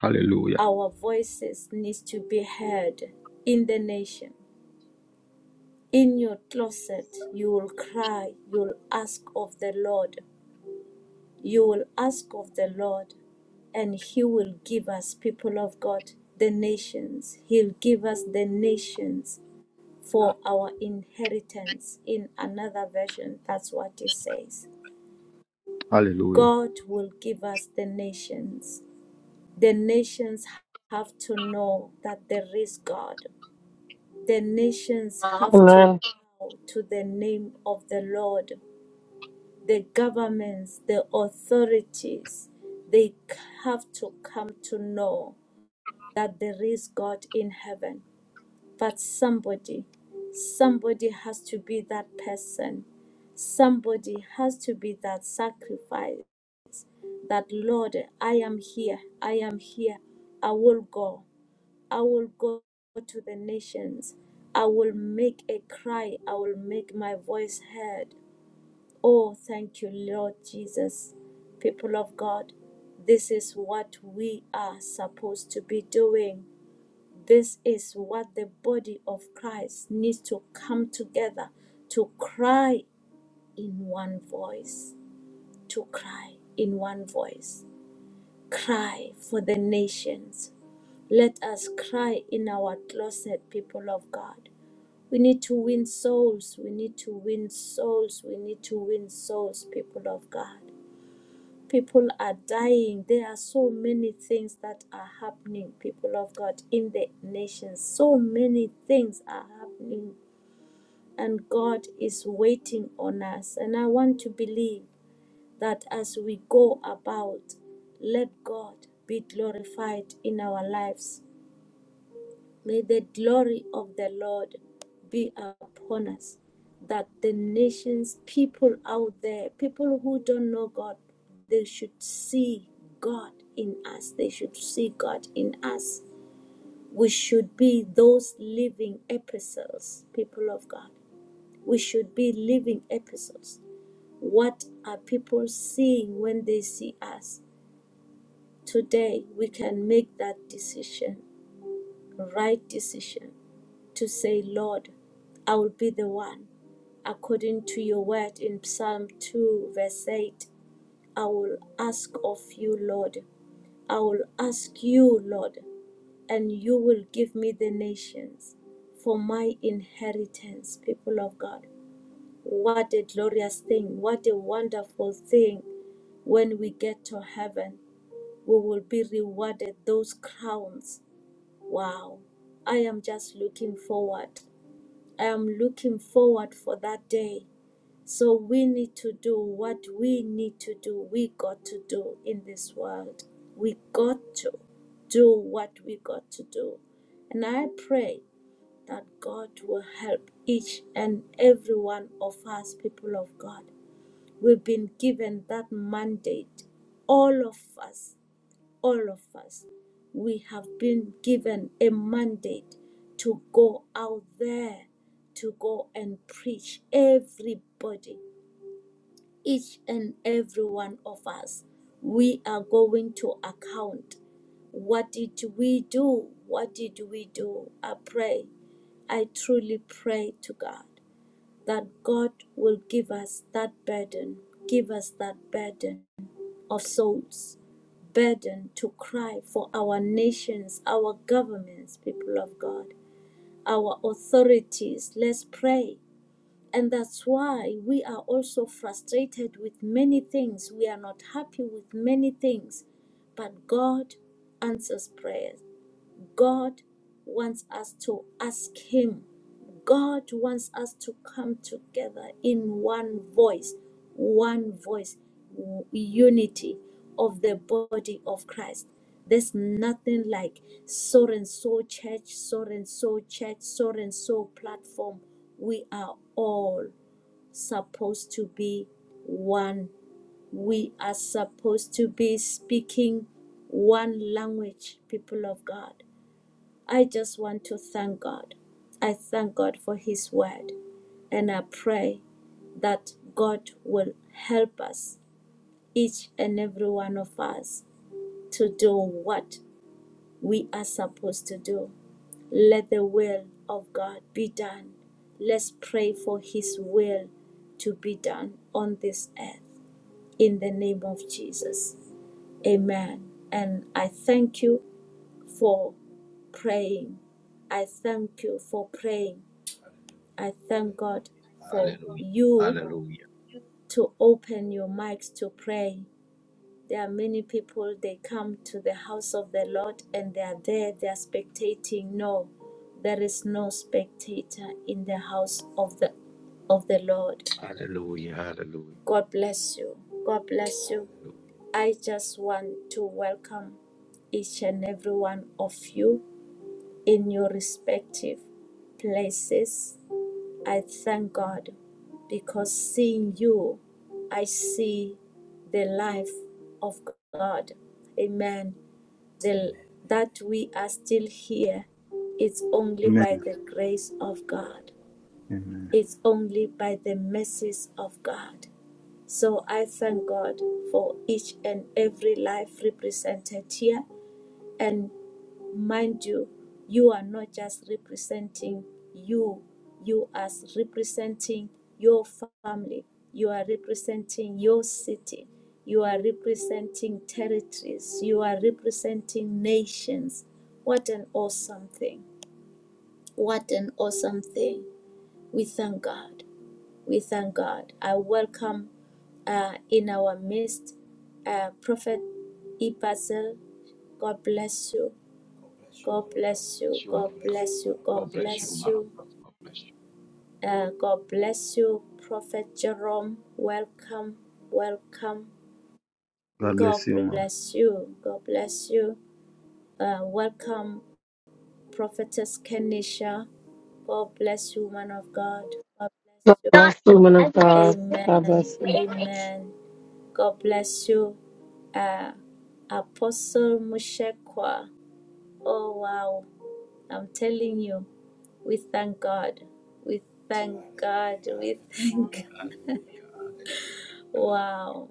S3: hallelujah,
S2: Our voices need to be heard in the nation. In your closet, you will cry, you will ask of the Lord. You will ask of the Lord and he will give us people of god the nations he'll give us the nations for our inheritance. In another version, that's what it says.
S3: hallelujah.
S2: God will give us the nations. The nations have to know that there is God. The nations have to
S7: Amen.
S2: bow to the name of the Lord. The governments, the authorities, they have to come to know that there is God in heaven But somebody, somebody has to be that person. Somebody has to be that sacrifice. That Lord, I am here. I am here. I will go. I will go to the nations. I will make a cry. I will make my voice heard. Oh, thank you, Lord Jesus. People of God, this is what we are supposed to be doing. This is what the body of Christ needs to come together to cry in one voice. To cry in one voice. Cry for the nations. Let us cry in our closet, people of God. We need to win souls. We need to win souls. We need to win souls, people of God. People are dying. There are so many things that are happening, people of God, in the nations. So many things are happening, and God is waiting on us. And I want to believe that as we go about, let God be glorified in our lives. May the glory of the Lord be upon us, that the nations, people out there, people who don't know God, they should see God in us. They should see God in us. We should be those living epistles, people of God. We should be living epistles. What are people seeing when they see us? Today, we can make that decision, right decision to say, Lord, I will be the one. According to your word in Psalm 2, verse 8, I will ask of you, Lord. I will ask you, Lord, and you will give me the nations for my inheritance, people of God. What a glorious thing, what a wonderful thing when we get to heaven. We will be rewarded those crowns. Wow. I am just looking forward. I am looking forward for that day. So we need to do what we need to do. We got to do in this world. We got to do what we got to do. And I pray that God will help each and every one of us, people of God. We've been given that mandate, all of us all of us, we have been given a mandate to go out there, to go and preach. Everybody, each and every one of us, we are going to account. What did we do? What did we do? I pray, I truly pray to God that God will give us that burden, give us that burden of souls burdened to cry for our nations, our governments, people of God, our authorities. Let's pray. And that's why we are also frustrated with many things. We are not happy with many things. But God answers prayers. God wants us to ask Him. God wants us to come together in one voice, one voice, unity of the body of Christ. There's nothing like so and so church, so and so church, so and so platform. We are all supposed to be one. We are supposed to be speaking one language, people of God I just want to thank God. I thank God for His word. And I pray that God will help us, each and every one of us, to do what we are supposed to do. Let the will of God be done. Let's pray for His will to be done on this earth. In the name of Jesus. Amen. And I thank you for praying. I thank you for praying I thank God for
S1: Hallelujah.
S2: you
S1: Hallelujah.
S2: to open your mics to pray. There are many people, they come to the house of the Lord and they are there, they are spectating. No, there is no spectator in the house of the of the Lord.
S1: Hallelujah. Hallelujah.
S2: God bless you. God bless you.
S1: Hallelujah.
S2: I just want to welcome each and every one of you in your respective places. I thank God because seeing you, I see the life of God. Amen. The, that we are still here, it's only by
S3: Amen.
S2: the grace of God,
S3: Amen.
S2: it's only by the mercies of God. So I thank God for each and every life represented here. And mind you, you are not just representing you, you are representing your family, you are representing your city, you are representing territories, you are representing nations. What an awesome thing! What an awesome thing. We thank God. We thank God. I welcome uh, in our midst uh, Prophet Ipazel. God bless you. God bless you.
S1: Bless you, man
S2: God
S1: of God.
S2: bless you.
S1: God
S2: God
S1: bless you,
S2: bless
S1: man of
S2: you.
S1: God. God bless you.
S2: Uh, God bless you, Prophet Jerome. Welcome. Welcome.
S3: God bless
S2: God
S3: you, ma'am.
S2: bless you. God bless you. Uh, welcome, Prophetess Kenisha. God bless you, man of God. God
S7: God
S2: bless you.
S7: bless you, man of God. God
S2: Amen.
S7: bless you.
S2: Amen. God bless you. Uh, Apostle Mushekwa. Oh, wow. I'm telling you. We thank God. We thank God. We thank God.
S1: Hallelujah. Hallelujah. Hallelujah. Hallelujah.
S2: Wow.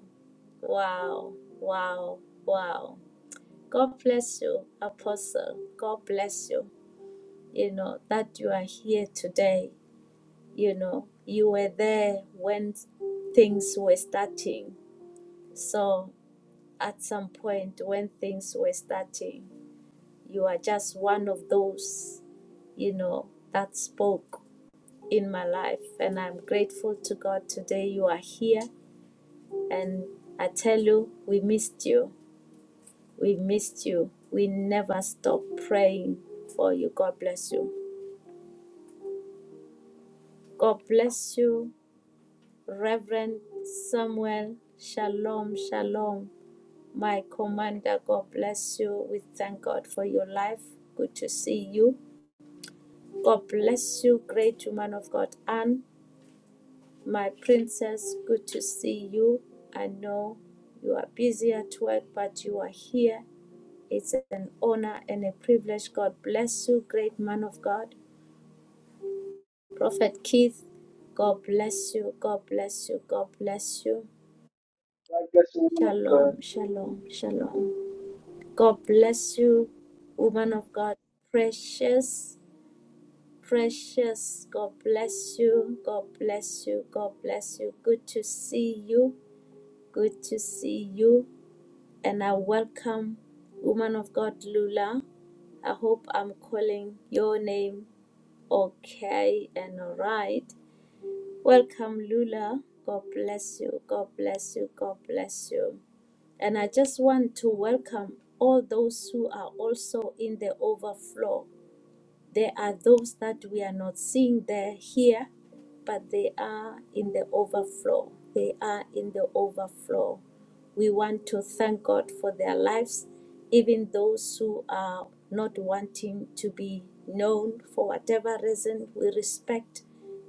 S2: Wow. Wow. Wow. God bless you, Apostle. God bless you. You know, that you are here today. You know, you were there when things were starting. So at some point when things were starting, you are just one of those, you know, that spoke in my life. And I'm grateful to God today you are here. And I tell you, we missed you. We missed you. We never stop praying for you. God bless you. God bless you, Reverend Samuel. Shalom, shalom. My commander, God bless you. We thank God for your life. Good to see you. God bless you, great woman of God, Anne. My princess, good to see you. I know you are busy at work, but you are here. It's an honor and a privilege. God bless you, great man of God. Prophet Keith, God bless you. God bless you. God bless you.
S9: God bless you, woman of God.
S2: Shalom, shalom, shalom. God bless you, woman of God. Precious, precious. God bless you. God bless you. God bless you. Good to see you. Good to see you. and I welcome woman of God Lula. I hope I'm calling your name okay and all right. Welcome Lula. God bless you. God bless you. God bless you. And I just want to welcome all those who are also in the overflow. There are those that we are not seeing there here, but they are in the overflow. They are in the overflow. We want to thank God for their lives, even those who are not wanting to be known for whatever reason. We respect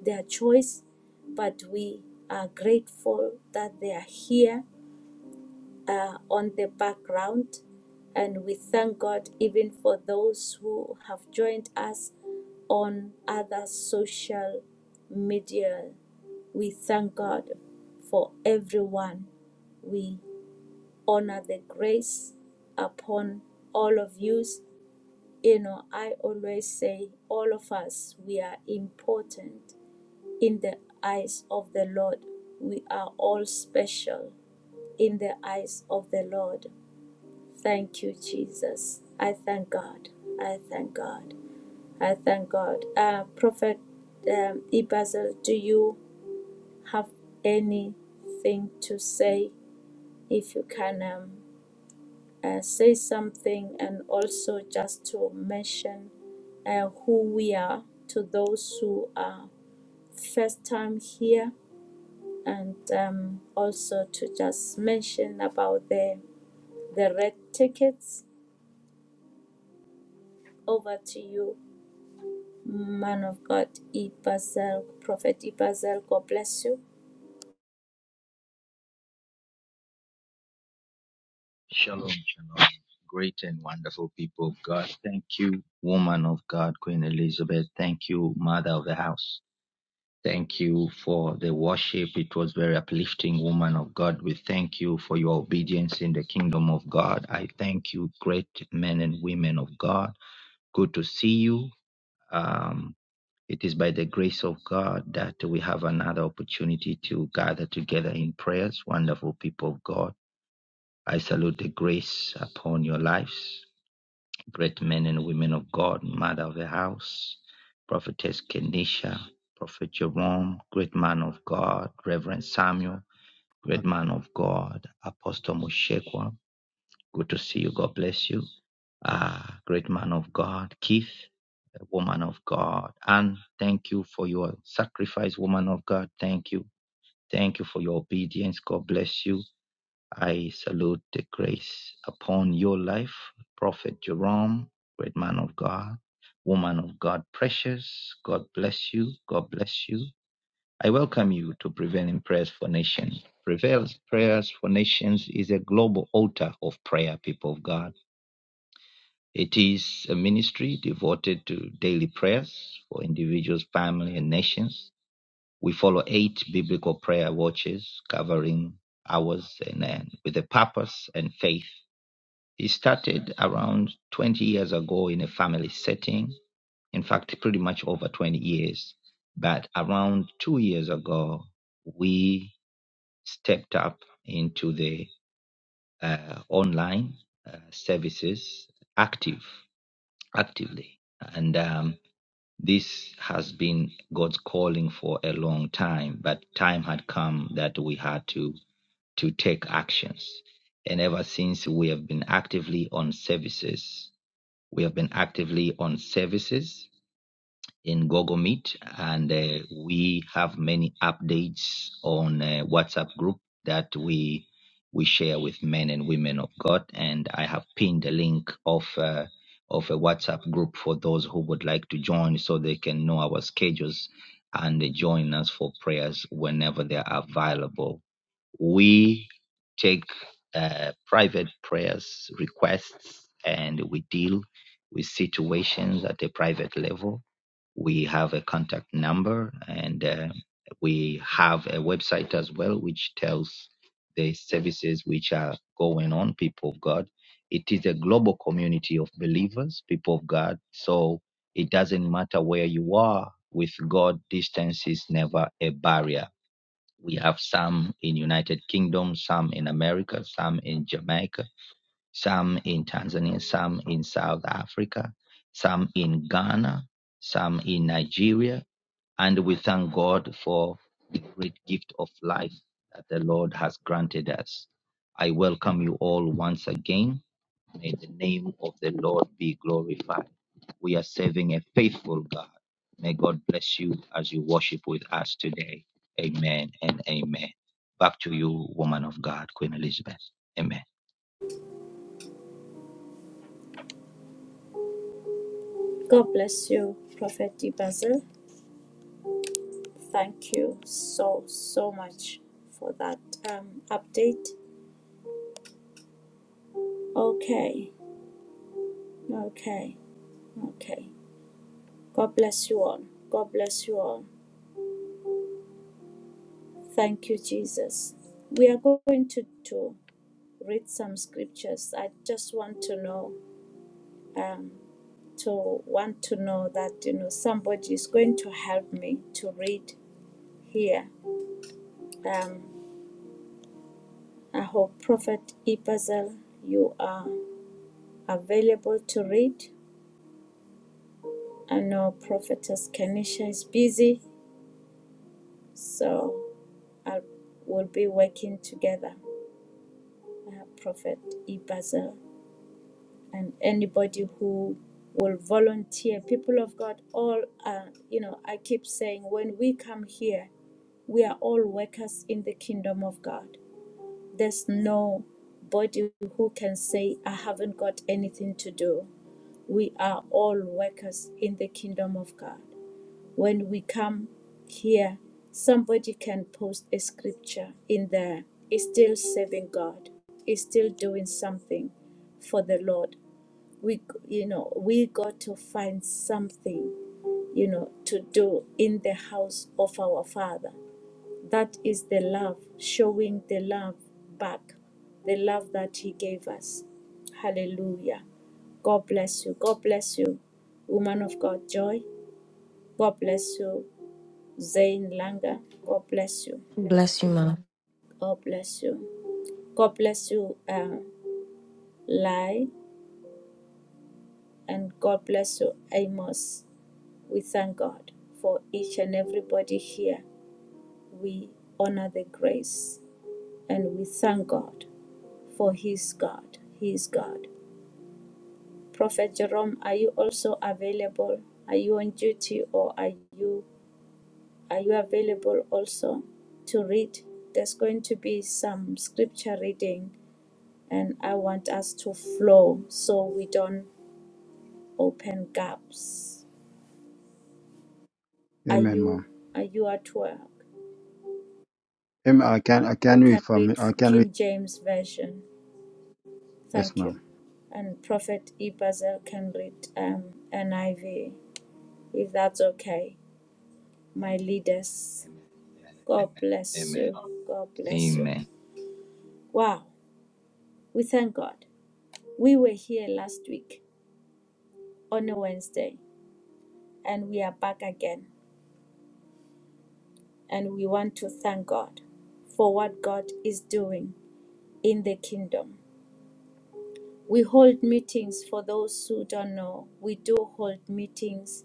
S2: their choice, but we are grateful that they are here uh, on the background. And we thank God even for those who have joined us on other social media. We thank God for everyone. We honor the grace upon all of you. You know, I always say all of us, we are important in the eyes of the Lord. We are all special in the eyes of the Lord. Thank you, Jesus. I thank God. I thank God. I thank God. Uh, Prophet um, Ibazel, do you have anything to say? If you can um, uh, say something, and also just to mention uh, who we are to those who are first time here, and um, also to just mention about the the red tickets. Over to you, man of God, Ibazel, Prophet Ibazel. God bless you.
S1: Shalom. Shalom. Great and wonderful people of God. Thank you, woman of God, Queen Elizabeth. Thank you, mother of the house. Thank you for the worship. It was very uplifting, woman of God. We thank you for your obedience in the kingdom of God. I thank you, great men and women of God. Good to see you. Um. It is by the grace of God that we have another opportunity to gather together in prayers. Wonderful people of God, I salute the grace upon your lives. Great men and women of God, mother of the house, prophetess Kenisha, prophet Jerome, great man of God, Reverend Samuel, great man of God, Apostle Mushekwa. Good to see you. God bless you. Ah, great man of God, Keith, a woman of God. And thank you for your sacrifice, woman of God. Thank you. Thank you for your obedience. God bless you. I salute the grace upon your life, Prophet Jerome, great man of God, woman of God, precious. God bless you. God bless you. I welcome you to Prevailing Prayers for Nations. Prevailing Prayers for Nations is a global altar of prayer, people of God it is a ministry devoted to daily prayers for individuals, family, and nations. We follow eight biblical prayer watches covering hours and end with a purpose and faith. It started around 20 years ago in a family setting. In fact, pretty much over 20 years. But around two years ago, we stepped up into the uh, online uh, services active actively. And um, this has been God's calling for a long time, but time had come that we had to to take actions. And ever since we have been actively on services, we have been actively on services in Google Meet, and uh, we have many updates on uh, WhatsApp group that we we share with men and women of God. And I have pinned a link of uh, of a WhatsApp group for those who would like to join, so they can know our schedules and they join us for prayers whenever they are available. We take uh, private prayers requests and we deal with situations at a private level we have a contact number and uh, we have a website as well which tells the services which are going on people of god it is a global community of believers people of god so it doesn't matter where you are with god distance is never a barrier we have some in united kingdom some in america some in jamaica some in Tanzania, some in South Africa, some in Ghana, some in Nigeria. And we thank God for the great gift of life that the Lord has granted us. I welcome you all once again. May the name of the Lord be glorified. We are serving a faithful God. May God bless you as you worship with us today. Amen and amen. Back to you, woman of God, Queen Elizabeth. Amen.
S2: God bless you, Prophet Basil. Thank you so, so much for that um, update. Okay, okay, okay. God bless you all. God bless you all. Thank you, Jesus. We are going to, to read some scriptures. I just want to know, um, to want to know that, you know, somebody is going to help me to read here. Um, I hope Prophet Ibazel, you are. available to read. I know Prophetess Kenisha is busy, so I will be working together. Uh, Prophet Ibaza and anybody who will volunteer. People of God, all are, you know, I keep saying when we come here, we are all workers in the kingdom of God. There's nobody who can say, I haven't got anything to do. We are all workers in the kingdom of God. when we come here, somebody can post a scripture in there. It's still serving God. It's still doing something for the Lord. We, you know, we got to find something, you know, to do in the house of our Father. That is the love, showing the love back, the love that He gave us. Hallelujah. God bless you. God bless you, woman of God, joy. God bless you. Zain Langa. God bless you.
S10: Bless you, Mom.
S2: God bless you. God bless you, uh, Lai, and God bless you, Amos. We thank God for each and everybody here. We honor the grace and we thank God for His God. He is God. Prophet Jerome, are you also available? Are you on duty or are you are you available also to read? There's going to be some scripture reading and I want us to flow so we don't open gaps. Are
S3: Amen,
S2: you
S3: ma'am.
S2: are you at work?
S3: Amen. I can I
S2: You
S3: can read
S2: can
S3: for me.
S2: read
S3: I can read.
S2: King James version.
S3: Yes,
S2: Thank you.
S3: ma'am.
S2: And Prophet Ibazel can read um, NIV if that's okay. My leaders,
S1: Amen.
S2: God
S1: Amen.
S2: bless
S1: Amen.
S2: you. God bless you.
S1: Amen.
S2: Wow, we thank God. We were here last week on a Wednesday, and we are back again. and we want to thank God for what God is doing in the kingdom. We hold meetings for those who don't know. We do hold meetings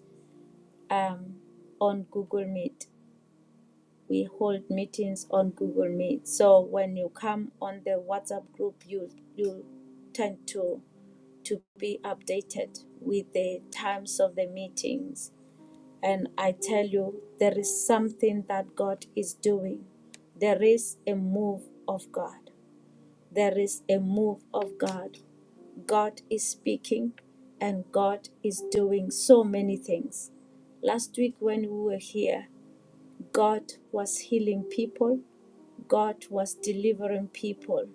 S2: um, on Google Meet. We hold meetings on Google Meet. So when you come on the WhatsApp group, you you tend to to be updated with the times of the meetings And I tell you, there is something that God is doing. There is a move of God. There is a move of God. God is speaking and God is doing so many things. Last week, when we were here, God was healing people, God was delivering people,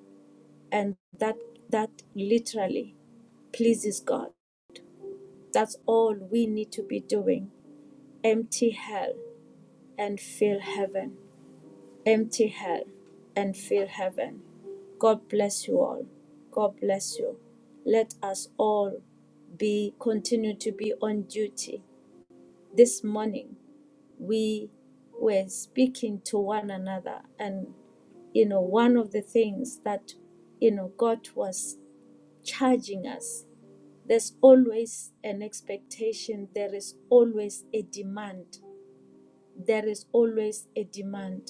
S2: and that, that literally pleases God. That's all we need to be doing empty hell and fill heaven. empty hell and fill heaven. God bless you all. God bless you. Let us all be continue to be on duty. This morning we were speaking to one another and you know one of the things that you know God was charging us there's always an expectation there is always a demand there is always a demand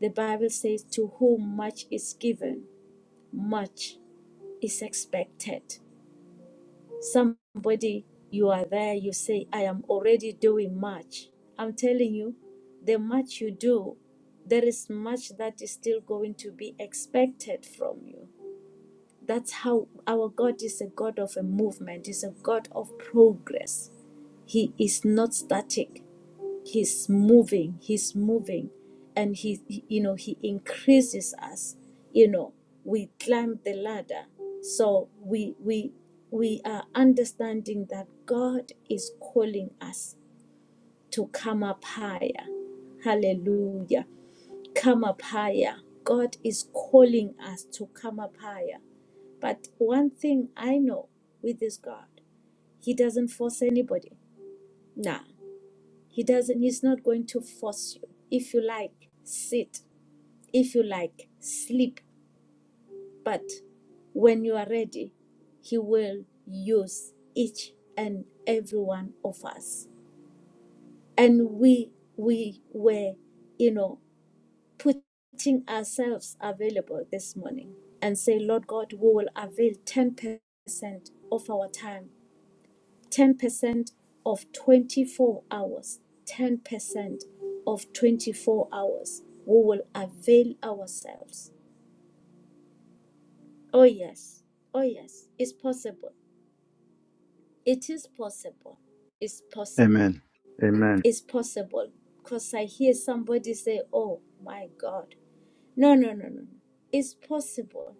S2: The Bible says, To whom much is given, much is expected. Somebody, you are there, you say, I am already doing much. I'm telling you, the much you do, there is much that is still going to be expected from you. That's how our God is a God of a movement, is a God of progress. He is not static. he's moving he's moving and he he- you know he increases us you know we climb the ladder so we we we are understanding that god is calling us to come up higher hallelujah come up higher god is calling us to come up higher but one thing i know with this god he doesn't force anybody nah he doesn't, he's not going to force you. If you like, sit. If you like, sleep. But when you are ready, he will use each and every one of us. And we, we were, you know, putting ourselves available this morning and say, Lord God, we will avail 10% of our time 10% of 24 hours, 10% of 24 hours, we will avail ourselves. Oh, yes. Oh, yes. It's possible. It is possible. It's possible.
S3: Amen. Amen.
S2: It's possible. Because I hear somebody say, Oh, my God. No, no, no, no. no. It's possible.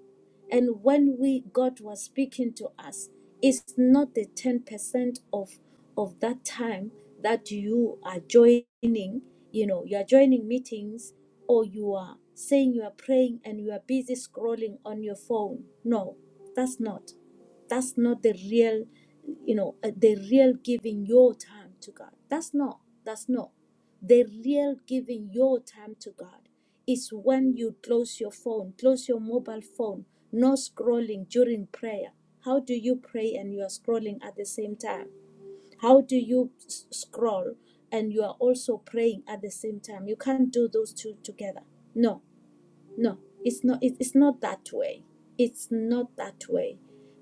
S2: And when we God was speaking to us, it's not the 10% of of that time that you are joining, you know, you are joining meetings or you are saying you are praying and you are busy scrolling on your phone. No, that's not that's not the real you know uh, the real giving your time to god that's not that's not the real giving your time to god is when you close your phone close your mobile phone no scrolling during prayer how do you pray and you are scrolling at the same time how do you s- scroll and you are also praying at the same time you can't do those two together no no it's not it- it's not that way it's not that way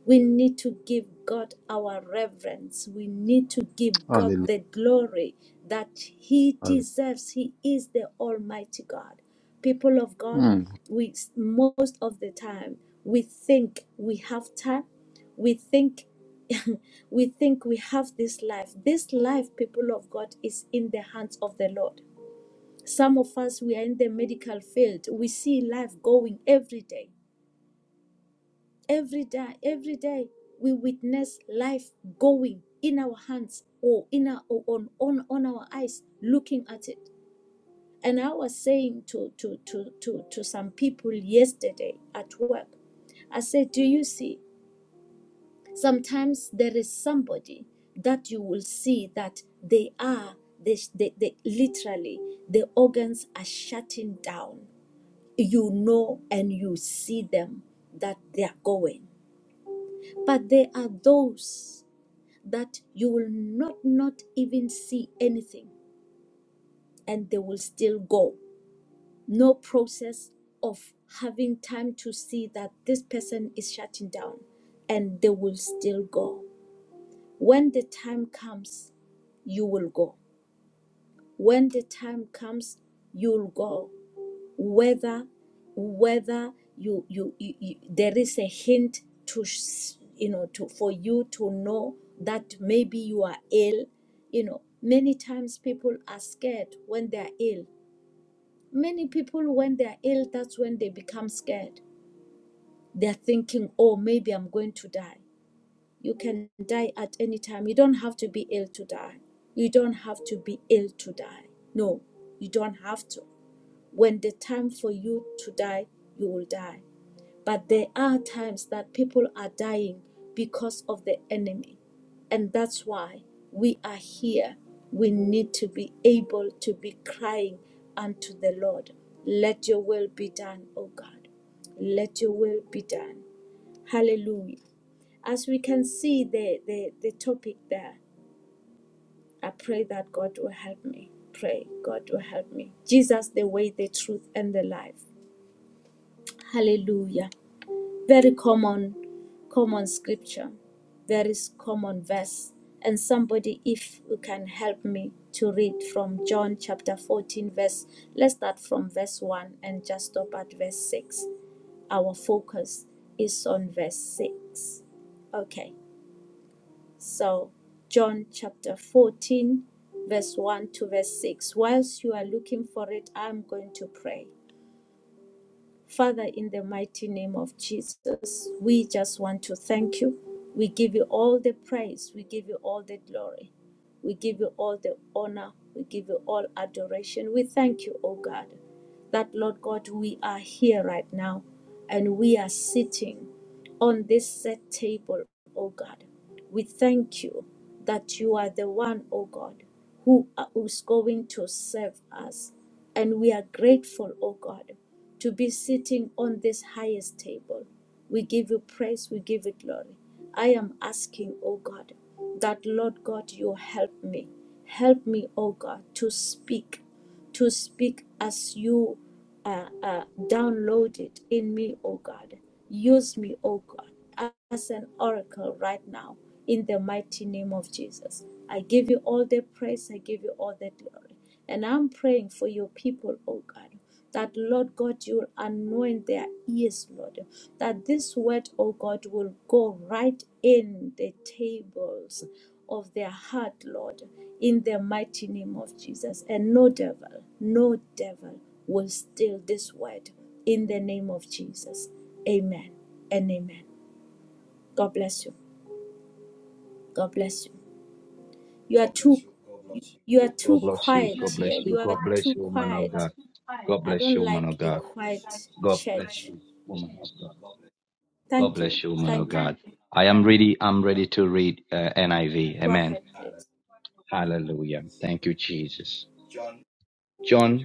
S2: we need to give god our reverence we need to give god
S3: Hallelujah.
S2: the glory that he
S3: Hallelujah.
S2: deserves he is the almighty god people of god
S3: Mm.
S2: we most of the time we think we have time we think we think we have this life this life people of god is in the hands of the lord some of us, we are in the medical field. We see life going every day. Every day, every day, we witness life going in our hands or in our on, on, on our eyes, looking at it. And I was saying to, to, to, to, to some people yesterday at work, I said, Do you see? Sometimes there is somebody that you will see that they are, they, they, they literally, the organs are shutting down you know and you see them that they are going. But there are those that you will not not even see anything and they will still go. No process of having time to see that this person is shutting down and they will still go. When the time comes, you will go. When the time comes, you'll go. whether whether you you, you, you there is a hint to s- you know to for you to know that maybe you are ill you know many times people are scared when they are ill many people when they are ill that's when they become scared they're thinking oh maybe i'm going to die you can die at any time you don't have to be ill to die you don't have to be ill to die no you don't have to when the time for you to die you will die but there are times that people are dying because of the enemy. And that's why we are here. We need to be able to be crying unto the Lord. Let your will be done, O God. Let your will be done. Hallelujah. As we can see the, the, the topic there, I pray that God will help me. Pray, God will help me. Jesus, the way, the truth, and the life. Hallelujah. very common common scripture very common verse and somebody if you can help me to read from john chapter 14 verse let's start from verse 1 and just stop at verse 6 our focus is on verse 6 okay so john chapter 14 verse 1 to verse 6 whilst you are looking for it i'm going to pray Father, in the mighty name of Jesus, we just want to thank you. We give you all the praise. We give you all the glory. We give you all the honor. We give you all adoration. We thank you, O God, that Lord God, we are here right now and we are sitting on this set table, O God. We thank you that you are the one, O God, who is going to serve us. And we are grateful, O God, to be sitting on this highest table. We give you praise, we give you glory. I am asking, O God, that Lord God, you help me. Help me, O God, to speak, to speak as you uh, uh, download it in me, O God. Use me, O God as an oracle right now in the mighty name of Jesus. I give you all the praise, I give you all the glory. And I'm praying for your people, oh God, that Lord God, you will anoint their ears, Lord, that this word, oh God, will go right in the tables of their heart, Lord, in the mighty name of Jesus. And no devil, no devil will steal this word in the name of Jesus. Amen and amen. God bless you. God bless you. You are too you are
S1: God
S2: too
S1: bless you.
S2: quiet
S1: God bless
S2: here.
S1: you.
S2: You
S1: God
S2: are
S1: bless
S2: too
S1: you, man of
S2: quiet.
S1: God. God
S2: I
S1: bless
S2: don't
S1: you, man
S2: like
S1: of
S2: a
S1: God.
S2: quiet
S1: God bless
S2: church.
S1: you, woman of God. God
S2: Thank you.
S1: bless you, woman of
S2: Thank you.
S1: God. I am ready. I'm ready to read uh, NIV.
S2: Go
S1: Amen.
S2: ahead, please.
S1: Hallelujah. Thank you, Jesus. John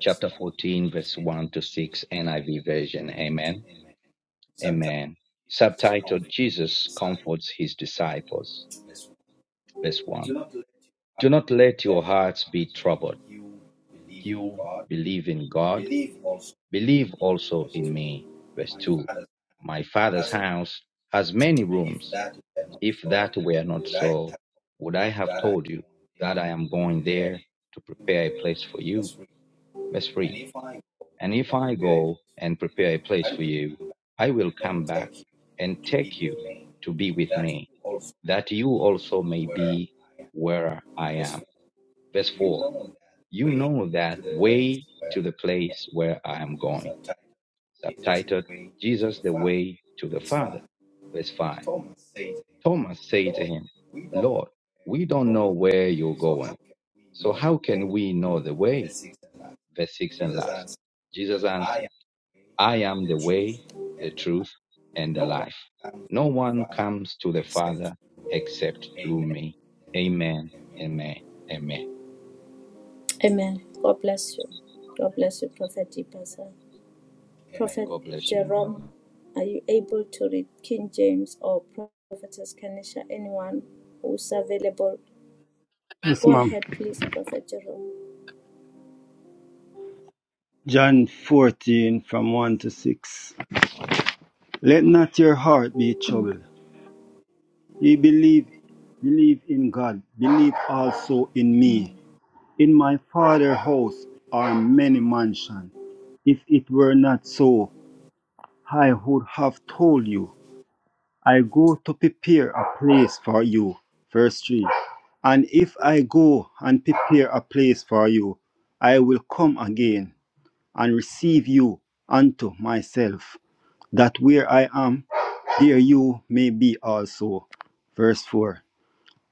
S1: chapter 14, verse 1 to 6, NIV version. Amen. Amen. Subtitled Jesus Comforts His Disciples. Verse 1. Do not let your hearts be troubled. You believe in God Believe also in me. Verse 2 My Father's house has many rooms. If that were not so, would I have told you that I am going there to prepare a place for you? Verse 3 And if I go and prepare a place for you, I will come back and take you to be with me, that you also may be where I am. Verse 4 You know that way to the place where I am going. subtitled Jesus the Way to the Father. Verse 5. Thomas said to him, Lord, we don't know where you're going, so how can we know the way? Verse 6 and last. Jesus answered, I am the way, the truth, and the life. No one comes to the Father except through me. Amen, amen, amen.
S2: Amen. God bless you. God bless you, Prophet Ipasa.
S1: And God bless you, man. of
S2: Are you able to read King James or Prophetess Kanisha? Anyone who's available?
S3: Yes,
S2: Go
S3: ma'am.
S2: ahead, please, Prophet Jerome.
S3: John 14 from 1 to 6. Let not your heart be troubled. Ye believe, believe in God, believe also in
S2: Mm.
S3: me. In my Father's house are many mansions. If it were not so, I would have told you. I go to prepare a place for you. Verse 3. And if I go and prepare a place for you, I will come again and receive you unto myself, that where I am, Here you may be also. Verse 4.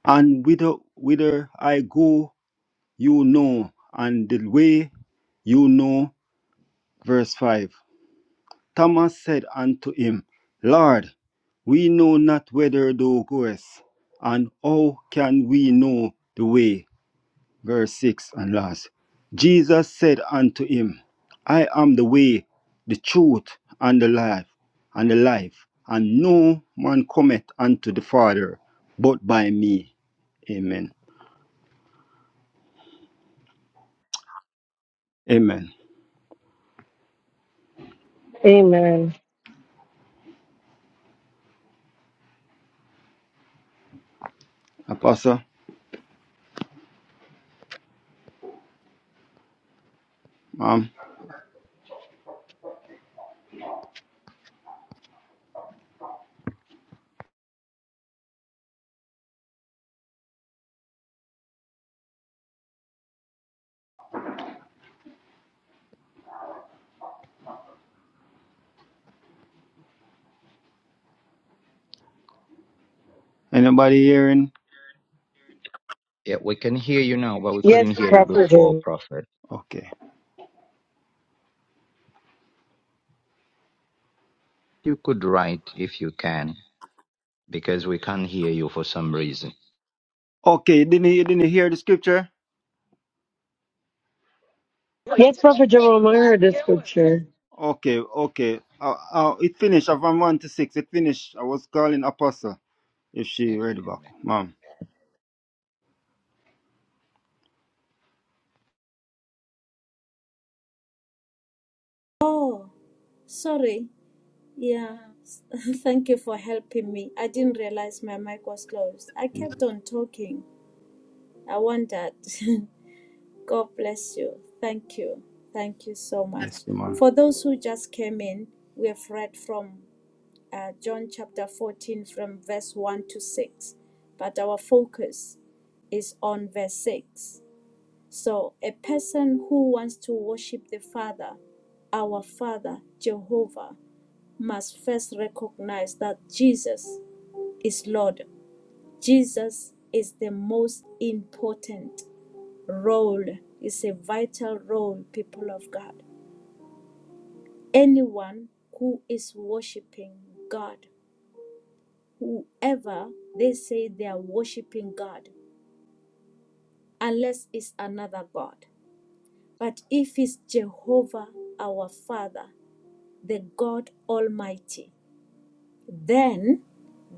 S3: And whither, whither I go, you know, and the way you know. Verse 5. Thomas said unto him, Lord, we know not whither thou goest, and how can we know the way? verse 6 and last. Jesus said unto him, I am the way, the truth, and the life, and the life, and no man cometh unto the Father but by me. Amen. Amen.
S7: Amen.
S3: Apostle, ma'am, anybody hearing?
S1: Yeah, we can hear you now, but we
S7: Yes,
S1: couldn't hear you
S7: Prophet
S1: before,
S7: Jerome.
S1: Prophet.
S3: Okay.
S1: You could write if you can because we can't hear you for some reason.
S3: Okay, didn't you didn't hear the scripture?
S7: Yes, Prophet Jerome, I heard this scripture.
S3: Okay, okay. Uh, uh, it finished uh, from 1 to 6. It finished. I was calling Apostle if she read
S1: Amen.
S3: the back. Ma'am.
S2: Oh, sorry. Yeah, s- [LAUGHS] thank you for helping me. I didn't realize my mic was closed. I kept on talking. I wondered. [LAUGHS] God bless you. Thank you. Thank you so
S3: Yes,
S2: much.
S3: ma'am.
S2: For those who just came in, we have read from uh, John chapter 14 from verse 1 to 6, but our focus is on verse 6. So, a person who wants to worship the Father, our Father, Jehovah, must first recognize that Jesus is Lord. Jesus is the most important role, it's a vital role, people of God. Anyone who is worshiping God, whoever they say they are worshiping God, unless it's another God. But if it's Jehovah our Father, the God Almighty, then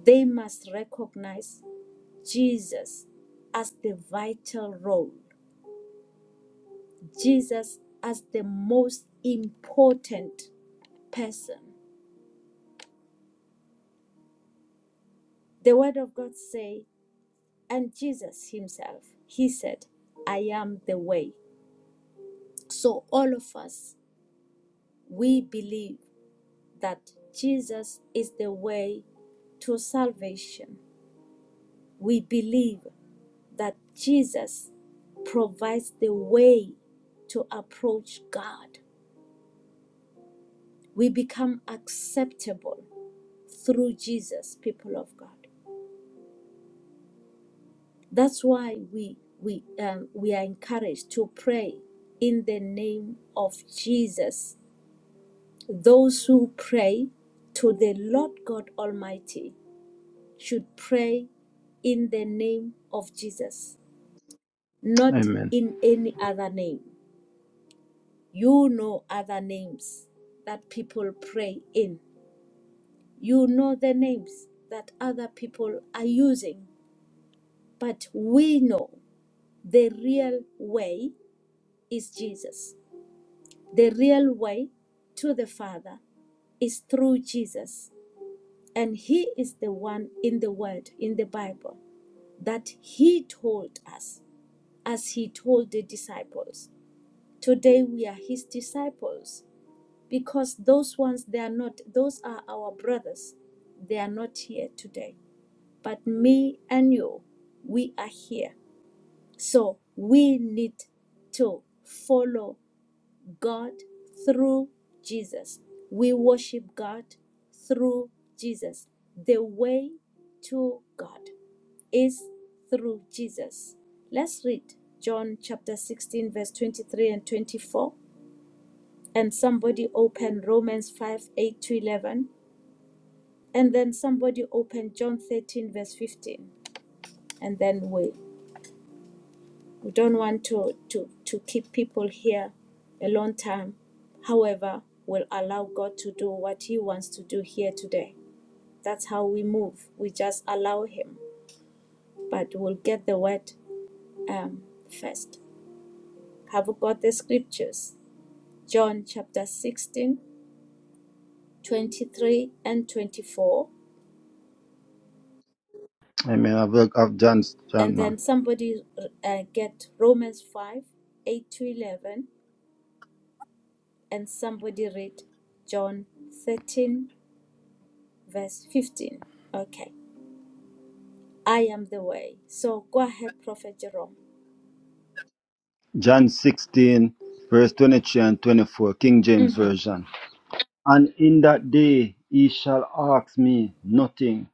S2: they must recognize Jesus as the vital role, Jesus as the most important person. The word of God say, and Jesus himself, he said, I am the way. So all of us, we believe that Jesus is the way to salvation. We believe that Jesus provides the way to approach God. We become acceptable through Jesus, people of God. That's why we we um, we are encouraged to pray in the name of Jesus. Those who pray to the Lord God Almighty should pray in the name of Jesus, not
S3: Amen.
S2: in any other name. You know other names that people pray in. You know the names that other people are using, but we know. The real way is Jesus. The real way to the Father is through Jesus. And He is the one in the Word, in the Bible, that He told us as He told the disciples. Today we are His disciples because those ones, they are not, those are our brothers. They are not here today. But me and you, we are here. So we need to follow God through Jesus. We worship God through Jesus. The way to God is through Jesus. Let's read John chapter 16, verse 23 and 24. And somebody open Romans 5 8 to 11. And then somebody open John 13, verse 15. And then we We don't want to, to, to keep people here a long time. However, we'll allow God to do what He wants to do here today. That's how we move. We just allow Him. But we'll get the word um, first. Have we got the scriptures? John chapter 16, 23 and 24.
S3: Amen. I've, I've John,
S2: And
S3: John, ma'am.
S2: then somebody uh, get Romans 5, 8 to 11. And somebody read John 13, verse 15. Okay. I am the way. So go ahead, Prophet Jerome.
S3: John 16, verse 23 and 24, King James
S2: Mhm.
S3: Version. And in that day he shall ask me nothing.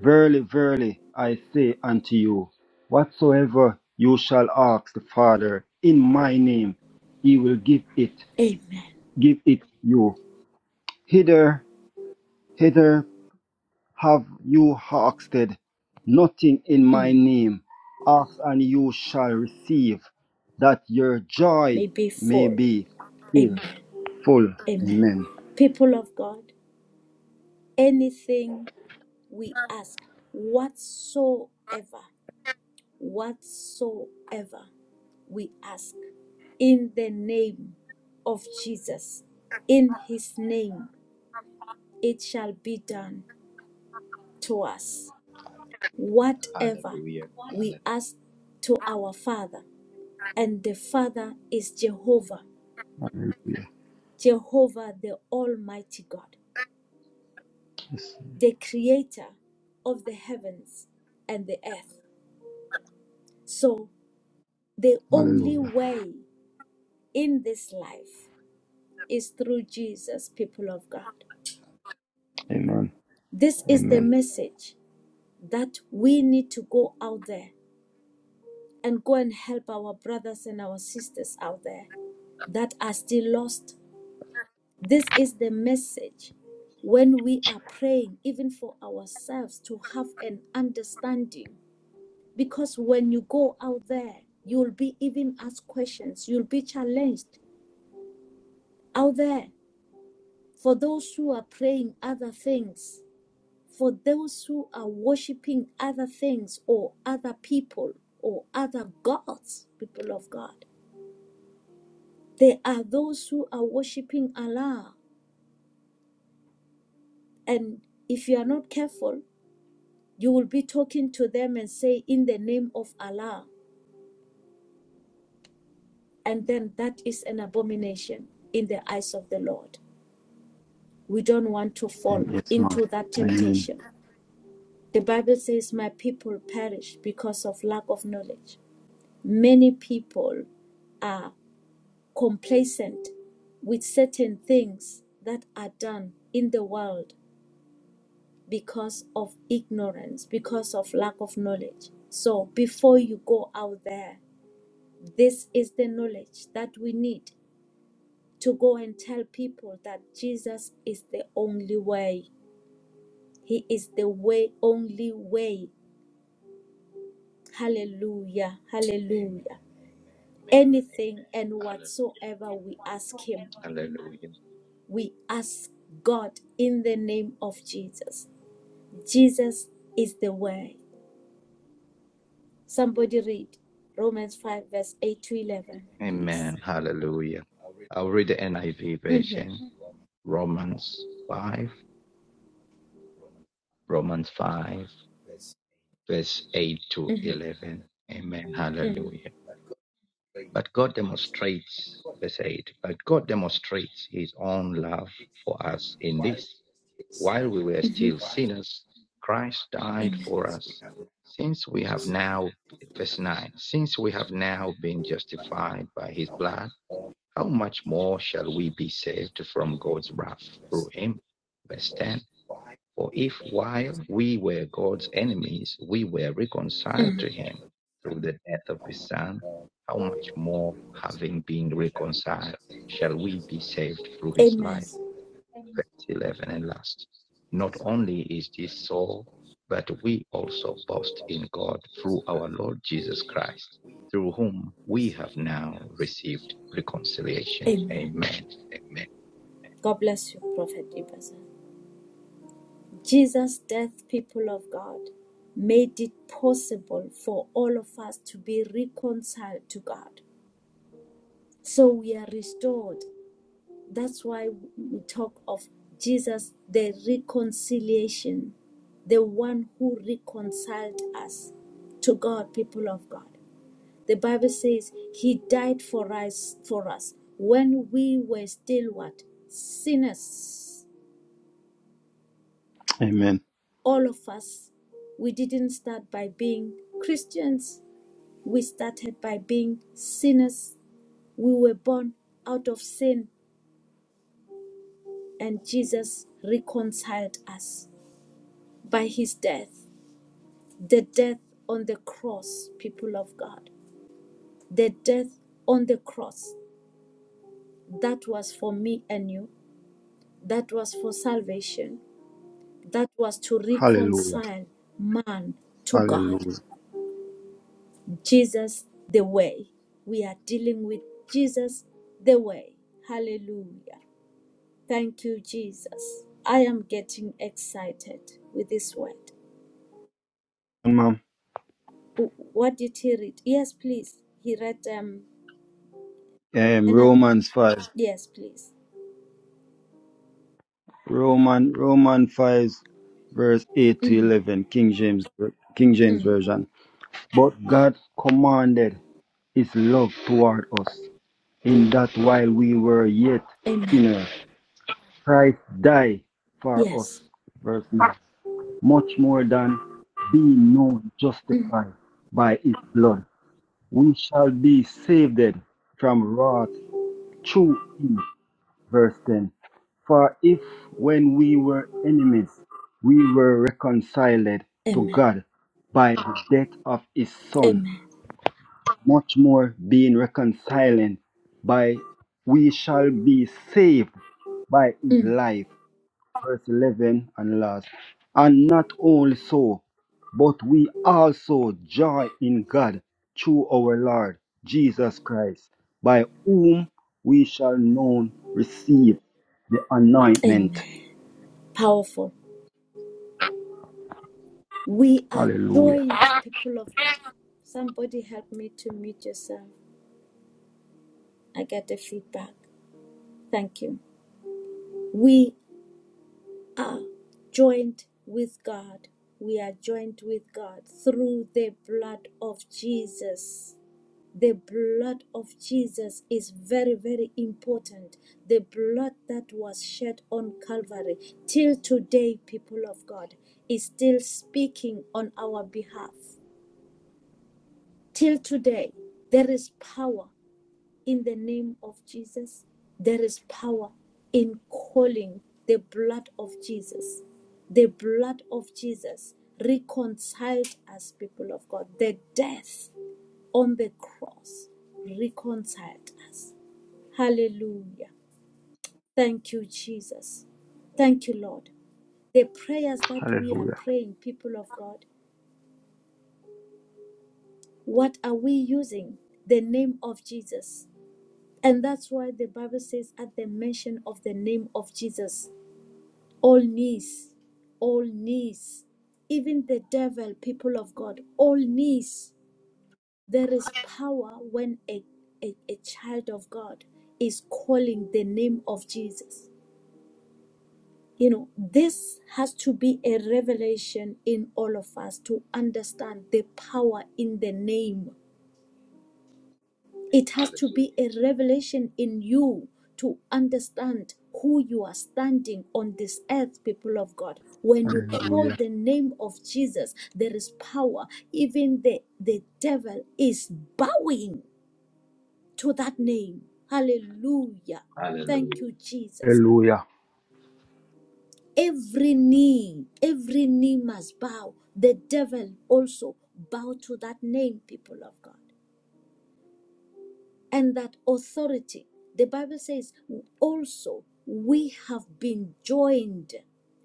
S3: Verily, verily, I say unto you, whatsoever you shall ask the Father in my name, he will give it,
S2: Amen.
S3: give it you. Hither, hither Have you asked nothing in my
S2: Mm.
S3: name? Ask and you shall receive, that your
S2: May
S3: joy
S2: be
S3: may
S2: full.
S3: be filled.
S2: Amen.
S3: full.
S2: Amen.
S3: Amen.
S2: People of God, anything we ask, whatsoever, whatsoever we ask, in the name of Jesus, in his name, it shall be done to us.
S1: Amen.
S2: Whatever
S1: Hallelujah.
S2: we
S1: Hallelujah.
S2: ask to our Father, and the Father is Jehovah,
S3: Hallelujah.
S2: Jehovah the Almighty God, the creator of the heavens and the earth. So, the only
S3: Hallelujah.
S2: way in this life is through Jesus, people of God.
S3: Amen.
S2: This is the
S3: Amen.
S2: message that we need to go out there and go and help our brothers and our sisters out there that are still lost, This is the message when we are praying, even for ourselves, to have an understanding. Because when you go out there, you'll be even asked questions, you'll be challenged out there. For those who are praying other things, for those who are worshiping other things or other people or other gods, people of God, there are those who are worshiping Allah. And if you are not careful, You will be talking to them and say, In the name of Allah. And then that is an abomination in the eyes of the Lord. We don't want to fall
S3: Amen. Yes, ma'am.
S2: into that
S3: Amen.
S2: temptation. The Bible says, My people perish because of lack of knowledge. Many people are complacent with certain things that are done in the world because of ignorance, because of lack of knowledge. So before you go out there This is the knowledge that we need to go and tell people that Jesus is the only way. He is the way, only way. Hallelujah. Hallelujah.
S1: Amen.
S2: Anything and
S1: Amen.
S2: whatsoever we ask
S1: Hallelujah.
S2: Him,
S1: Hallelujah.
S2: we ask God in the name of Jesus. Jesus is the way. Somebody read Romans 5, verse 8 to 11.
S1: Amen. Hallelujah. I'll read the NIV
S2: Mhm,
S1: version. Romans 5. Romans 5, verse 8 to
S2: mhm,
S1: 11. Amen.
S2: mhm,
S1: Hallelujah. But God demonstrates, verse 8, but God demonstrates his own love for us in this. While we were
S2: mhm.
S1: still sinners, Christ died
S2: Amen.
S1: for us. Since we have now, verse 9, since we have now been justified by his blood, how much more shall we be saved from God's wrath through him? Verse 10 for if while we were God's enemies, we were reconciled to him through the death of his son, how much more, having been reconciled, shall we be saved through his
S2: Amen.
S1: life? Verse 11 and last. Not only is this so, but we also boast in God through our Lord Jesus Christ, through whom we have now received reconciliation.
S2: Amen.
S1: Amen. Amen.
S2: God bless you, Prophet Ibaza. Jesus' death, people of God, made it possible for all of us to be reconciled to God. So we are restored. That's why we talk of Jesus, the reconciliation, the one who reconciled us to God, people of God. The Bible says he died for us for us when we were still what? Sinners.
S3: Amen.
S2: all of us, we didn't start by being Christians. We started by being sinners. We were born out of sin, and Jesus reconciled us by his death. The death on the cross, people of God. The death on the cross. That was for me and you. That was for salvation. That was to
S3: Hallelujah.
S2: reconcile man to God.
S3: Hallelujah.
S2: Jesus the way. We are dealing with Jesus the way. Hallelujah. Thank you, Jesus. I am getting excited with this word.
S3: Ma'am.
S2: What did he read? Yes, please. He read um
S3: Um,
S2: and uh,
S3: Romans 5.
S2: yes, please.
S3: Roman Roman 5 verse 8 to
S2: Mhm,
S3: 11 King James King James
S2: mm.
S3: version. But God commanded his love toward us, in that while we were yet
S2: Amen.
S3: sinners, Christ died for us.
S2: Yes.
S3: Verse 9. Much more than being now
S2: Mm.
S3: justified by his blood, we shall be saved from wrath through him. Verse 10. For if when we were enemies, we were reconciled to
S2: Amen.
S3: God by the death of his Son
S2: Amen.
S3: much more being reconciled by we shall be saved by his
S2: Mm.
S3: life. Verse 11 and last. And not only so, but we also joy in God through our Lord Jesus Christ, by whom we shall known receive anointment.
S2: Amen. Powerful. We are
S3: Hallelujah.
S2: joined, people of God. Somebody help me to mute yourself. I get the feedback. Thank you. We joined with God. We are joined with God through the blood of Jesus. The blood of Jesus is very, very important. The blood that was shed on Calvary till today, people of God, is still speaking on our behalf. Till today, there is power in the name of Jesus. There is power in calling the blood of Jesus. The blood of Jesus reconciled us, people of God. The death on the cross reconciled us. Hallelujah. Thank you, Jesus. Thank you, Lord. The prayers that we are praying, people of God, what are we using? The name of Jesus. And that's why the Bible says, at the mention of the name of Jesus, All knees, all knees, even the devil, people of God, all knees. There is power when a, a, a child of God is calling the name of Jesus. You know, this has to be a revelation in all of us to understand the power in the name It has to be
S1: Hallelujah.
S2: a revelation in you to understand who you are standing on this earth, people of God. When you call
S3: Hallelujah.
S2: the name of Jesus, there is power. Even the, the devil is bowing to that name. Hallelujah.
S1: Hallelujah.
S2: Thank you, Jesus.
S3: Hallelujah.
S2: Every knee, every knee must bow. The devil also bow to that name, people of God. and that authority. The Bible says also we have been joined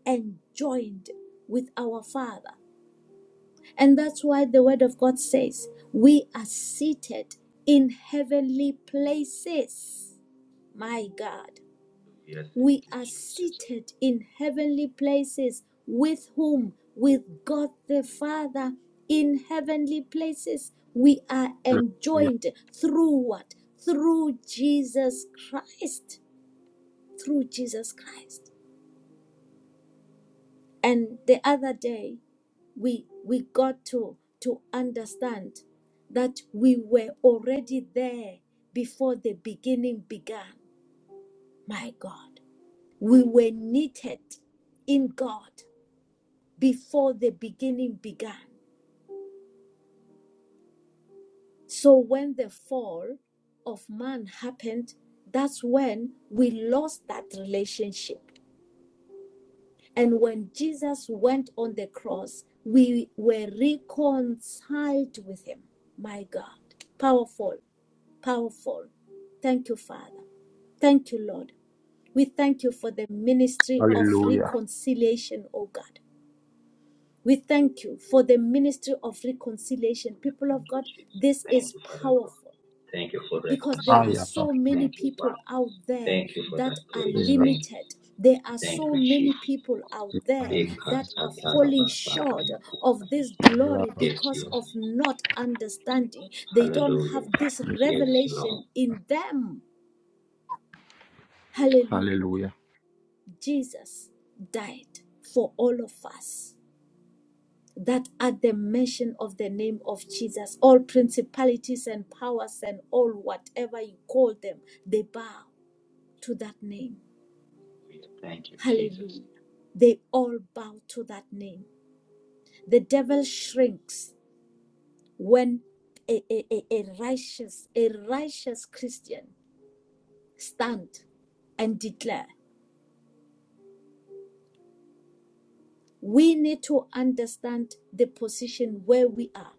S2: and joined with our Father. And that's why the Word of God says we are seated in heavenly places. My God we
S1: Thank you,
S2: are
S1: Jesus.
S2: seated in heavenly places with whom? With God the Father in heavenly places. We are
S3: Hallelujah.
S2: enjoined through what? Through Jesus Christ. Through Jesus Christ. And the other day, we we got to to understand that we were already there before the beginning began. My God, we were knitted in God before the beginning began. So when the fall of man happened, that's when we lost that relationship. And when Jesus went on the cross, we were reconciled with him. My God, powerful, powerful. Thank you, Father. Thank you, Lord. We thank you for the ministry of
S3: Hallelujah.
S2: reconciliation, oh God. We thank you for the ministry of reconciliation. People
S1: Thank
S2: of
S1: you,
S2: God,
S1: Jesus.
S2: this
S1: Thank
S2: is
S1: you, Father God.
S2: powerful
S1: Thank you for
S2: because there are
S3: Ayah,
S1: reconciliation.
S2: so many
S1: Thank you,
S2: people
S1: Father.
S2: out there
S1: Thank you for
S2: that
S1: that
S2: are
S1: grace. Thank you.
S2: limited. There are
S1: Thank
S2: so
S1: you, Chief.
S2: many people out there
S1: Yes,
S2: that are falling short of this glory because
S1: Lord.
S2: of not understanding. They don't
S1: Hallelujah.
S2: have this
S1: Yes, Lord.
S2: revelation in them. Hallelujah.
S3: Hallelujah.
S2: Jesus died for all of us. that at the mention of the name of Jesus, all principalities and powers and all whatever you call them, they bow to that name.
S1: Hallelujah. Thank you, Jesus.
S2: Hallelujah. They all bow to that name. The devil shrinks when a, a, a, a righteous, a righteous Christian stand and declare. We need to understand the position where we are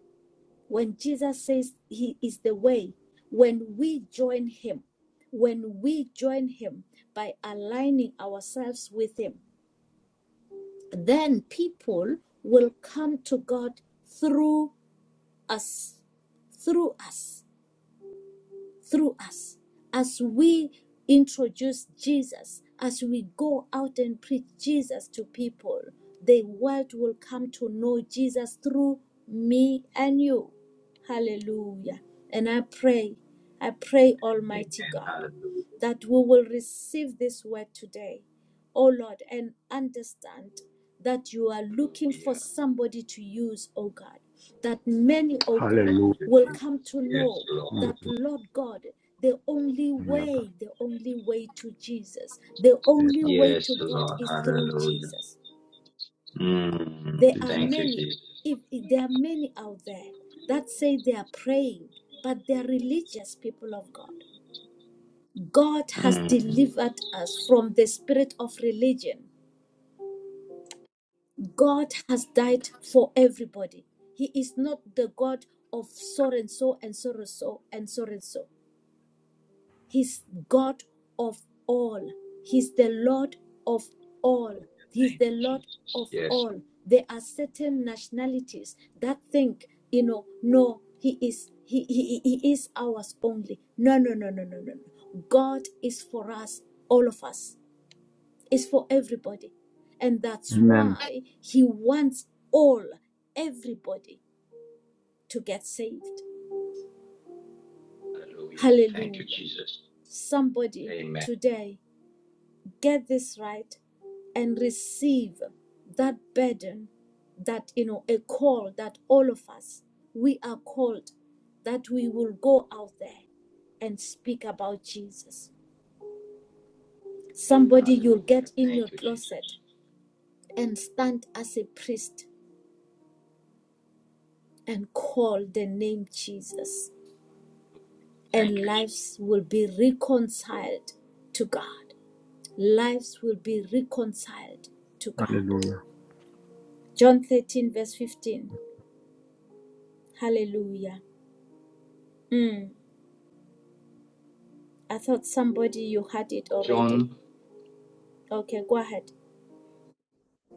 S2: When Jesus says he is the way, when we join him, when we join him by aligning ourselves with him, then people will come to God through us, through us. through us as we introduce Jesus, as we go out and preach Jesus to people. The world will come to know Jesus through me and you. Hallelujah. And I pray, I pray,
S1: Amen.
S2: Almighty God,
S1: Hallelujah.
S2: that we will receive this word today oh Lord, and understand that you are looking for
S1: Hallelujah.
S2: somebody to use, oh God, that many, oh God,
S1: Thank
S3: Hallelujah.
S1: you,
S2: will
S1: Jesus.
S2: come to
S1: Yes,
S2: know
S1: Lord.
S2: that, Lord God, the only
S3: Hallelujah.
S2: way, the only way to Jesus, the only way
S1: Yes,
S2: to God
S1: Lord.
S2: is through
S1: Hallelujah.
S2: Jesus.
S1: Mm.
S2: There are
S1: Thank
S3: Jesus.
S1: you,
S2: many,
S1: Jesus.
S2: if, if there are many out there that say they are praying, but they are religious people of God. God
S1: Mm.
S2: has
S1: Hallelujah.
S2: delivered us from the spirit of religion God has died for everybody. He is not the God of so and so and so and so and so and so. He's God of all. He's the Lord of all. He's
S1: Thank
S2: the
S1: you,
S2: Lord
S1: Jesus.
S2: of
S1: Yes,
S2: all. There are certain nationalities that think, you know, no, he is he, he, he is ours only. No, no, no, no, no, no. no. God is for us, all of us is for everybody. And that's
S3: Amen.
S2: why he wants all, everybody to get saved.
S1: Hallelujah. Thank you,
S2: Hallelujah.
S1: Jesus.
S2: Somebody
S1: Amen.
S2: today, get this right and receive that burden that, you know, a call that all of us, we are called that we will go out there and speak about Jesus. Somebody, you'll
S1: Hallelujah.
S2: get in your
S1: Thank you,
S2: closet
S1: Jesus.
S2: and stand as a priest and call the name Jesus,
S1: Thank
S2: and
S1: you. Je-
S2: lives will be reconciled to God. Lives will be reconciled to God.
S3: Hallelujah.
S2: John 13, verse 15. Hallelujah. Mm, I thought somebody you had it already.
S1: John,
S2: Okay, go ahead.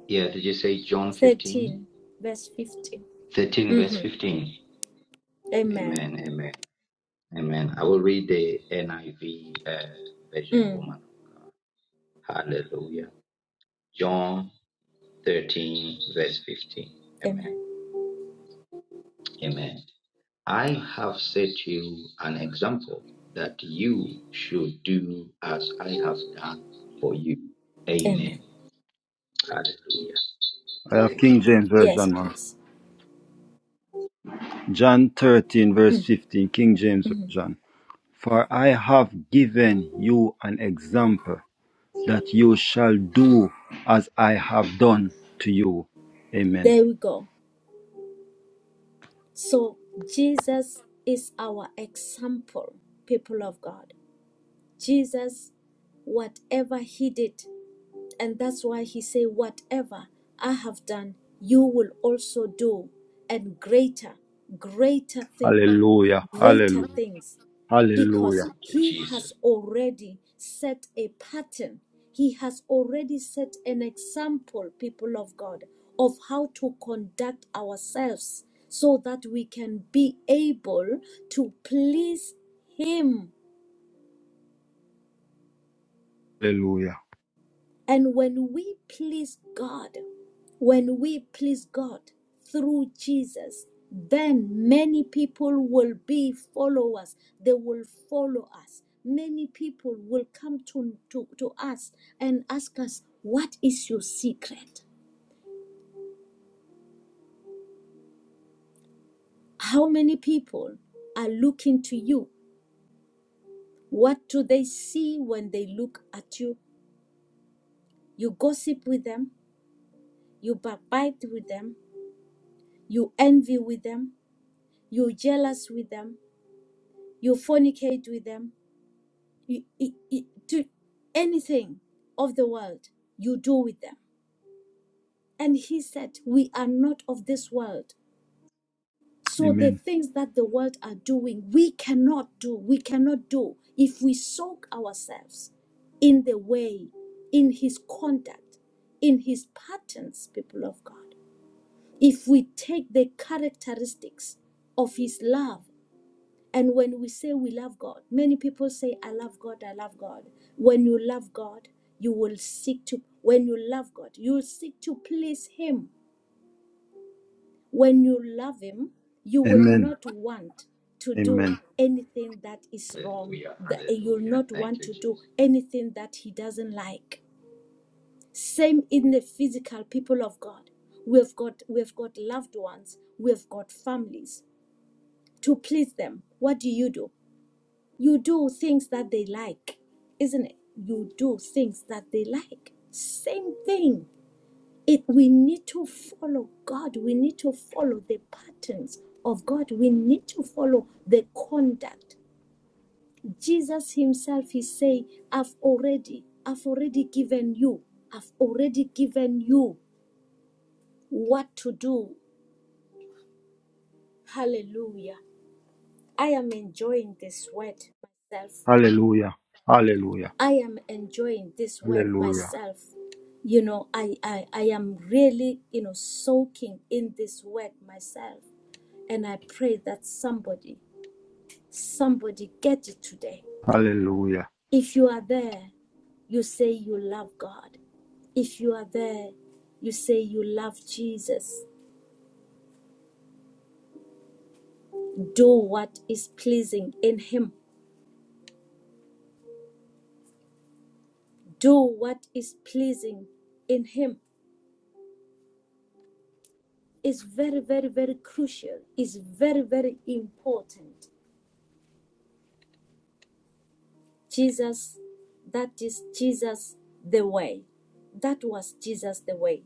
S1: yeah, did you say John 15?
S2: 13, verse 15.
S1: 13, verse
S2: Mm-hmm.
S1: 15.
S2: Amen.
S1: Amen. Amen. Amen. I will read the NIV uh, version,
S2: Mm,
S1: woman of God. Hallelujah. John 13, verse 15. Amen.
S2: amen.
S1: Amen. I have set you an example that you should do as I have done for you.
S2: Amen.
S1: Amen. Hallelujah.
S3: I have
S1: Thank you,
S3: King James
S2: Yes,
S3: Version man.
S2: please.
S3: John 13, verse
S2: Mm,
S3: 15, King James
S2: mm.
S3: Version. For I have given you an example that you shall do as I have done to you. Amen.
S2: There we go. So Jesus is our example, people of God. Jesus, whatever he did, and that's why he said, Whatever I have done, you will also do, and greater, greater things,
S3: Hallelujah.
S2: greater
S3: Hallelujah.
S2: things
S1: Lord.
S2: because
S3: Hallelujah.
S1: Thank you,
S2: he has
S1: Jesus.
S2: already set a pattern. He has already set an example, people of God, of how to conduct ourselves so that we can be able to please him
S3: Hallelujah.
S2: And when we please God, when we please God through Jesus, then many people will be followers. They will follow us. Many people will come to, to, to us and ask us, What is your secret? How many people are looking to you? What do they see when they look at you? You gossip with them, you backbite with them, you envy with them, you jealous with them, you fornicate with them, you, you, you do anything of the world, you do with them. And he said, We are not of this world. So the
S3: Amen.
S2: things that the world are doing, we cannot do. We cannot do if we soak ourselves in the way, in his conduct, in his patterns, people of God. If we take the characteristics of his love And when we say we love God, many people say, I love God, I love God. When you love God, you will seek to, when you love God, you will seek to please Him. When you love Him, you will
S3: Amen.
S2: not want to do
S3: Amen.
S2: anything that is wrong,
S1: Hallelujah.
S2: that you'll
S1: Hallelujah.
S2: not
S1: Thank
S2: want
S1: you,
S2: to do
S1: Jesus.
S2: anything that He doesn't like. Same in the physical people of God. We've got we've got loved ones, we've got families. To please them, what do you do? You do things that they like, isn't it? You do things that they like. Same thing. It we need to follow God. We need to follow the patterns of God. We need to follow the conduct. Jesus himself is saying, I've already, I've already given you, I've already given you what to do. Hallelujah. I am enjoying this word myself.
S3: Hallelujah. Hallelujah.
S2: I am enjoying this word
S3: Hallelujah.
S2: myself. You know, I, I, I am really, you know, soaking in this word myself. And I pray that somebody, somebody get it today.
S3: Hallelujah.
S2: If you are there, you say you love God. If you are there, you say you love Jesus. Do what is pleasing in Him. Do what is pleasing in Him. It's very, very, very crucial. It's very, very important Jesus, that is Jesus the way. That was Jesus the way.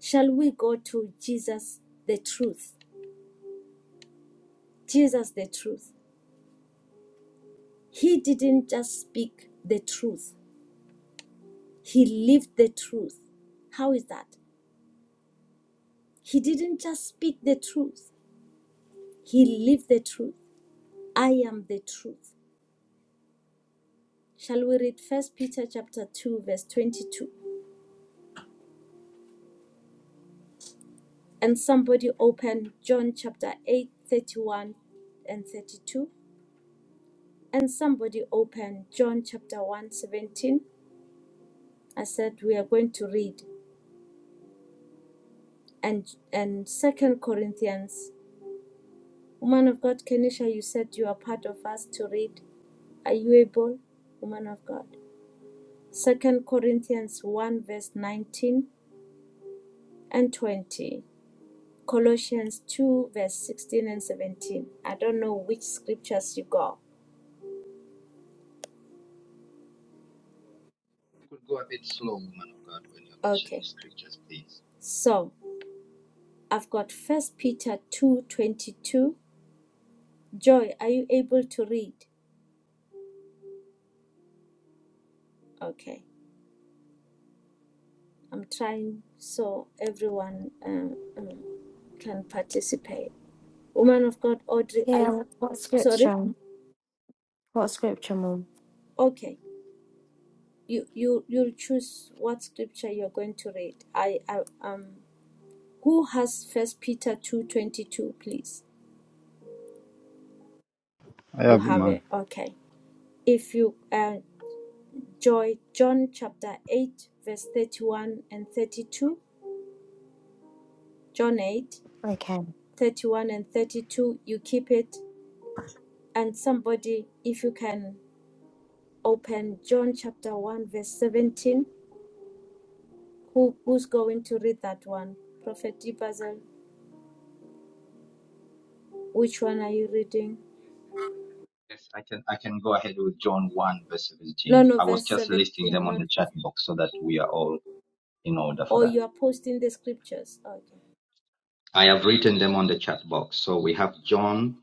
S2: Shall we go to Jesus the truth? Jesus the truth. He didn't just speak the truth, he lived the truth. How is that? He didn't just speak the truth, he lived the truth. I am the truth. Shall we read First Peter chapter 2 verse 22? And somebody open John chapter 8, 31, and 32. and somebody open John chapter one 17. I said we are going to read and and second Corinthians. Woman of God, Kenisha, you said you are part of us to read. Are you able, woman of God? Second Corinthians 1 verse 19 and 20. Colossians 2 verse 16 and 17. I don't know which scriptures you got.
S1: You could go a bit slow, woman of God, when you're mentioning
S2: Okay.
S1: scriptures, please.
S2: So I've got first Peter 2 22. Joy, are you able to read? Okay. I'm trying so everyone um, um, can participate. Woman of God, Audrey,
S10: Yeah,
S2: I
S10: wh- what
S2: sorry.
S10: scripture? What scripture, mom?
S2: Okay, you you you choose what scripture you're going to read. I, I um, who has First Peter two twenty two, please.
S3: I
S2: You
S3: have it,
S2: have
S3: man.
S2: it. Okay. If you uh, joy John chapter eight verse thirty one and thirty two, John 8
S10: Okay.
S2: 31 and thirty two. You keep it, and somebody if you can open John chapter 1, verse 17. Who, who's going to read that one? Prophet Ibazel, which one are you reading?
S1: Yes, I can I can go ahead with John 1, verse
S2: No,
S1: 17.
S2: no,
S1: I was
S2: verse
S1: just
S2: 17,
S1: listing them on
S2: not
S1: the chat
S2: 15.
S1: box so that we are all in order for
S2: Or
S1: that.
S2: you are posting the scriptures. Okay.
S1: I have written them on the chat box. So we have John,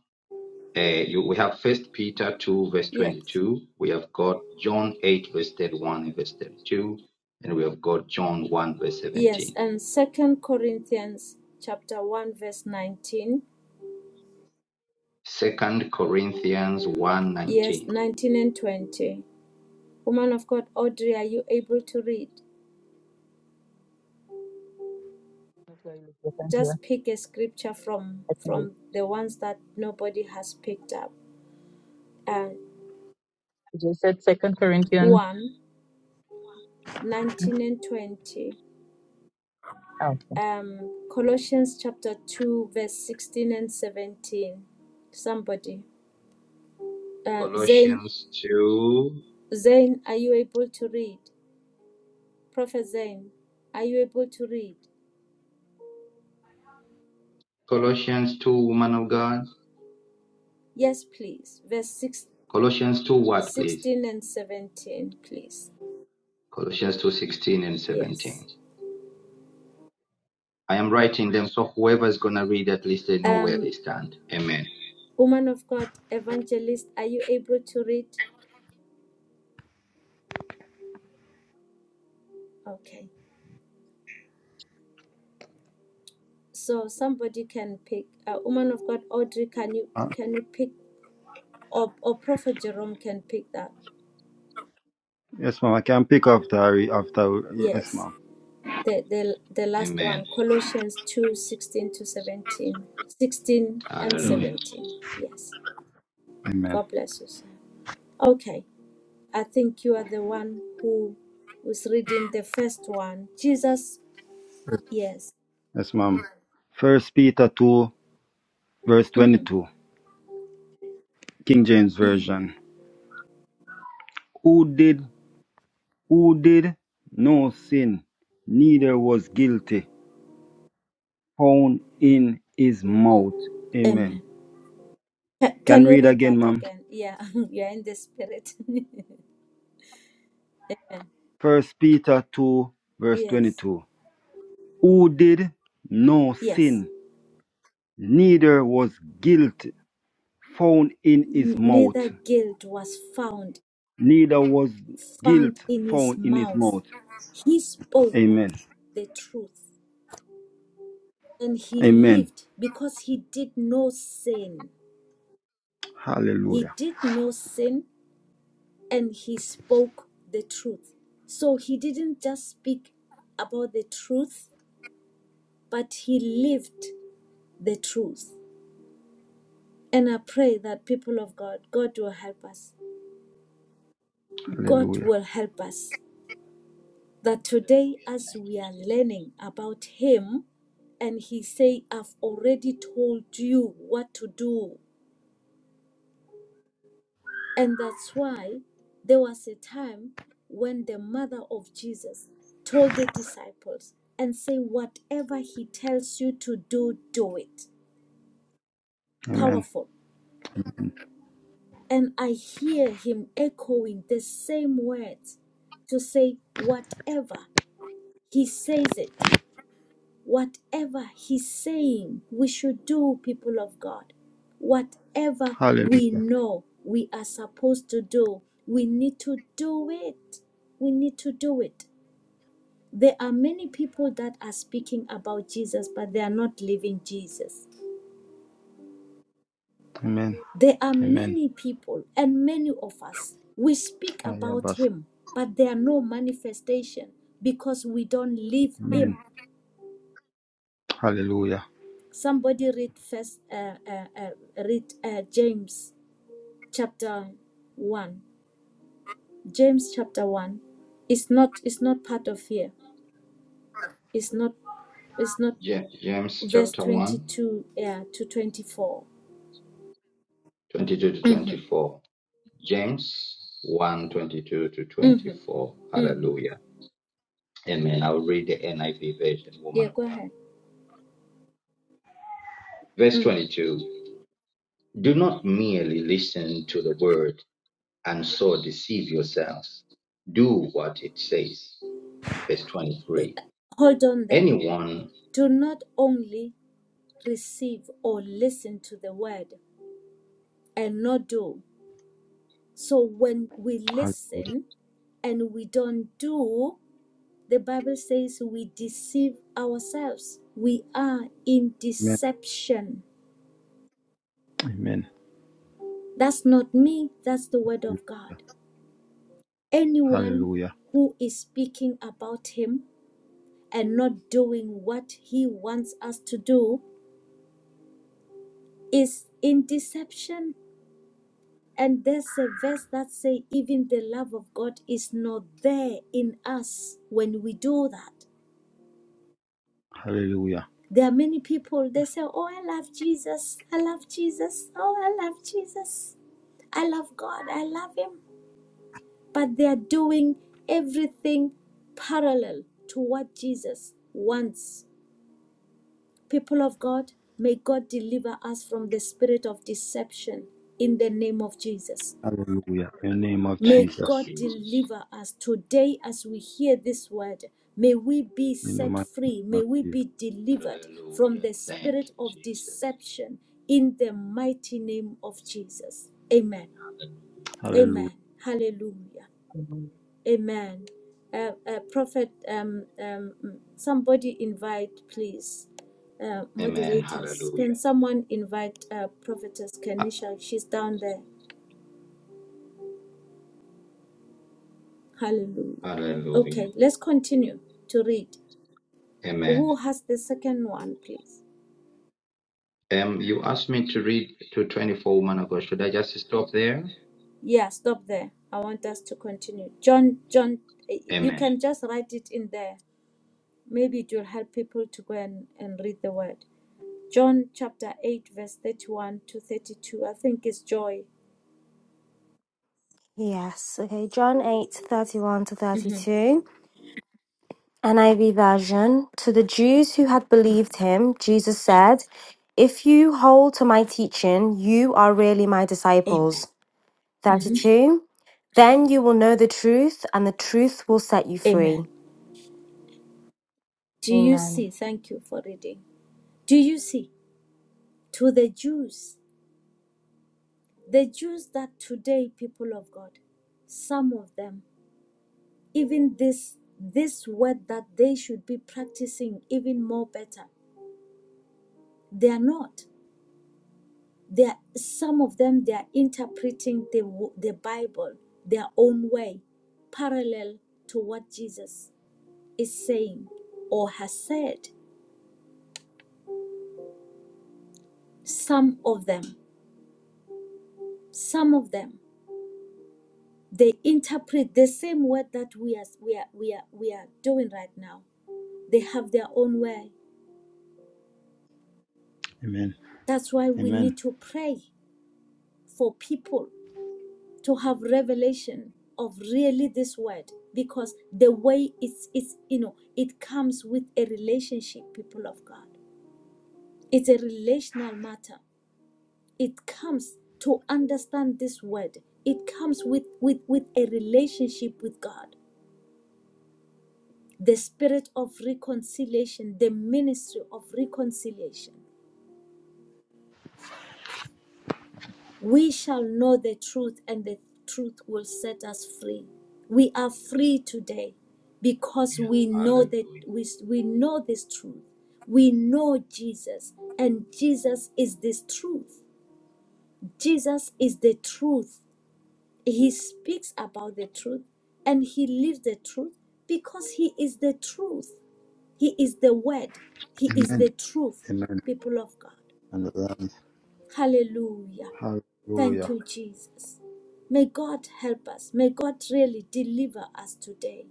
S1: uh, you, we have First Peter 2, verse
S2: Yes.
S1: 22. We have got John 8, verse 31 and verse 32. And we have got John 1, verse
S2: Yes.
S1: 17.
S2: And Second Corinthians chapter 1, verse 19.
S1: Second Corinthians one
S2: Yes,
S1: nineteen,
S2: 19 and 20. Woman of God, Audrey, are you able to read? Just pick a scripture from
S4: you.
S2: from the ones that nobody has picked up. And
S4: You just said Second Corinthians.
S2: one, 19 and 20.
S4: Oh,
S2: Um, Colossians chapter 2, verse 16 and 17. Somebody. Uh, Zain,
S1: Colossians two,
S2: Zain, are you able to read? Prophet Zain, are you able to read?
S1: Colossians two, woman of God,
S2: Yes, please. Verse six,
S1: Colossians two, what please?
S2: sixteen and 17, please.
S1: Colossians two sixteen and seventeen.
S2: Yes.
S1: I am writing them so whoever is gonna read at least they know where they
S2: Um,
S1: stand. Amen.
S2: woman of God, evangelist, are you able to read? Okay. So somebody can pick. Uh, woman of God, Audrey, can you can you pick or, or prophet jerome can pick that
S3: Yes, ma'am. I can pick up the after. Yes,
S2: yes
S3: ma'am.
S2: the, the the last
S1: Amen.
S2: one colossians 2 16 to 17, 16 and
S3: Amen.
S1: Hallelujah.
S2: 17 yes
S3: Amen.
S2: god bless you sir okay i think you are the one who was reading the first one jesus yes
S3: Yes, ma'am. First Peter two, verse
S2: hmm
S3: twenty-two, King James
S2: hmm
S3: Version. Who did who did no sin, neither was guilty, found in his mouth.
S2: amen
S3: Amen.
S2: Ca-
S3: Can
S2: can you
S3: read
S2: read
S3: again,
S2: that
S3: ma'am.
S2: again yeah [LAUGHS] you're in the spirit [LAUGHS] amen
S3: First Peter two, verse
S2: yes
S3: twenty-two. Who did no
S2: yes
S3: sin, neither was guilt found in his
S2: N-
S3: mouth.
S2: neither guilt was found
S3: neither was guilt
S2: found in his
S3: found in his
S2: mouth.
S3: mouth.
S2: He spoke
S3: Amen.
S2: the truth and he
S3: Amen.
S2: lived because he did no sin. He
S3: Hallelujah.
S2: did no sin and he spoke the truth. So he didn't just speak about the truth, but he lived the truth. And I pray that people of God, God will help us. God will help us. that today
S1: Hallelujah.
S2: as
S1: Thank
S2: we are
S1: you, Jesus.
S2: learning about him and he say i've already told you what to do and that's why there was a time when the mother of jesus told the disciples and say whatever he tells you to do do it
S3: Amen.
S2: powerful and i hear him echoing the same words to say whatever he says it Whatever He's saying we should do, people of God, whatever we know we are supposed to do, we need to do it. We need to do it. There are many people that are speaking about Jesus, but they are not living Jesus.
S3: Amen.
S2: There are
S3: Amen.
S2: many people, and many of us, we speak about
S3: Ayabas.
S2: Him, but there are no manifestation because we don't live
S3: Amen.
S2: Him.
S3: Hallelujah.
S2: Somebody read first, uh, uh, uh, read uh, James chapter 1 james chapter 1 it's not it's not part of here it's not it's not
S1: Ja- James
S2: verse
S1: chapter one
S2: 22 yeah to 24
S1: 22 to
S2: mm-hmm,
S1: 24. James one 22 to
S2: mm-hmm,
S1: 24.
S2: mm.
S1: Hallelujah. Amen. I'll read the NIV version, woman
S2: yeah
S1: of
S2: go
S1: God.
S2: ahead
S1: Verse
S2: mm.
S1: 22 Do not merely listen to the word and so deceive yourselves. Do what it says. Verse 23
S2: hold on there
S1: Anyone,
S2: do not only receive or listen to the word and not do so when we
S3: Hallelujah.
S2: listen and we don't do the bible says we deceive ourselves we are in
S3: Amen.
S2: deception
S3: Amen.
S2: That's not me, that's the word of God. Anyone
S3: Hallelujah.
S2: who is speaking about him and not doing what he wants us to do is in deception. And there's a verse that say even the love of God is not there in us when we do that.
S3: Hallelujah.
S2: There are many people they say, "Oh, I love Jesus. I love Jesus. Oh, I love Jesus. I love God. I love him." but they are doing everything parallel to what Jesus wants. People of God, may God deliver us from the spirit of deception in the name of Jesus.
S3: Hallelujah. In the name of
S1: thank
S2: May
S1: you,
S3: Jesus.
S2: God
S1: Jesus.
S2: deliver us today as we hear this word. May we be
S3: In the
S2: set
S3: mighty
S2: free.
S3: name
S2: May
S3: of
S2: we
S3: Jesus.
S2: be delivered from
S1: Hallelujah.
S2: the
S1: Thank
S2: spirit
S1: you,
S2: of
S1: Jesus.
S2: deception in the mighty name of Jesus. Amen.
S1: Hallelujah.
S3: Hallelujah.
S2: Amen. Hallelujah. Amen. Uh, uh, Prophet, um, um, mm, somebody invite, please. Uh,
S1: Amen.
S2: moderators, can
S1: Hallelujah.
S2: someone invite uh, Prophetess Kenisha? She's down there. Hallelujah.
S1: Hallelujah.
S2: Okay, let's continue to read.
S1: Amen.
S2: Who has the second one, please?
S1: Um, you asked me to read to 24, man of God. Should I just stop there?
S2: Yeah, stop there. I want us to continue. John, John, eh, you
S1: Amen.
S2: can just write it in there. Maybe it will help people to go and, and read the word. John chapter 8, verse 31 to 32. I think it's joy.
S10: Yes. Okay. John 8 31 to
S2: Mhm.
S10: 32. NIV version. To the Jews who had
S2: Mm.
S10: believed him, Jesus said, If you hold to my teaching, you are really my
S2: Amen.
S10: disciples.
S2: Mhm.
S10: 32. Then you will know the truth, and the truth will set you free.
S2: Amen. Do you
S10: Amen.
S2: see? Thank you for reading. Do you see? To the Jews, the Jews that today, people of God, some of them, even this this word that they should be practicing even more better, they are not. They are, some of them they are interpreting the wo- the Bible their own way, parallel to what Jesus is saying or has said. Some of them some of them they interpret the same word that we are we are we are, we are doing right now they have their own way
S3: Amen.
S2: that's why we need
S3: Amen.
S2: to pray for people to have revelation of really this word because the way it's it's you know it comes with a relationship people of god it's a relational matter it comes to understand this word it comes with with with a relationship with god the spirit of reconciliation, the ministry of reconciliation. We shall know the truth, and the truth will set us free. We are free today because we know that
S1: Hallelujah.
S2: we, we know this truth. We know Jesus, and Jesus is this truth. Jesus is the truth. He speaks about the truth and he lives the truth because he is the truth. He is the word. He is
S3: Amen.
S2: the truth,
S3: Amen.
S2: people of God.
S3: And the Lamb.
S2: Hallelujah. Thank
S3: Hallelujah.
S2: you, Jesus. May God help us. May God really deliver us today.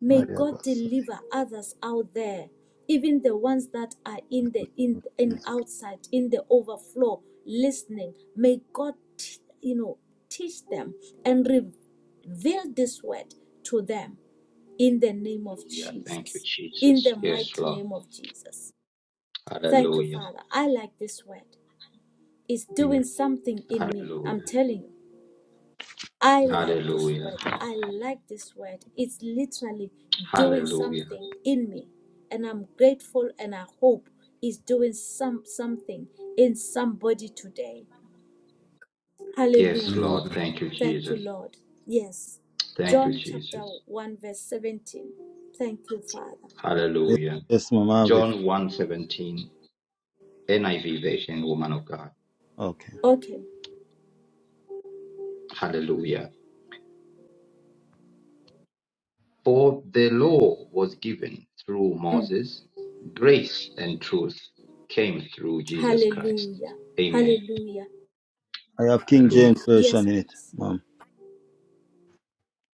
S2: May God
S3: Ayabas.
S2: deliver others out there, even the ones that are in the in in
S3: Jesus.
S2: outside in the overflow listening. May God, t- you know, teach them and reveal this word to them in the name of
S1: Hallelujah. Thank you,
S2: Jesus. In
S1: Jesus.
S2: the
S1: Yes,
S2: mighty
S1: Lord.
S2: name of Jesus. Thank you,
S1: Hallelujah.
S2: Father. I like this word. It's doing something in me. I'm
S1: Hallelujah.
S2: telling you. I like this
S1: Hallelujah.
S2: word. I like this word. It's literally doing
S1: Hallelujah.
S2: something in me. And I'm grateful and I hope it's doing some something in somebody today.
S1: Yes,
S2: Hallelujah.
S1: Lord.
S3: Hallelujah.
S1: Thank you,
S2: Thank you,
S1: Jesus.
S2: Lord. Yes.
S1: Thank you,
S2: John chapter
S1: Jesus.
S2: 1, verse 17. Thank you, Father.
S3: Yes,
S1: Hallelujah.
S3: yes, Mama have
S1: John one seventeen, NIV version, woman of God.
S3: it.
S2: Okay.
S1: Hallelujah. For the law was given through
S2: Mm.
S1: Moses, grace and truth came through Jesus Christ.
S2: Hallelujah.
S1: Amen.
S2: Hallelujah.
S3: I have King
S1: Hallelujah.
S3: James
S2: Yes,
S3: version in it,
S2: please.
S3: ma'am.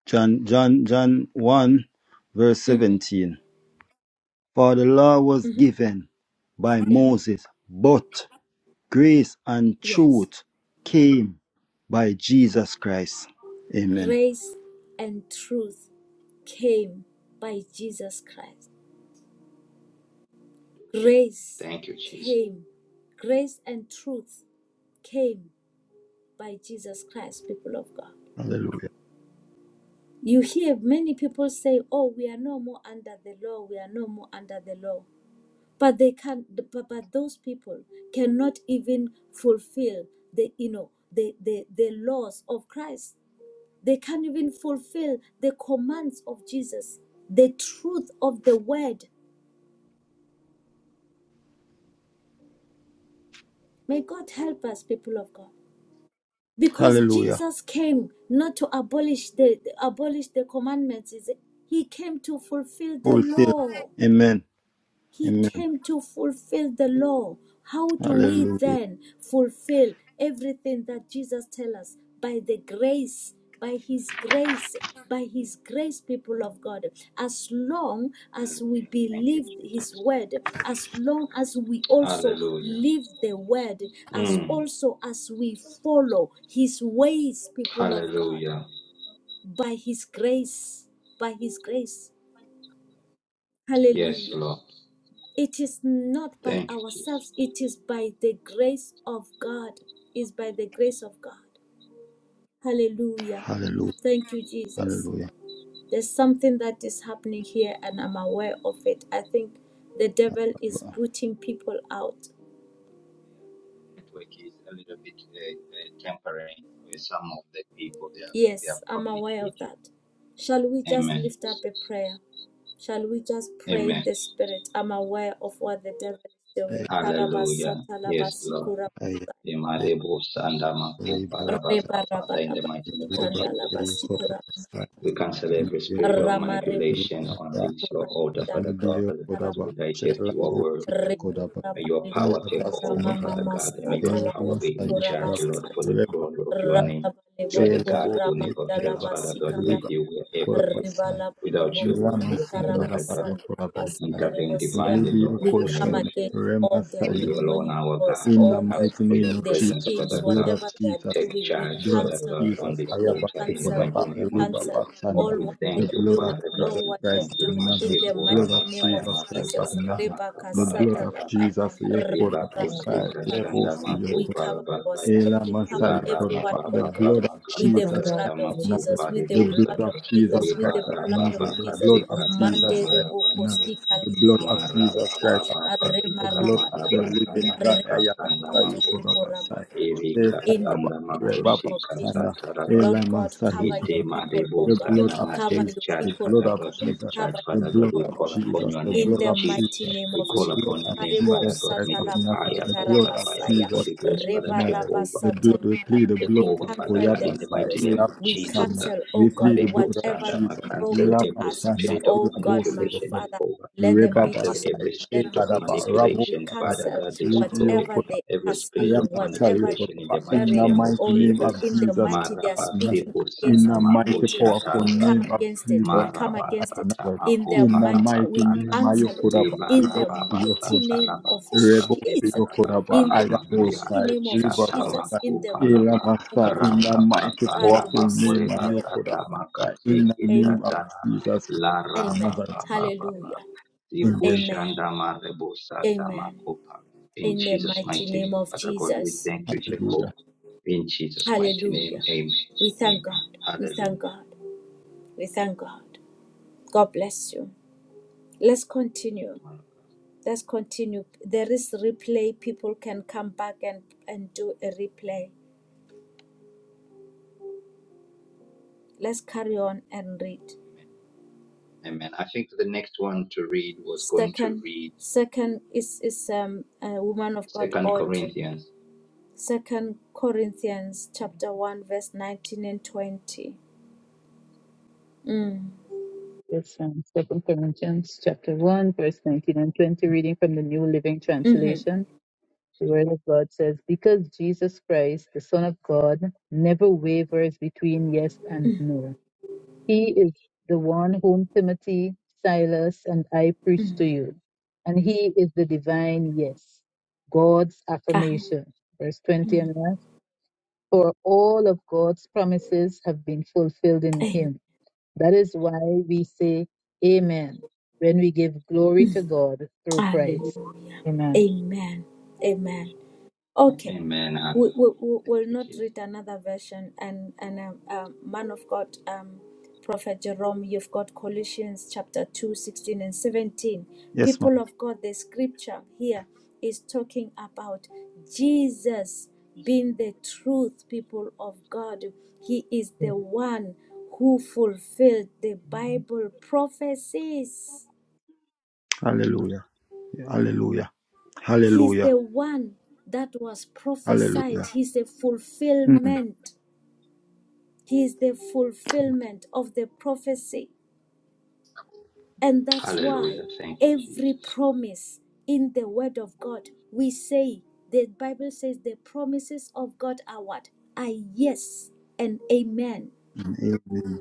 S3: John John John one verse
S2: hmm
S3: seventeen. For the law was given by
S2: Uh-huh.
S3: Moses, but grace and
S2: Yes.
S3: truth came by Jesus Christ. Amen.
S2: Grace and truth came by Jesus Christ.
S1: Hallelujah.
S2: Grace
S1: Thank you, Jesus.
S2: came. Grace and truth came by Jesus Christ, people of God.
S3: Hallelujah.
S2: You hear many people say, Oh, we are no more under the law, we are no more under the law. But they can but, but those people cannot even fulfill the you know the, the, the laws of Christ. They can't even fulfill the commands of Jesus, the truth of the word. May God help us, people of God. Because
S3: Hallelujah.
S2: Jesus came not to abolish the abolish the commandments, He came to fulfill the
S3: Fulfill.
S2: law.
S3: Amen.
S2: He
S3: Amen.
S2: came to fulfill the law. How do we
S3: Hallelujah.
S2: then fulfill everything that Jesus tells us? By the grace, by His grace, by His grace, people of God. As long as we
S1: Hallelujah. Thank you,
S2: believe His
S1: Jesus.
S2: word, as long as we also
S1: Hallelujah.
S2: live the word, as
S1: Mm.
S2: also as we follow His ways, people of God,
S1: Hallelujah.
S2: by His grace, by His grace.
S1: Yes,
S2: Hallelujah
S1: Lord.
S2: it is not by
S1: Thank you, Jesus.
S2: ourselves it is by the grace of god is by the grace of god hallelujah
S3: Hallelujah.
S2: thank you jesus
S3: Hallelujah.
S2: there's something that is happening here and i'm aware of it i think the devil is booting people out
S1: Network is a little bit uh, uh, tempering with some of the people they have, they have
S2: yes i'm aware of
S1: communicated.
S2: that shall we just
S1: Amen.
S2: lift up a prayer shall we just pray
S1: Amen.
S2: in the spirit i'm aware of what the devil is doing
S3: Hey,
S1: Hallelujah. Yes, Lord.
S2: Karabasata
S3: hey, hey,
S1: Imarebo Sandamako
S3: hey, bro.
S2: Reba
S1: Parabasa.
S2: raba
S1: Father, in the
S2: raba
S1: mighty
S3: Hey,
S1: name of
S3: bro.
S2: sikanda la
S3: Hey,
S1: Jesus,
S3: you cut up.
S2: basikura
S1: we cancel
S3: Hey,
S1: every
S3: you
S1: spirit of
S2: rama reba raba
S1: manipulation
S3: cut
S1: on
S3: up.
S1: this
S2: sikura
S1: Lord, altar,
S2: mandala
S1: Father God,
S3: Medio
S1: as
S3: Kodaba,
S1: we digest
S2: basikara basia
S1: your
S3: Shelabo
S1: word.
S3: Kiyo
S2: reba
S3: Kodaba,
S1: May
S2: raba
S1: your
S2: lebo
S1: power take
S2: kura
S1: over, Father
S3: Ayabasanaba,
S2: mama Rebarabarabasikandarabasukura.
S1: God, and may
S2: Ramarebarabasikuramandalabasikarabasiya.
S1: your
S3: Ela
S1: power be in
S3: Masayu
S2: Rebarabalebukuramamamasatalabasikura
S1: charge,
S3: Kodaba,
S1: Lord, for
S2: basata.
S1: the glory
S3: Rebaba,
S1: of your
S3: Sai,
S1: name. You are the God
S3: Shelabo
S1: who
S3: Kiyo
S1: never fails,
S3: Kodaba,
S1: Father God. With
S3: Reba
S2: Ralabalebukuramantalabasikaraba.
S1: you, we are
S3: Kodaba
S1: everything.
S3: Sai,
S1: Without you, we are
S3: Milama
S1: nothing, Father
S3: Sanaba
S1: God.
S3: Yokodabo Sai,
S1: Intervene
S2: Rebalabalevokusikaramasantalabasikerevosia.
S1: divinely,
S3: Libio
S1: Lord,
S2: We
S1: who
S2: come
S1: never
S3: Koshen,
S1: fails.
S2: against all the
S1: For
S3: Remasa
S1: you alone,
S2: demonic
S1: our
S2: powers,
S1: God,
S3: in the
S1: we
S2: all
S1: ask
S2: the,
S3: mighty
S1: for your
S3: name of
S2: the
S3: Jesus,
S1: presence,
S3: the
S2: schemes,
S1: Father
S3: blood
S1: God.
S2: whatever
S3: of
S2: they are
S3: Jesus,
S1: Take
S2: doing, we
S1: charge,
S3: the blood
S1: Father
S3: of
S2: cancel them.
S1: God, on
S3: Jesus,
S1: this
S3: higher
S2: We
S3: back
S1: altar
S3: to
S1: in the
S3: God,
S2: cancel,
S1: mighty
S2: we
S1: name of Jesus.
S2: cancel all
S1: We
S2: what they
S1: thank
S3: the
S2: are
S1: you,
S3: blood
S2: doing,
S3: of
S1: Father God.
S3: Jesus
S2: all
S1: We
S2: what they
S1: thank
S3: Christ
S2: are
S1: you,
S3: of
S2: doing.
S3: Nazareth,
S2: In
S1: Master
S3: the
S2: the
S3: blood of
S2: mighty name
S1: Kurabasaya
S2: of
S3: Jesus Christ
S1: Mabusa
S3: of
S2: Jesus.
S3: Nazareth,
S1: Tamaka
S3: the blood of
S1: Parabasanda.
S2: Rebakasatalaba.
S3: Jesus, Yekoda
S1: Ribakoseka
S2: Talaba.
S1: shanda
S2: We
S3: Basai,
S1: makopa
S2: cover
S1: rabasaya.
S2: ourselves.
S3: Ela
S2: We cover
S3: Masai Koraba,
S2: everyone,
S3: The
S2: oh
S1: Larababa
S2: God,
S3: blood of
S2: with the
S3: Jesus
S1: makapasata
S2: blood
S3: Christ
S2: of
S3: of Nazareth.
S2: Jesus,
S1: makopa
S2: with the
S3: The blood
S1: ribosa.
S2: blood
S3: of
S2: of Jesus,
S3: Jesus
S2: with
S3: Christ
S2: the
S3: of
S2: blood of
S1: Libarababa
S3: Nazareth. The
S2: Jesus.
S3: blood
S1: kaseka
S3: of
S1: shanda
S2: Mande
S3: Jesus Christ of
S2: reboko
S1: marabasaya.
S3: Nazareth.
S2: sika
S3: The blood
S2: laba.
S3: of Jesus
S1: Marababa
S3: Christ of Nazareth.
S2: Arema
S3: The
S1: kaseka
S3: blood
S2: raba
S3: of the
S2: laba.
S3: living
S1: marabasaya.
S4: okay.
S3: God.
S2: Arema
S3: Aya
S1: Kasanda
S2: raba
S4: [LAUGHS]
S3: Masai
S1: maku
S2: soto
S3: Koraba
S2: koraba
S3: Sai.
S4: We
S1: Erika
S2: in
S4: apply
S2: the
S3: Shekadaba
S4: the
S1: sanda
S4: blood
S1: mako
S2: mighty name
S3: Rebaba
S2: of
S1: shika
S2: Jesus.
S3: Sanda.
S1: sataraba.
S3: Ela
S2: Lord God,
S4: of
S3: Masai
S2: cover
S4: Jesus
S2: your
S3: Koraba
S1: Ete
S2: people, oh
S1: Madebo
S3: the
S2: God.
S3: blood of
S1: Sanama,
S2: Cover
S3: Jesus,
S1: take
S2: your
S1: charge,
S3: the
S2: people,
S3: blood
S1: Father
S2: oh
S3: of
S1: God,
S2: God.
S1: take
S3: Jesus,
S1: charge,
S2: Cover
S3: the
S2: your
S1: Father God.
S3: blood
S1: We
S2: people,
S3: of
S2: oh
S1: call
S2: God.
S1: upon
S3: Jesus,
S1: your
S3: the
S1: name,
S2: In
S3: blood
S1: Lord
S2: the
S3: of
S1: Jesus.
S2: mighty
S3: Jesus,
S2: name
S1: We
S2: of
S3: the
S4: to
S1: call
S4: the
S2: Jesus.
S3: blood
S1: upon your
S3: of
S1: name,
S2: Arebo
S1: Father
S3: Jesus
S1: God.
S3: Christ
S1: May your
S3: of
S2: satalaba
S3: Nazareth,
S1: fire,
S3: the
S1: fire,
S4: second
S3: blood
S1: fire,
S3: of
S1: fire of the
S2: sitarabasaya.
S3: Jesus Christ
S1: Holy Ghost,
S4: new
S3: of
S1: Father,
S2: Reba
S1: take
S3: Nazareth,
S2: raba
S4: reference.
S1: over.
S3: the blood, we plead the
S1: Take
S2: We
S3: blood
S1: over,
S3: for
S1: Father
S2: cancel
S1: God,
S2: the
S1: in the
S3: Yabasa,
S1: mighty
S2: arrows.
S1: name of
S2: We
S1: Jesus.
S3: Ilabosana,
S2: cancel, oh
S3: we
S2: God,
S3: plead the blood
S1: Maribos
S3: of
S2: whatever
S1: and
S2: they're
S1: I
S3: Jesus,
S1: cancel
S2: throwing to
S1: every
S2: us.
S3: Ilabasana,
S1: spirit of
S2: Oh God, my
S3: Ilabosi,
S1: manipulation,
S3: Yokoda,
S2: Father,
S1: Jehovah.
S2: let them be
S1: Cancel
S3: Rebabasa,
S1: every
S2: destroyed let them
S1: spirit of
S2: be
S3: Shekadaba,
S2: destroyed.
S3: Rabo,
S2: We
S1: manipulation, Father
S2: cancel
S1: God. Destroy
S2: whatever
S3: Sataya,
S2: they
S1: every
S2: are
S3: I
S1: spirit
S2: saying,
S3: am
S1: of
S3: after you,
S2: whatever
S3: Father.
S1: manipulation in the
S2: they are
S3: In
S1: mighty
S3: the
S2: declaring.
S1: name of
S2: Oh
S3: mighty name
S2: Lord,
S3: of
S1: Jesus.
S2: in the
S3: Jesus
S2: mighty,
S1: Marabasikusana
S2: they
S3: Christ
S2: are
S3: of Nazareth.
S2: speaking
S3: In
S2: against
S3: the
S2: this
S3: mighty
S2: meeting.
S3: powerful
S2: We come
S3: name of
S2: against it. We
S3: Jesus
S2: come
S3: Christ of
S2: against it.
S3: Nazareth.
S2: In the
S3: In the
S2: mighty,
S3: mighty
S2: we
S3: name
S1: Marabasatamakoparabasanda
S3: of
S2: cancel it.
S3: Yokodaba.
S2: In
S3: Rebo
S2: the mighty
S3: Yokosh.
S2: name of
S3: Rebo
S2: Jesus.
S3: Yokodaba.
S2: In
S1: Lebarabasatalamakokasetaratanda
S2: the
S1: Maria
S11: Jesus,
S2: mighty
S3: Ayabosai.
S2: name of Jesus.
S3: Ribabasai.
S2: In the
S3: Ela
S1: Shatamakopalaba
S11: God,
S2: mighty name
S3: Master.
S2: of
S3: In
S2: Jesus.
S3: the mighty
S1: Rababasanda
S3: powerful
S2: Raribo
S3: name of
S2: Sataya Messiah.
S3: Yokodaba. In the
S2: Amen.
S3: name of
S1: Makorebasatamakasikitatana
S3: Jesus Christ of
S2: Amen.
S3: Nazareth.
S2: Hallelujah.
S1: dikushanda
S3: Amen.
S2: Amen.
S1: Zikushanda
S2: Amen.
S1: Marebosatamakopa. In
S2: in the
S1: Jesus'
S2: mighty
S1: mighty
S2: name
S1: name,
S2: of
S1: Father God, we
S2: Jesus.
S1: thank you,
S3: Hallelujah.
S1: Jehovah. In Jesus' mighty name,
S2: Hallelujah.
S1: amen.
S2: We thank
S1: Amen.
S2: God. We thank
S1: Hallelujah.
S2: God. We thank God. God bless you. Let's continue.
S1: Amen.
S2: Let's continue. There is replay. People can come back and, and do a replay. Let's carry on and read.
S1: Amen. I think the next one to read was going to
S2: Second,
S1: read
S2: second is, is um, a woman of God,
S1: Second
S2: Audrey.
S1: Corinthians.
S2: Second Corinthians chapter 1, verse 19 and 20. Mm.
S4: This um, Second Corinthians chapter one, verse nineteen and twenty, reading from the New Living
S2: Mm-hmm.
S4: Translation. The Word of God says, "Because Jesus Christ, the Son of God, never wavers between yes and no. He is the one whom Timothy, Silas, and I preach
S2: Mm.
S4: to you, and He is the divine yes, God's
S2: Ah.
S4: affirmation." Verse twenty
S2: Mm.
S4: and last. For all of God's promises have been fulfilled in
S2: Amen.
S4: him. That is why we say amen when we give
S2: Mm-hmm.
S4: glory to God through Christ.
S2: Hallelujah.
S4: Amen.
S2: Amen. Amen. Okay.
S1: Amen.
S2: We, we, we
S1: Hallelujah. Thank
S2: will
S1: you,
S2: not
S1: Jesus.
S2: read another version. And, and um, um, man of God, um, Prophet Jerome, you've got Colossians chapter 2 16 and 17.
S3: Yes, ma'am.
S2: People of God, the scripture here is talking about Jesus being the truth, people of God. He is the one who fulfilled the Bible prophecies
S3: Hallelujah. Hallelujah.
S2: He's
S3: Hallelujah.
S2: the one that was
S3: Hallelujah.
S2: prophesied. He's the fulfillment. He is the fulfillment of the prophecy. And that's why
S1: Hallelujah. Thank you,
S2: every
S1: Jesus.
S2: promise in the word of God, we say, the Bible says the promises of God are what? Are yes and amen.
S3: Amen.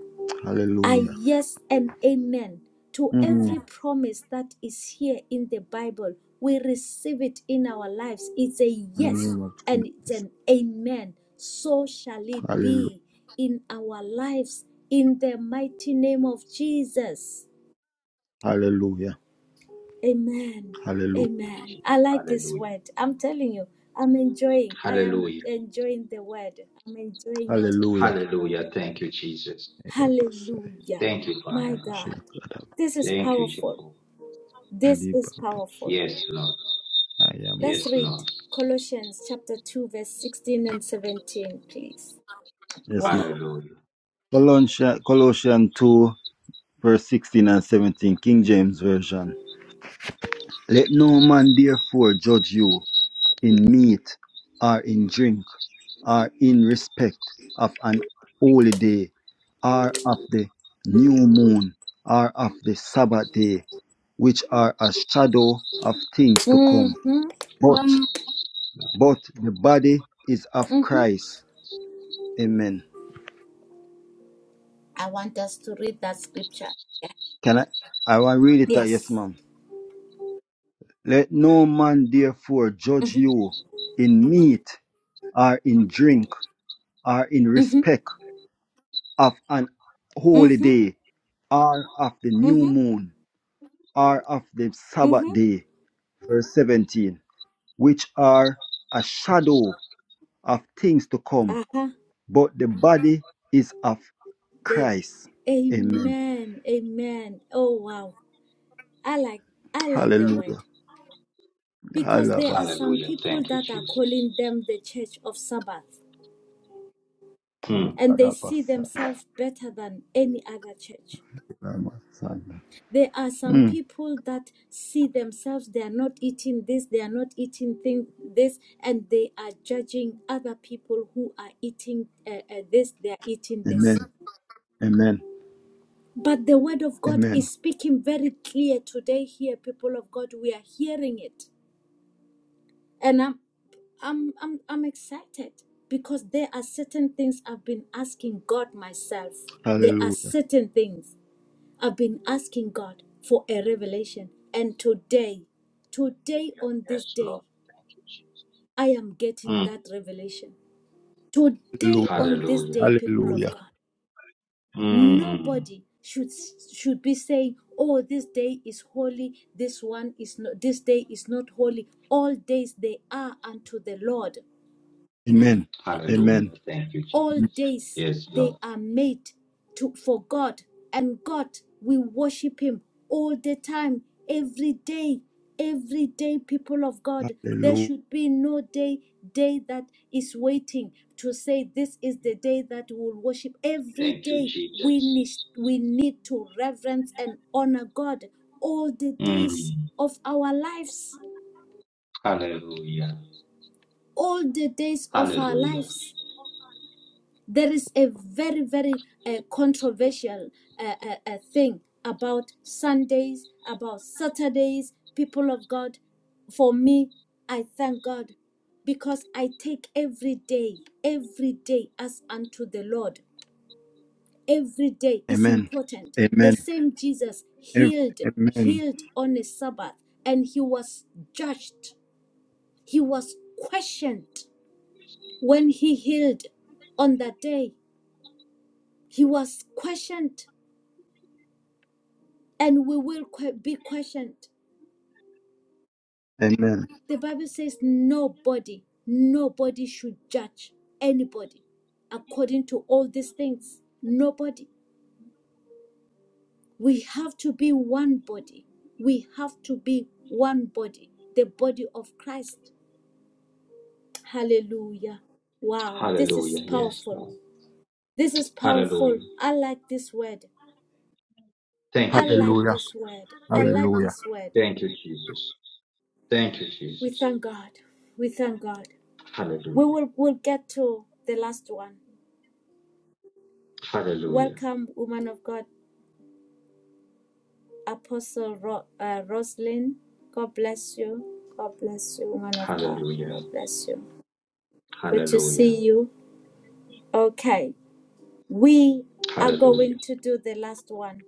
S2: I
S3: Hallelujah.
S2: yes and amen to
S3: Mm.
S2: every promise that is here in the Bible. We receive it in our lives. It's a
S3: In the
S2: yes
S3: name of
S2: and it's
S3: Jesus.
S2: an amen. So shall it
S3: Hallelujah.
S2: be in our lives in the mighty name of Jesus.
S3: Hallelujah.
S2: Amen.
S3: Hallelujah.
S1: Thank
S2: Amen.
S1: you, Jesus.
S2: I like this
S1: Hallelujah.
S2: word. I'm telling you, I'm enjoying. I am
S1: Hallelujah.
S2: enjoying the word. I'm enjoying it.
S3: Hallelujah.
S1: Hallelujah. Thank you, Jesus.
S3: Yeah, Pastor.
S2: Hallelujah.
S1: Thank you,
S2: My
S1: Father God.
S3: Shit.
S2: God. This is
S1: Thank you,
S2: powerful.
S1: Jehovah.
S2: This is powerful.
S1: Yes, Lord.
S2: Let's
S1: Yes,
S2: read
S1: Lord.
S2: Colossians chapter 2, verse 16 and 17, please.
S3: Yes, ma'am.
S2: Wow.
S1: Hallelujah.
S3: Colossians, Colossians 2, verse 16 and 17, King James Version. Let no man therefore judge you in meat, or in drink, or in respect of an holy day, or of the new moon, or of the Sabbath day, which are a shadow of things to come.
S2: Mm-hmm.
S3: But Um, but the body is of
S2: Mm-hmm.
S3: Christ. Amen.
S2: I want us to read that scripture.
S3: Can I I want to read it out, yes,
S2: Yes.
S3: ma'am. Let no man therefore judge
S2: Mm-hmm.
S3: you in meat or in drink or in
S2: Mm-hmm.
S3: respect. of an holy
S2: Mm-hmm.
S3: day, or of the new
S2: Mm-hmm.
S3: moon, or of the Sabbath
S2: Mm-hmm.
S3: day, verse 17, which are a shadow of things to come,
S2: Uh-huh.
S3: but the body is of
S2: The
S3: Christ. Amen.
S2: Amen. Amen. Oh wow. I like I like the word.
S3: Hallelujah.
S2: Because there are
S3: Alabas.
S2: some
S1: Hallelujah.
S2: people
S1: Thank you,
S2: that are
S1: Jesus.
S2: calling them the church of Sabbath
S1: Mm.
S2: and they see
S3: Ekadabasa.
S2: themselves better than any other church.
S3: Ilamasanda.
S2: There are some
S3: Mm.
S2: people that see themselves, they are not eating this, they are not eating thing, this, and they are judging other people who are eating uh, uh, this, they are eating
S3: Amen.
S2: this.
S3: Amen.
S2: But the word of God
S3: Amen.
S2: is speaking very clear today here, people of God. We are hearing it. And I'm I'm I'm I'm excited because there are certain things I've been asking God myself. There are
S3: Hallelujah.
S2: certain things. I've been asking God for a revelation. And today, today
S1: Hallelujah.
S2: on this
S1: Yes, Lord.
S2: day,
S1: Thank you, Jesus.
S2: I am getting
S1: Hmm.
S2: that revelation. Today
S3: Hallelujah.
S2: on this
S1: Hallelujah.
S2: day, people of
S3: Hallelujah.
S2: God,
S1: Mm.
S2: nobody should should be saying, "Oh, this day is holy. This one is not. This day is not holy." All days they are unto the Lord.
S3: Amen.
S1: Hallelujah.
S3: Amen.
S1: Thank you,
S2: all
S1: Jesus.
S2: days
S1: Yes,
S2: they
S1: Lord.
S2: are made to for God and God we worship him all the time every day every day people of God there
S3: Hallelujah.
S2: should be no day day that is waiting to say this is the day that we will worship every
S1: Thank you,
S2: day we need
S1: Jesus.
S2: we need to reverence and honor God all the days
S1: Mm.
S2: of our lives
S1: Hallelujah.
S2: all the days of our
S1: Hallelujah.
S2: lives There is a very, very uh, controversial uh, uh, uh, thing about Sundays, about Saturdays, people of God. For me, I thank God because I take every day, every day as unto the Lord. Every day is
S3: Amen.
S2: important. The
S3: Amen.
S2: same Jesus healed,
S3: Amen.
S2: healed on a Sabbath, and he was judged. He was questioned when he healed on that day. He was questioned and we will que- be questioned.
S3: Amen.
S2: The Bible says nobody, nobody should judge anybody according to all these things. Nobody. We have to be one body. We have to be one body, the body of Christ. Hallelujah. Wow, this is
S1: Hallelujah. Yes,
S2: powerful.
S1: Lord.
S2: This is powerful.
S1: Hallelujah.
S2: I like this word.
S1: Thank you,
S2: I like
S1: Jesus.
S3: Hallelujah.
S2: this word. I like
S3: Hallelujah.
S2: this word.
S1: Thank you, Jesus. Thank you,
S2: We
S1: Jesus.
S2: thank God. We thank God. We
S1: Hallelujah.
S2: will we'll get to the last one.
S1: Hallelujah.
S2: Welcome, woman of God, Apostle Ro- uh, Roslyn. God bless you. God bless you, woman of God.
S1: Hallelujah.
S2: God bless you. Good to
S1: Hallelujah.
S2: see you. Okay, we are
S1: Hallelujah.
S2: going to do the last one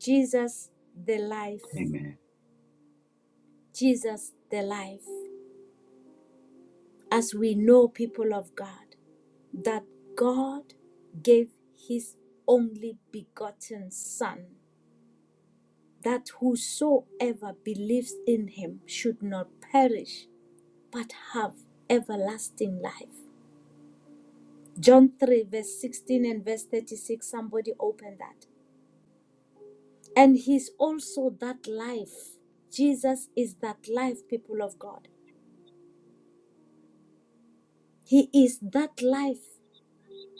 S2: Jesus, the life.
S1: Amen.
S2: Jesus, the life. As we know, people of God, that God gave his only begotten Son, that whosoever believes in him should not perish but have everlasting life. John 3, verse 16 and verse 36. Somebody open that. And He's also that life. Jesus is that life, people of God. He is that life.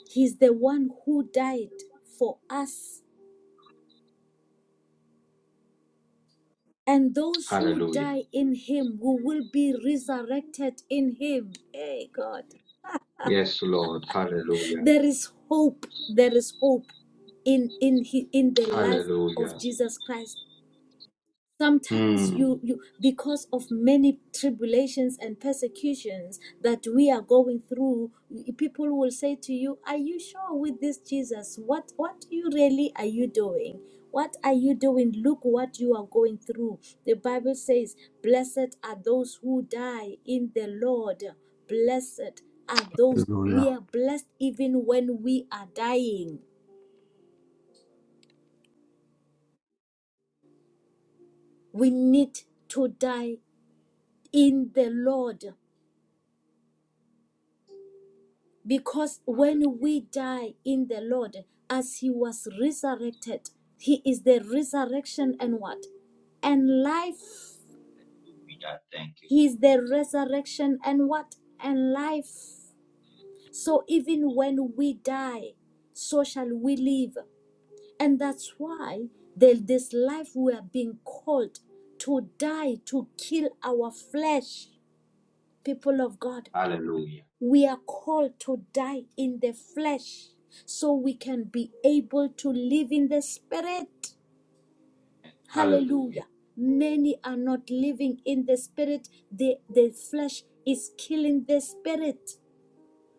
S2: He's the one who died for us. And those who
S1: Hallelujah.
S2: die in Him, who will be resurrected in Him. Hey, God.
S1: Yes, Lord. Hallelujah.
S2: There is hope. There is hope in, in, in the life of
S1: Hallelujah.
S2: Jesus Christ. sometimes
S1: Hmm.
S2: you you because of many tribulations and persecutions that we are going through people will say to you are you sure with this jesus what what you really are you doing what are you doing look what you are going through the bible says blessed are those who die in the lord blessed are those we
S3: Hallelujah.
S2: are blessed even when we are dying we need to die in the lord Because
S1: Hallelujah.
S2: when we die in the Lord, as He was resurrected, He is the resurrection and what? And life.
S1: Hallelujah. Thank you,
S2: He
S1: Jesus.
S2: is the resurrection and what? And life. So even when we die, so shall we live. And that's why the, this life we are being called to die, to kill our flesh, people of God.
S1: Hallelujah.
S2: We are called to die in the flesh so we can be able to live in the spirit.
S1: Hallelujah.
S2: Hallelujah. Many are not living in the spirit, the, the flesh is killing the spirit.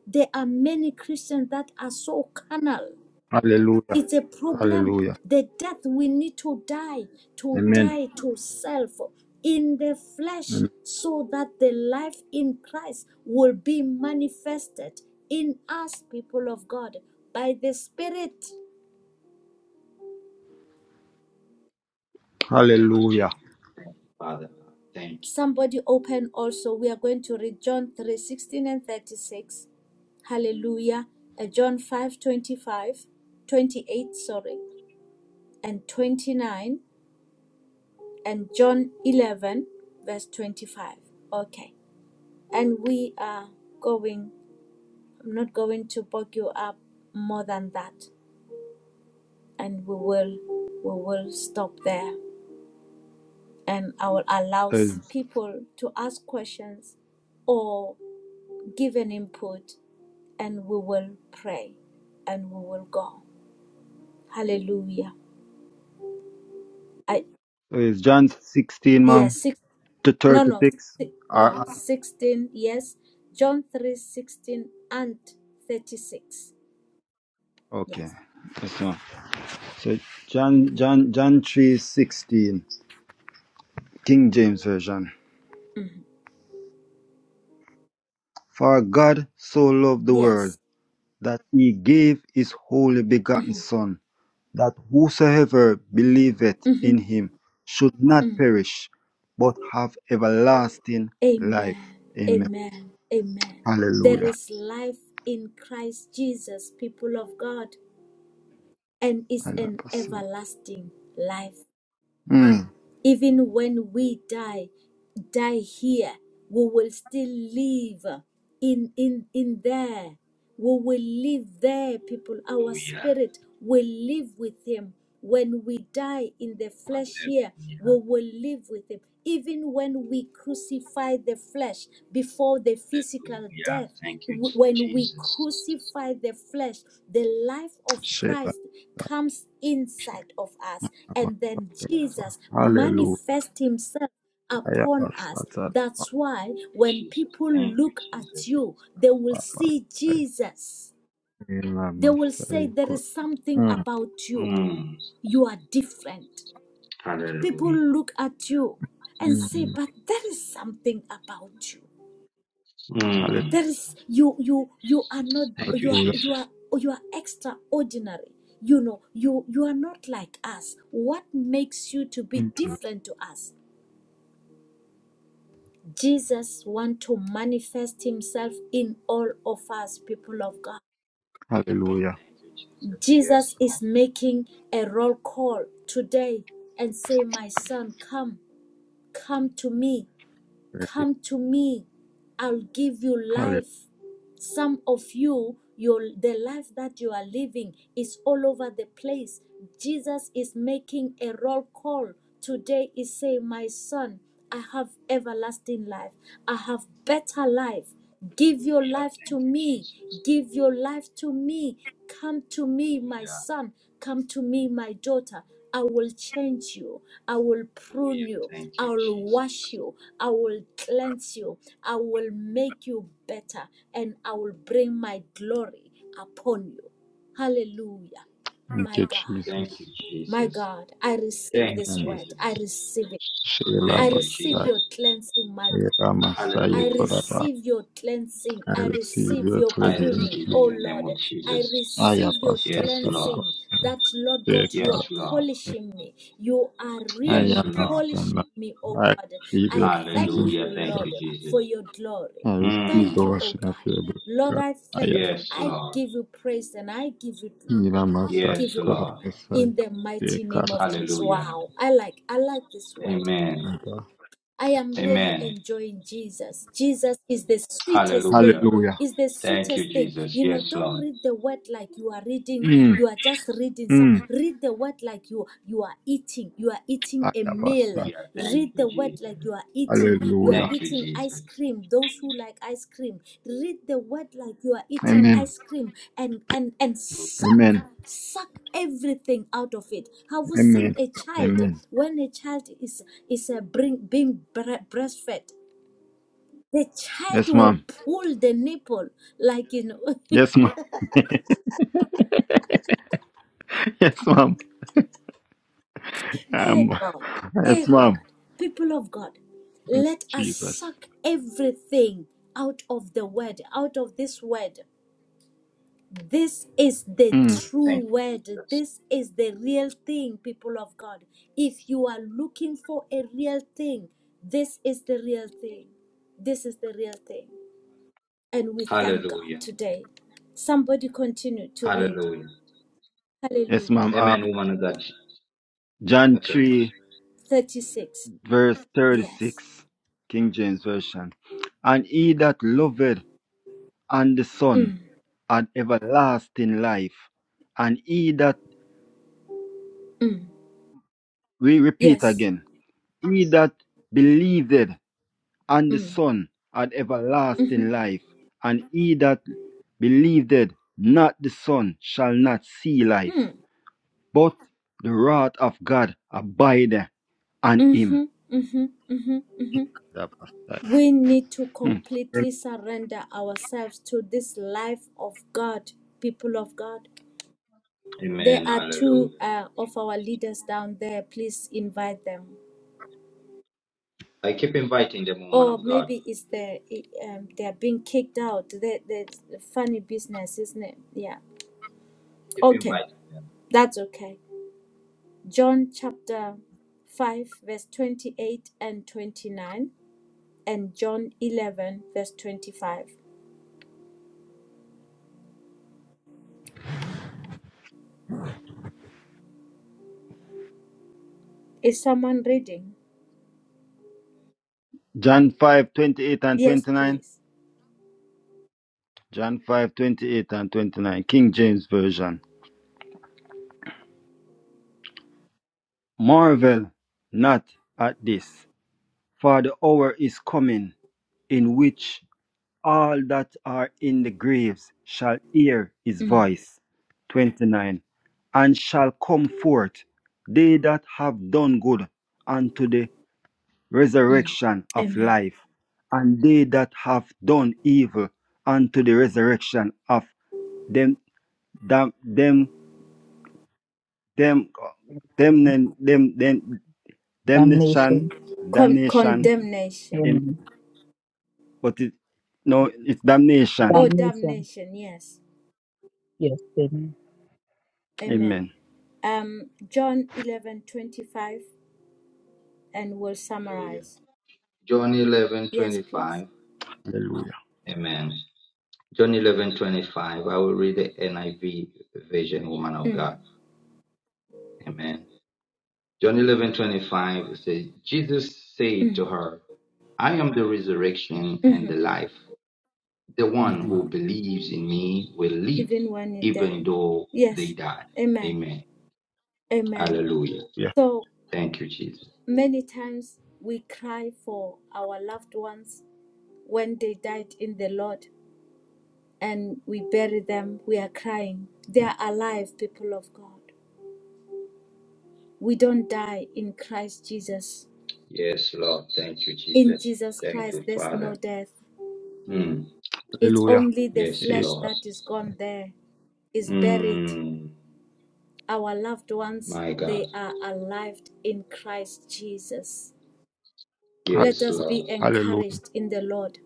S2: There are many Christians that are so carnal.
S3: Hallelujah.
S2: It's a problem.
S3: Hallelujah.
S2: The death we need to die, to
S3: Amen.
S2: die to self in the flesh,
S3: Amen.
S2: so that the life in Christ will be manifested in us, people of God, by the Spirit.
S1: Thank you,
S3: Hallelujah.
S1: Jesus. Thank you, Father God. Thank you.
S2: Somebody open also. We are going to read John 3 16 and 36. Hallelujah. Uh, John 5 25, 28. sorry, and 29, and John 11, verse 25. Okay. and we are going i'm not going to bog you up more than that and we will we will stop there and i will allow
S3: Is,
S2: s- people to ask questions or give an input and we will pray and we will go hallelujah i
S3: is John 16,
S2: yeah
S3: ma'am,
S2: six
S3: to
S2: no no
S3: 36?
S2: si- no
S3: Uh,
S2: 16 yes john 3 16 and 36
S3: okay.
S2: yes
S3: That's one. So John, John, John 3:16, King James Version.
S2: Mhm.
S3: For God so loved the world
S2: yes
S3: that he gave his only begotten son that whosoever believeth in
S2: hmm
S3: him should not perish, but have everlasting life.
S2: Amen.
S3: Amen.
S2: Amen. Amen. There
S3: Hallelujah.
S2: is life in Christ Jesus, people of God, and is
S3: Hallelujah.
S2: an
S3: Pastor.
S2: everlasting life.
S3: Mm.
S2: Even when we die, die here, we will still live in in in there. We will live there, people. Our
S1: Hallelujah.
S2: spirit will live with him. When we die in the flesh here,
S1: Hallelujah.
S2: we will live with him even when we crucify the flesh before the physical
S1: Hallelujah.
S2: death,
S1: Thank you,
S2: w- when we
S1: Jesus.
S2: crucify the flesh, the life of
S3: Shit.
S2: Christ comes inside of us, and then
S1: Hallelujah. Thank
S2: Jesus
S3: Hallelujah.
S2: manifests himself.
S3: Hallelujah.
S2: Upon us.
S3: Pastor.
S2: That's why
S1: you,
S2: when
S1: Jesus.
S2: people
S1: Thank you,
S2: look at
S1: Jesus.
S2: you, they will see Jesus.
S3: Amen.
S2: They will say,
S3: Masai.
S2: There is something
S3: Mm.
S2: about you.
S1: Mm.
S2: You are different. People
S1: Hallelujah.
S2: look at you and say,
S3: Mm.
S2: but there is something about you.
S3: Hallelujah.
S1: Mm.
S2: There is you you you are not
S1: Thank you,
S2: you are
S3: Hallelujah.
S2: you
S1: Jesus.
S2: are you are extraordinary. You know, you you are not like us. What makes you to be
S3: Thank you.
S2: different to us? Jesus wants to manifest himself in all of us, people of God.
S3: Hallelujah.
S1: Thank you, Jesus. Yes,
S2: Jesus
S1: Lord.
S2: is making a roll call today and say, My son, come, come to me Come to me, I'll give you
S3: Hallelujah.
S2: life. Some of you, your the life that you are living is all over the place. Jesus is making a roll call. Today is saying, My son, I have everlasting life. I have better life. Give your
S1: Hallelujah.
S2: life
S1: Thank
S2: to
S1: you,
S2: me.
S1: Jesus.
S2: Give your life to me. Come to me, my
S1: Hallelujah.
S2: son. Come to me, my daughter. I will change you. I will prune
S1: Hallelujah.
S2: you.
S1: Thank
S2: I
S1: you,
S2: will wash
S1: Jesus.
S2: you. I will cleanse you. I will make you better. And I will bring my glory upon you. Hallelujah.
S3: Thank
S2: My
S3: you,
S2: God.
S1: Thank you,
S3: Jesus.
S2: My
S1: Jesus.
S2: God. I receive
S1: Thank you,
S2: this
S3: Amen. Masai.
S2: word. I
S1: Jesus.
S2: receive it.
S3: Shela
S2: I
S1: Thank you,
S2: receive
S3: Basai.
S2: your
S1: Jesus.
S2: cleansing, my God.
S3: Era Masai.
S2: I
S1: Hallelujah.
S3: Koraba.
S2: receive your cleansing.
S3: I
S2: I
S3: receive
S2: receive
S3: your
S2: your
S1: I
S3: cleansing,
S2: pruning.
S1: receive
S3: Jesus.
S2: Oh
S1: in the name
S2: Lord,
S1: of
S2: I
S1: Jesus.
S3: I am
S2: receive
S3: a
S2: your
S1: Yes, Lord.
S3: sacrifice.
S2: cleansing. That Lord
S3: Dear
S2: God, you
S3: God,
S2: are
S1: Yes, Lord.
S2: polishing me. You are
S3: I
S1: Yes,
S2: really
S3: am a
S1: Lord.
S2: polishing
S3: sinner.
S2: me, oh
S3: I
S2: God.
S3: receive
S2: I
S3: your cleansing,
S2: thank you,
S1: Hallelujah. Thank
S3: Jesus.
S2: Lord,
S1: you,
S2: for
S1: Jesus.
S2: your glory.
S3: I receive the
S2: Thank
S1: Mm.
S2: you, oh
S3: washing of
S2: God.
S3: your blood,
S2: Lord,
S3: God.
S2: I
S3: I
S2: thank you.
S3: am
S1: Yes,
S2: I
S1: Lord.
S2: give you praise and I give you glory.
S3: in a
S2: I
S3: massacre
S1: Yes,
S2: give you
S3: of
S1: Lord.
S2: honor
S3: the side.
S2: in the
S3: Dear
S2: mighty name
S3: God,
S2: of Jesus.
S1: Hallelujah.
S2: Wow. I like I like this word.
S1: Amen.
S3: my God.
S2: I am really
S1: Amen.
S2: enjoying Jesus. Jesus is the sweetest
S1: Hallelujah.
S2: thing.
S3: Hallelujah.
S2: Is the
S1: Thank you,
S2: sweetest thing.
S1: Jesus.
S2: You know,
S1: Yes,
S2: don't
S1: Lord.
S2: read the word like you are reading,
S3: Mm.
S2: you are just reading some.
S3: Mm.
S2: Read the word like you you are eating. You are
S3: I
S2: eating a
S3: am a
S2: meal.
S3: sinner.
S1: Yeah. Thank
S2: Read the
S1: you,
S2: word
S1: Jesus.
S2: like you are eating. You are
S3: Hallelujah.
S1: Thank you,
S2: eating ice
S1: Jesus.
S2: cream. Those who like ice cream. Read the word like you are eating
S3: Amen.
S2: ice cream and and and suck
S3: Amen.
S2: suck everything out of it have you seen
S3: Amen.
S2: a child
S3: Amen.
S2: when a child is is uh, bring, being bre- breastfed the child
S3: Yes,
S2: will
S3: ma'am.
S2: pull the nipple like you know
S3: Yes,
S2: [LAUGHS]
S3: ma'am. [LAUGHS] yes, ma'am.
S2: hey
S3: Um,
S2: god
S3: [LAUGHS]
S2: hey
S3: yes, ma'am.
S2: god people of god
S3: Thank
S2: let
S3: you,
S2: us
S3: Jesus.
S2: suck everything out of the word out of this word This is the
S3: Mm.
S1: Hallelujah.
S2: true
S1: Thank you,
S2: word.
S1: Jesus.
S2: This is the real thing, people of God. If you are looking for a real thing, this is the real thing. This is the real thing. And we thank God
S1: Hallelujah.
S2: today. Somebody continue to read.
S1: Hallelujah.
S3: Yes,
S2: Hallelujah.
S3: ma'am. Um,
S1: Amen, woman of God.
S3: John
S1: Okay.
S3: 3,
S2: 36.
S3: verse
S2: Yes.
S3: 36, King James Version. And he that loveth and the Son
S2: Mm,
S3: had everlasting life. And he that,
S2: mm,
S3: we repeat
S2: yes.
S3: again, he that believeth and the
S2: Mm,
S3: Son had
S2: mhm,
S3: everlasting life. And he that believeth not the Son shall not see
S2: mm,
S3: life, but the wrath of God abideth on him.
S2: mhm, mhm, mhm, mhm,
S3: Yeah, Pastor.
S2: We need to
S3: Hmm.
S2: completely surrender ourselves to this life of God, people of God. There
S1: Amen.
S2: are two
S1: Hallelujah.
S2: uh, of our leaders down there. Please invite them.
S1: I keep inviting them, woman
S2: Or
S1: of God.
S2: maybe it's the um, they're being kicked out. The the funny business, isn't it? Yeah.
S1: Keep
S2: Okay,
S1: inviting them.
S2: that's okay. John chapter five, verse twenty-eight and twenty-nine, and John eleven, verse twenty-five. Is someone reading?
S3: John 5 28 and
S2: Yes,
S3: 29.
S2: please.
S3: John 5 28 and 29. King James Version. Marvel not at this, for the hour is coming in which all that are in the graves shall hear his voice. 29. And shall come forth, they that have done good, unto the.
S2: Mm.
S3: resurrection of
S2: Amen.
S3: life, and they that have done evil unto the resurrection of them them them them them them them them damnation
S4: Damnation.
S2: Con-
S3: damnation
S2: condemnation.
S3: amen.
S4: Amen.
S3: But it no it's damnation.
S2: Oh,
S4: Damnation.
S2: damnation. Yes.
S4: Yes, amen.
S2: Amen.
S3: Amen.
S2: Um, John eleven twenty five, and we'll
S1: Hallelujah.
S2: summarize.
S1: John eleven
S2: Yes,
S1: twenty
S2: please.
S1: five.
S3: Hallelujah.
S1: Amen. John eleven twenty five. I will read the NIV version, woman of
S2: Mm.
S1: God. Amen. John eleven twenty five says, Jesus said to
S2: Mm.
S1: her, I am the resurrection and
S2: hmm
S1: the life. The one
S3: Mhm.
S1: who believes in me will live,
S2: Even when you're
S1: even
S2: dead.
S1: though they
S2: Yes.
S1: die.
S2: Amen.
S1: Amen.
S2: Amen.
S1: Hallelujah.
S3: Yeah.
S2: So
S1: Thank you, Jesus.
S2: many times we cry for our loved ones when they died in the Lord and we bury them. We are crying. They are alive, people of God. We don't die in Christ Jesus.
S1: Yes, Lord. Thank you,
S2: In
S1: Jesus.
S2: Jesus
S1: Thank
S2: Christ,
S1: you,
S2: there's no
S1: Father.
S2: death.
S1: Mm.
S2: It's
S3: Hallelujah.
S2: only the
S1: Yes,
S3: Eh,
S2: flesh
S1: Lord.
S2: that is gone there, is buried.
S1: Mm.
S2: Our loved ones,
S1: My God.
S2: they are alive in Christ Jesus.
S3: ha-
S2: Let
S1: Yes,
S2: us be
S1: Lord.
S3: Hallelujah.
S2: encouraged in the Lord.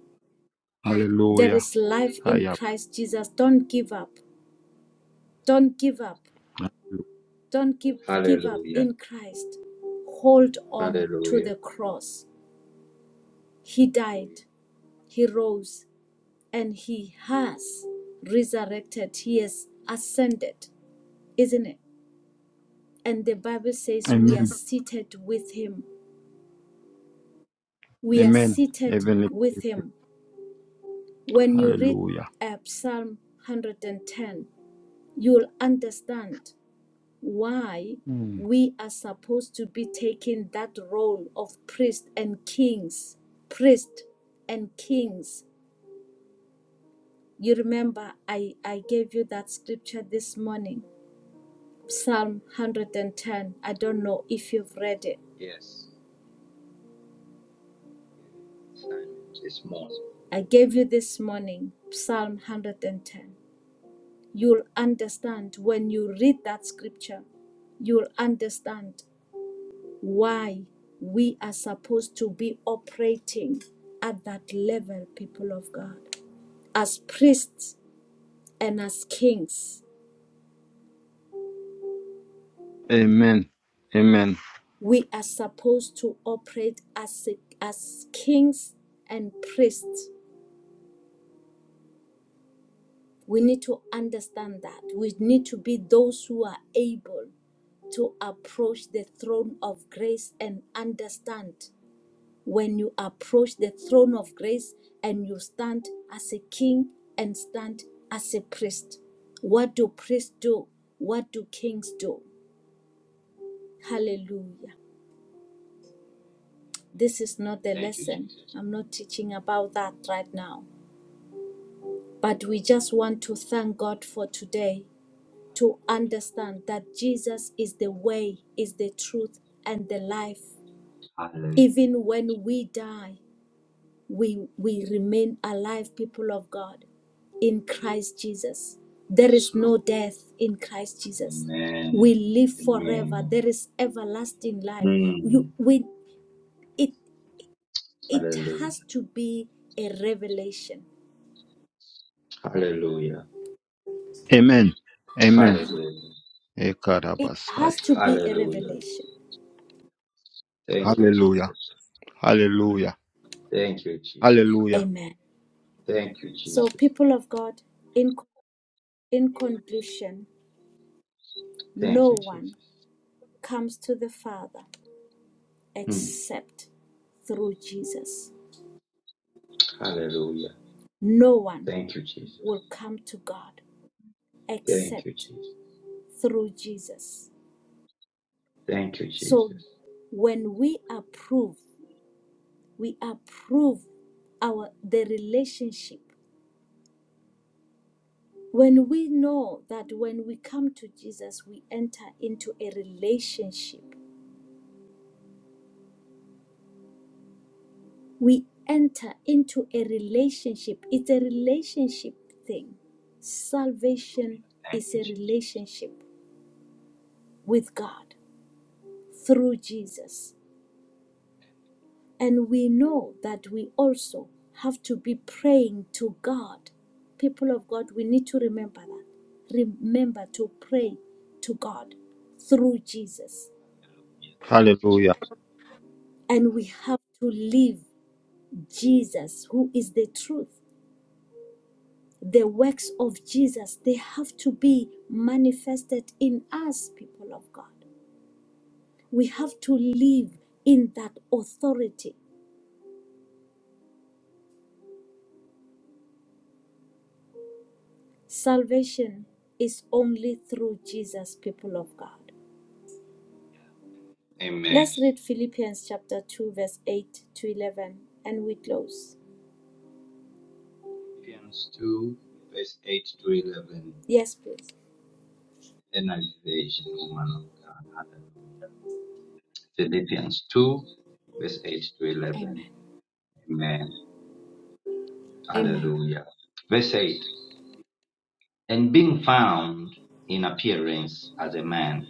S2: There
S3: Hallelujah.
S2: is life
S3: I
S2: in
S3: am.
S2: Christ Jesus. Don't give up. Don't give up.
S3: Hallelujah.
S2: Don't give, give up
S1: Hallelujah.
S2: in Christ. Hold
S1: Hallelujah.
S2: on to
S1: Hallelujah.
S2: the cross. He
S1: Hallelujah.
S2: died. He rose. and he has resurrected, he has ascended, isn't it? And the Bible says we are
S3: Amen.
S2: seated with him. We are
S3: Amen.
S2: seated
S3: Heavenly.
S2: with him. When you read
S3: Hallelujah.
S2: uh, Psalm 110, you'll understand why
S3: Mm.
S2: we are supposed to be taking that role of priest and kings. Priest and kings. You remember I, I gave you that scripture this morning Psalm 110. I don't know if you've read it.
S1: Yes. Assignment is more.
S2: I gave you this morning, Psalm 110. You'll understand when you read that scripture, you'll understand why we are supposed to be operating at that level, people of God. As priests and as kings,
S3: Amen. Amen.
S2: we are supposed to operate as, as kings and priests We need to understand that. We need to be those who are able to approach the throne of grace and understand when you approach the throne of grace and you stand as a king and stand as a priest. What do priests do? What do kings do? Hallelujah. This is not the
S1: Thank you,
S2: lesson.
S1: Jesus.
S2: I'm not teaching about that right now. But we just want to thank God for today to understand that Jesus is the way, is the truth, and the life.
S1: Hallelujah.
S2: Even when we die, we, we remain alive, people of God, in Christ Jesus. There
S1: Yes,
S2: is
S1: Lord.
S2: no death in Christ Jesus. We
S1: Amen.
S2: live forever.
S1: Amen.
S2: There is everlasting life.
S1: Mm.
S2: You, we, it, it
S1: Hallelujah.
S2: has to be a revelation.
S1: Hallelujah.
S3: Amen. Amen.
S1: Hallelujah.
S2: It
S3: Ekarabasai.
S2: has to be a
S1: Hallelujah.
S2: revelation.
S1: Thank you,
S3: Hallelujah.
S1: Jesus.
S3: Hallelujah.
S1: Thank you, Jesus.
S3: Hallelujah.
S2: Amen.
S1: Thank you,
S2: So,
S1: Jesus.
S2: people of God, in, in conclusion,
S1: Thank
S2: No
S1: you, Jesus.
S2: one comes to the Father
S1: Mm.
S2: except through Jesus.
S1: Hallelujah.
S2: No one
S1: Thank you, Jesus.
S2: will come to God
S1: Thank you,
S2: except
S1: Jesus.
S2: through Jesus.
S1: Thank you,
S2: So
S1: Jesus.
S2: when we approve, we approve our the relationship. When we know that when we come to Jesus, we enter into a relationship we enter into a relationship. It's a relationship thing. Salvation
S1: Hallelujah. Thank
S2: is
S1: you,
S2: a
S1: Jesus.
S2: relationship with God through Jesus. And we know that we also have to be praying to God. People of God, we need to remember that. Remember to pray to God through Jesus.
S1: Hallelujah. Thank you,
S3: Hallelujah.
S1: Jesus.
S2: And we have to live Jesus, who is the truth. the works of Jesus, they have to be manifested in us, people of God. We have to live in that authority. Salvation is only through Jesus, people of God.
S1: Yeah. Amen.
S2: Let's read Philippians chapter 2, verse 8 to 11, and we close.
S1: Philippians 2, verse 8 to 11.
S2: Yes, please.
S1: Energization, woman of God. Hallelujah. Philippians 2, verse 8 to 11.
S2: Amen.
S1: Amen.
S2: Amen.
S1: Hallelujah. Verse 8. And being found in appearance as a man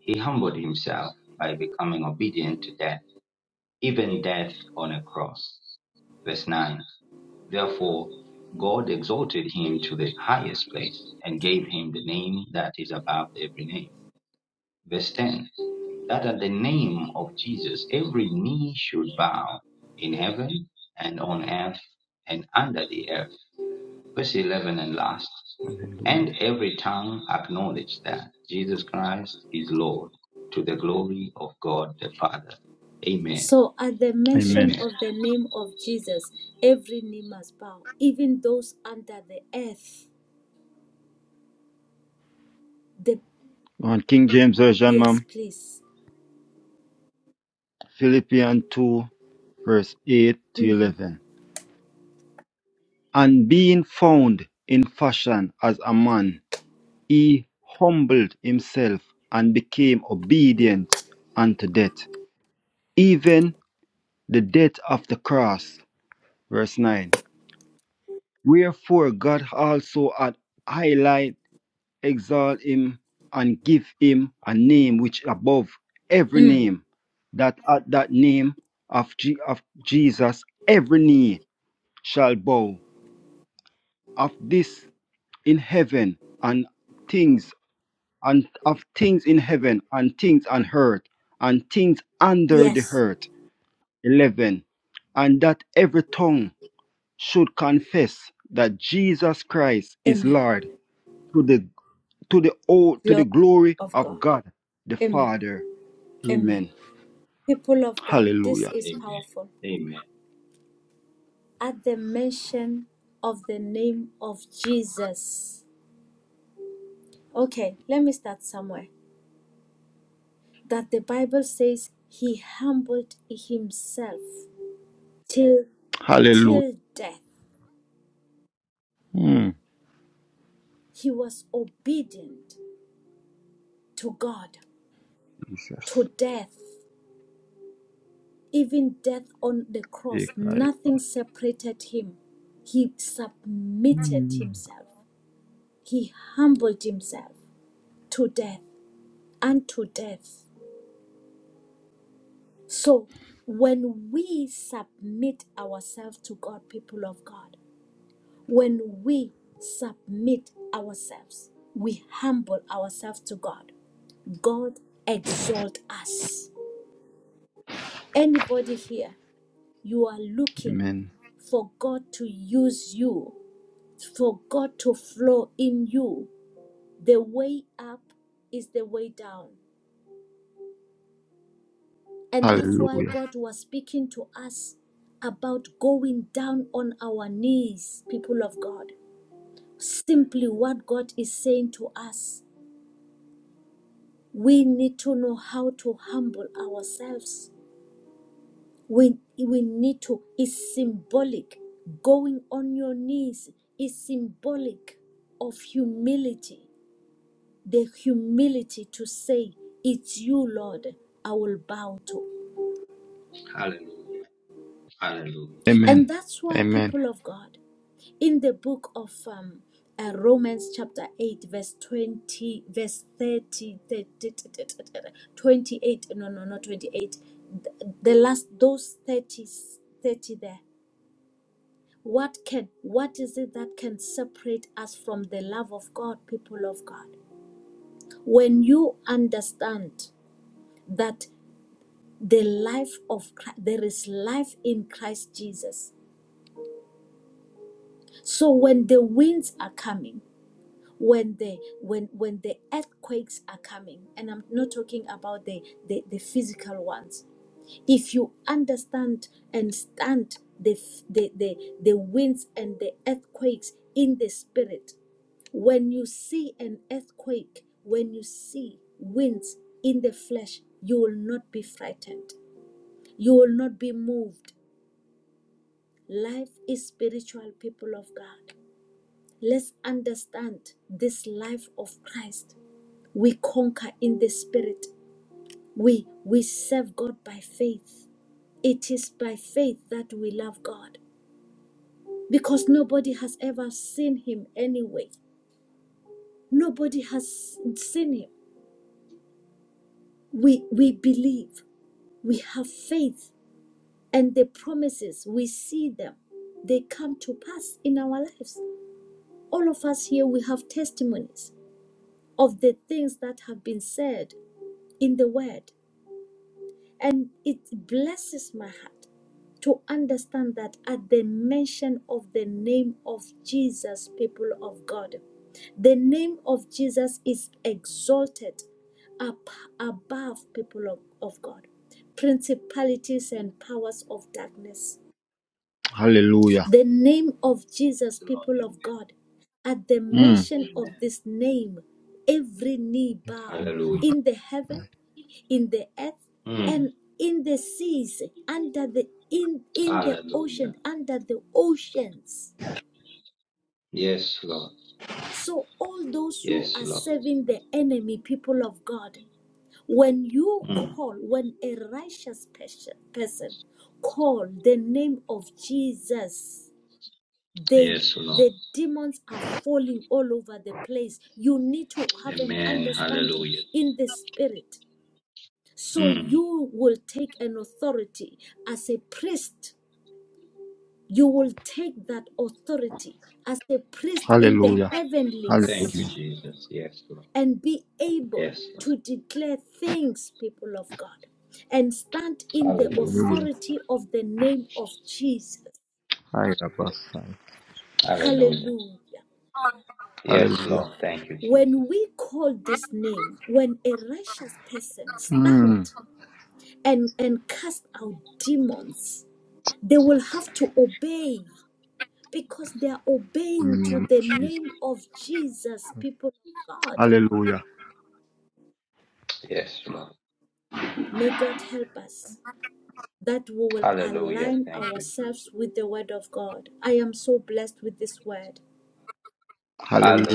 S1: He humbled himself by becoming obedient to death, even death on a cross. Verse 9 Therefore, God exalted him to the highest place and gave him the name that is above every name. Verse 10 That at the name of Jesus every knee should bow in heaven and on earth and under the earth verse 11 and last.
S3: Hallelujah.
S1: And every tongue acknowledged that Jesus Christ is Lord to the glory of God the Father. Amen.
S2: So, at the mention
S3: Amen.
S1: Amen.
S2: of the name of Jesus, every knee must bow, even those under the earth. The
S3: On King James Version,
S2: yes,
S3: ma'am,
S2: please.
S3: Philippians 2, verse 8 to
S2: Mm.
S3: 11. And being found in fashion as a man, he humbled himself and became obedient unto death, even the death of the cross. Verse 9. Wherefore God also had highlighted exalt him and give him a name which above every
S2: Mm.
S3: name that at that name of, Je- of jesus every knee shall bow of this in heaven and things and of things in heaven and things on earth and things under the
S2: Yes.
S3: earth 11 and that every tongue should confess that jesus christ is
S2: Amen.
S3: lord to the. to the old to
S2: Glory
S3: the glory
S2: of God.
S3: of God the
S2: Amen.
S3: Father.
S2: Amen.
S3: Amen.
S2: People of God, this
S3: Hallelujah.
S2: is
S1: Amen.
S2: powerful.
S1: Amen.
S2: At the mention of the name of Jesus. Okay, let me start somewhere. That the Bible says he humbled himself till
S3: Hallelujah.
S2: till death.
S3: Mm,
S2: He was obedient to God
S3: Jesus.
S2: to death. Even death on the cross,
S3: Take
S2: nothing separated him. He submitted
S3: Mm,
S2: himself, he humbled himself to death and to death. So, when we submit ourselves to God, people of God, when we submit ourselves, we humble ourselves to God, God exalt us. Anybody here, you are looking
S3: Amen.
S2: for God to use you for God to flow in you. The way up is the way down. And that's why
S3: Hallelujah.
S2: God was speaking to us about going down on our knees, people of God. Simply what God is saying to us. We need to know how to humble ourselves. We, we need to, it's symbolic. Going on your knees is symbolic of humility the humility to say, It's you, Lord, I will bow to.
S1: Hallelujah. Hallelujah.
S2: And
S3: Amen.
S2: that's why,
S3: Amen.
S2: people of God, in the book of um, uh, Romans chapter 8, verse 20, verse 30, 30, 28, no, no, not 28, th- the last, those 30, 30 there. What can, what is it that can separate us from the love of God, people of God? When you understand, that the life of Christ, there is life in Christ Jesus. So when the winds are coming, when the when when the earthquakes are coming, and I'm not talking about the the, the physical ones. If you understand and stand the, the the the winds and the earthquakes in the spirit, when you see an earthquake, when you see winds in the flesh, you will not be frightened. You will not be moved Life is spiritual, people of God. Let's understand this life of Christ. We conquer in the spirit. We we serve God by faith. It is by faith that we love God because nobody has ever seen him anyway. Nobody has seen him. We we believe. We have faith and the promises we see them. They come to pass in our lives. All of us here we have testimonies of the things that have been said in the word. And it blesses my heart to understand that at the mention of the name of Jesus, people of God, the name of Jesus is exalted up above people of, of God, principalities and powers of darkness.
S3: Hallelujah.
S2: The name of Jesus,
S1: Lord.
S2: people of God, at the
S3: Mm.
S2: mention
S1: Amen.
S2: of this name, every knee bow
S1: Hallelujah.
S2: in the heaven in the earth
S1: Mm.
S2: and in the seas under the in in the ocean
S1: Hallelujah.
S2: under the oceans
S1: Yes, Lord.
S2: so all those who
S1: Yes,
S2: are
S1: Lord.
S2: serving the enemy people of god when you
S1: Mm.
S2: call when a righteous person person call the name of jesus they
S1: Yes, Lord.
S2: the demons are falling all over the place you need to have an
S1: Amen.
S2: understanding
S1: Hallelujah.
S2: in the spirit So
S1: Mm.
S2: you will take an authority as a priest. You will take that authority as a priest in the
S3: Hallelujah.
S1: Thank you,
S2: heavenlies
S3: Hallelujah.
S1: Jesus. Yes, Lord.
S2: and be able
S1: Yes, Lord.
S2: to declare things, people of God, and stand in the
S1: Hallelujah.
S3: Hallelujah.
S2: authority of the name of Jesus.
S3: Hi, Abba, son.
S1: Hallelujah.
S2: Hallelujah.
S1: Yes,
S3: Hallelujah.
S1: Lord. Thank you, Jesus.
S2: When we call this name, when a righteous person
S3: Mm.
S2: stand and, and cast out demons, they will have to obey because they are
S3: In the
S2: obeying to
S3: name of
S2: the
S3: Jesus.
S2: name of Jesus, people of God.
S3: Hallelujah.
S1: Yes, Lord.
S2: May God help us that we will
S1: Hallelujah.
S2: align
S1: Thank you, Jesus.
S2: ourselves with the word of God. I am so blessed with this word.